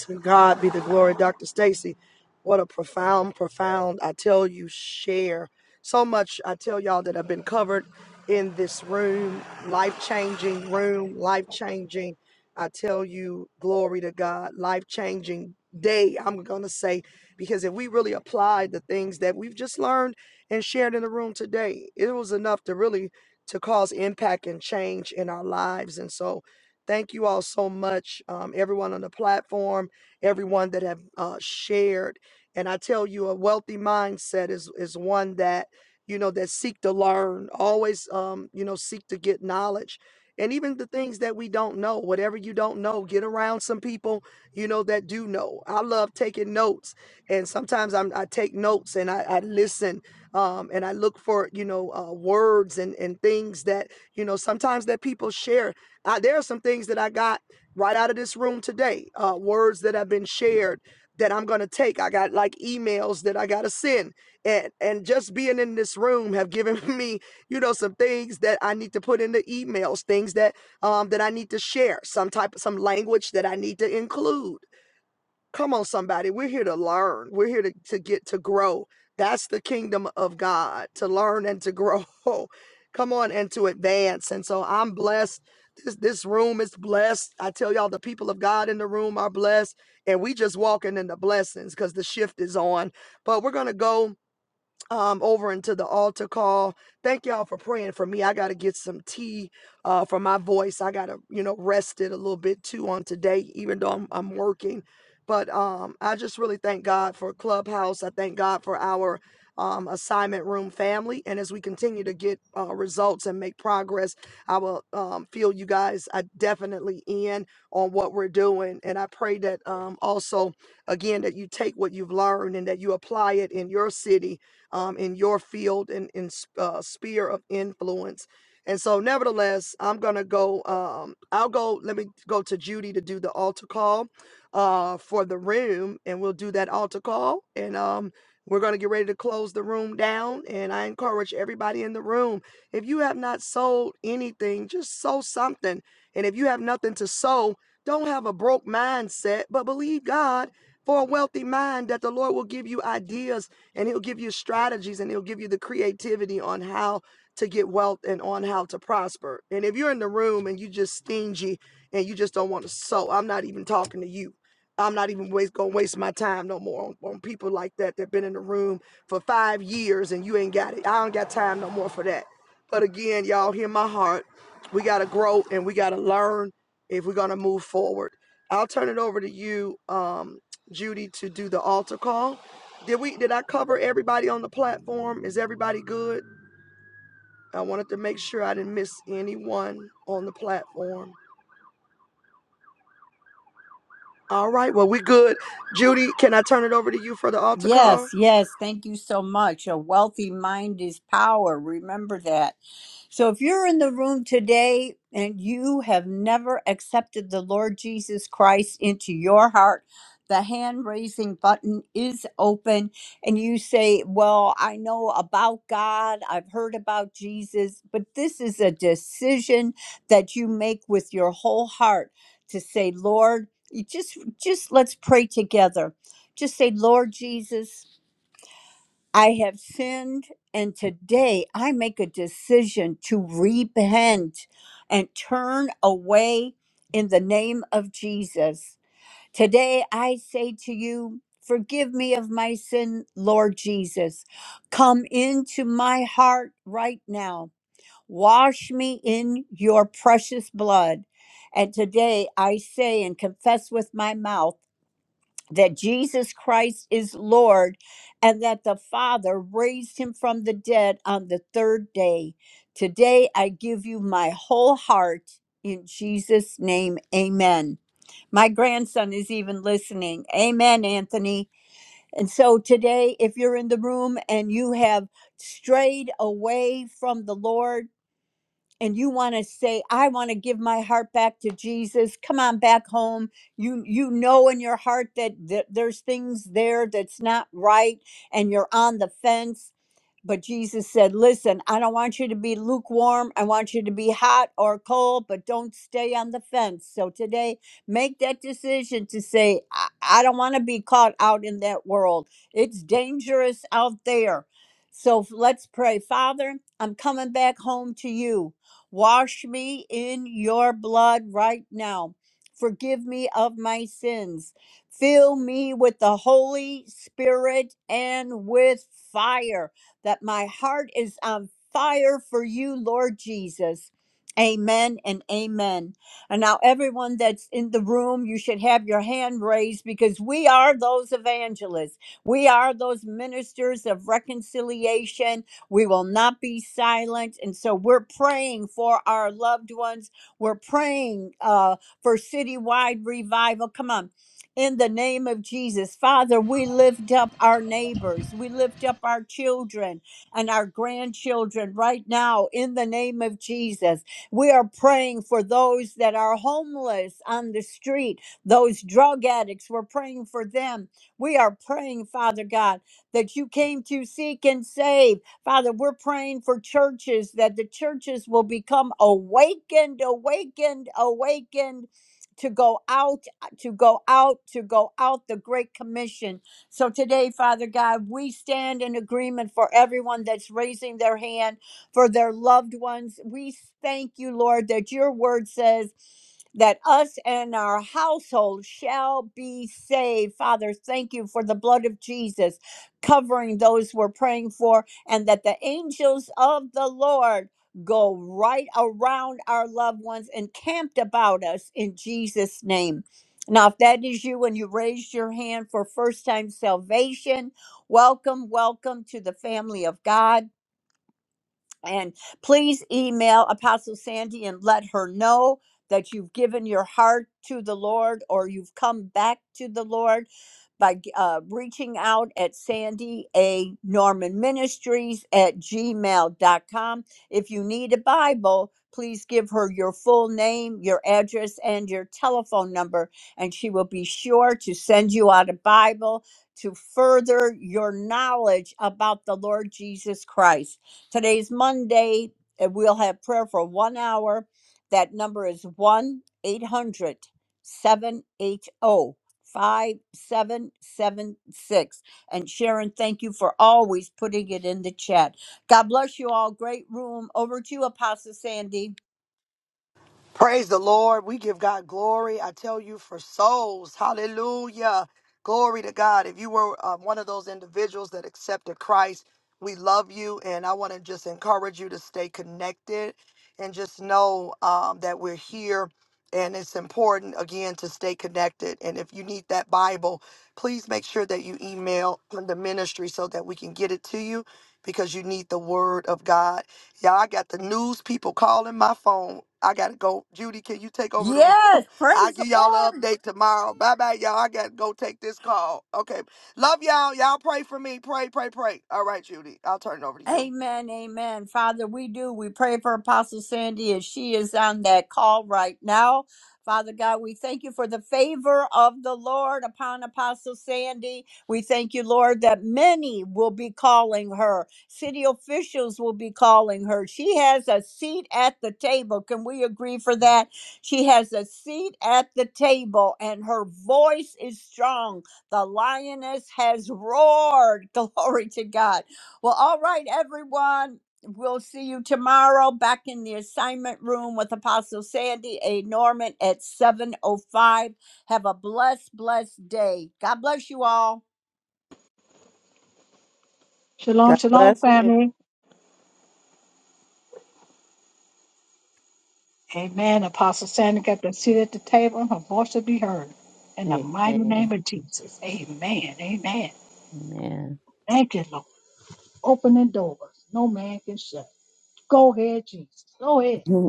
To God be the glory, Dr. Stacy. What a profound, profound, I tell you, share. So much, I tell y'all, that have been covered in this room, life changing room, life changing. I tell you, glory to God, life changing day, I'm going to say, because if we really applied the things that we've just learned and shared in the room today, it was enough to really to cause impact and change in our lives. And so thank you all so much, um, everyone on the platform everyone that have uh, shared. And I tell you, a wealthy mindset is is one that you know that seek to learn, always um, you know seek to get knowledge, and even the things that we don't know. Whatever you don't know, get around some people you know that do know. I love taking notes, and sometimes I'm, I take notes and I, I listen um, and I look for you know uh, words and and things that you know sometimes that people share. I, there are some things that I got right out of this room today. Uh, words that have been shared that I'm gonna take. I got like emails that I gotta send, and and just being in this room have given me, you know, some things that I need to put in the emails, things that um that I need to share, some type of some language that I need to include Come on, somebody. We're here to learn. We're here to, to get to grow. That's the kingdom of God, to learn and to grow. Come on, and to advance. And so I'm blessed. This, this room is blessed. I tell y'all, the people of God in the room are blessed. And we just walking in the blessings because the shift is on. But we're going to go um, over into the altar call. Thank y'all for praying for me. I got to get some tea uh, for my voice. I got to, you know, rest it a little bit too on today, even though I'm, I'm working. But um, I just really thank God for Clubhouse. I thank God for our um, assignment room family. And as we continue to get uh, results and make progress, I will um, feel you guys I definitely in on what we're doing. And I pray that um, also, again, that you take what you've learned and that you apply it in your city um, in your field and in, s- uh, sphere of influence. And so, nevertheless, I'm going to go. Um, I'll go. Let me go to Judy to do the altar call uh, for the room, and we'll do that altar call. And um, we're going to get ready to close the room down. And I encourage everybody in the room if you have not sold anything, just sow something. And if you have nothing to sow, don't have a broke mindset, but believe God for a wealthy mind that the Lord will give you ideas and he'll give you strategies and he'll give you the creativity on how to get wealth and on how to prosper. And if you're in the room and you just stingy and you just don't want to sow, I'm not even talking to you. I'm not even waste, gonna waste my time no more on, on people like that that been in the room for five years and you ain't got it. I don't got time no more for that. But again, y'all hear my heart. We gotta grow and we gotta learn if we're gonna move forward. I'll turn it over to you, um, Judy, to do the altar call. Did we did I cover everybody on the platform? Is everybody good? I wanted to make sure I didn't miss anyone on the platform. All right, well we good. Judy, can I turn it over to you for the altar call? Yes. Yes. Thank you so much. A wealthy mind is power. Remember that. So if you're in the room today and you have never accepted the Lord Jesus Christ into your heart, the hand raising button is open and you say, "Well, I know about God. I've heard about Jesus, but this is a decision that you make with your whole heart to say, "Lord, you just just let's pray together. Just say, "Lord Jesus, I have sinned, and today I make a decision to repent and turn away in the name of Jesus. Today I say to you, Forgive me of my sin, Lord Jesus. Come into my heart right now. Wash me in your precious blood. And today I say and confess with my mouth that Jesus Christ is Lord and that the Father raised him from the dead on the third day. Today I give you my whole heart in Jesus' name. Amen. My grandson is even listening. Amen, Anthony. And so today, if you're in the room and you have strayed away from the Lord, and you want to say i want to give my heart back to jesus come on back home you you know in your heart that, that there's things there that's not right and you're on the fence but Jesus said, Listen, I don't want you to be lukewarm. I want you to be hot or cold, but don't stay on the fence. So today, make that decision to say, I, I don't want to be caught out in that world. It's dangerous out there. So f- let's pray. Father, I'm coming back home to you. Wash me in your blood right now. Forgive me of my sins. Fill me with the Holy Spirit and with fire that my heart is on fire for you, Lord Jesus. Amen and amen. And now, everyone that's in the room, you should have your hand raised because we are those evangelists. We are those ministers of reconciliation. We will not be silent. And so, we're praying for our loved ones. We're praying uh, for citywide revival. Come on in the name of Jesus. Father, we lift up our neighbors. We lift up our children and our grandchildren right now in the name of Jesus. We are praying for those that are homeless on the street, those drug addicts. We're praying for them. We are praying, Father God, that you came to seek and save. Father, we're praying for churches that the churches will become awakened, awakened, awakened to go out got to go out, to go out the Great Commission. So today, Father God, we stand in agreement for everyone that's raising their hand for their loved ones. We thank you, Lord, that your word says, that us and our household shall be saved. Father, thank you for the blood of Jesus covering those we're praying for, and that the angels of the Lord go right around our loved ones and camped about us in Jesus' name. Now, if that is you and you raised your hand for first time salvation, welcome, welcome to the family of God. And please email Apostle Sandy and let her know that you've given your heart to the Lord or you've come back to the Lord by uh, reaching out at Sandy A. Norman Ministries at gmail dot com, If you need a Bible, please give her your full name, your address, and your telephone number, and she will be sure to send you out a Bible to further your knowledge about the Lord Jesus Christ. Today's Monday, and we'll have prayer for one hour. That number is 1 eight hundred seven eight o. 5776. And Sharon, thank you for always putting it in the chat. God bless you all. Great room. Over to you, Apostle Sandy. Praise the Lord. We give God glory. I tell you, for souls. Hallelujah. Glory to God. If you were uh, one of those individuals that accepted Christ, we love you. And I want to just encourage you to stay connected and just know um, that we're here. And it's important, again, to stay connected. And if you need that Bible, please make sure that you email the ministry so that we can get it to you because you need the Word of God Y'all, I got the news people calling my phone. I gotta go. Judy, can you take over the room? Yes, I'll praise the give y'all an Lord. update tomorrow. Bye bye, y'all. I gotta go take this call. Okay. Love y'all. Y'all pray for me. Pray, pray, pray. All right, Judy. I'll turn it over to you. Amen, amen. Father, we do. We pray for Apostle Sandy as she is on that call right now. Father God, we thank you for the favor of the Lord upon Apostle Sandy. We thank you, Lord, that many will be calling her. City officials will be calling her. She has a seat at the table. Can we agree for that? She has a seat at the table and her voice is strong. The lioness has roared. Glory to God. Well, all right, everyone. We'll see you tomorrow back in the assignment room with Apostle Sandy A. Norman at 7.05. Have a blessed, blessed day. God bless you all. Shalom, God shalom, bless you. family. Amen. Apostle Sandy got them seated at the table. Her voice will be heard. In the mighty Amen. name of Jesus. Amen. Amen. Amen. Thank you, Lord. Opening doors. No man can shut. Go ahead, Jesus. Go ahead.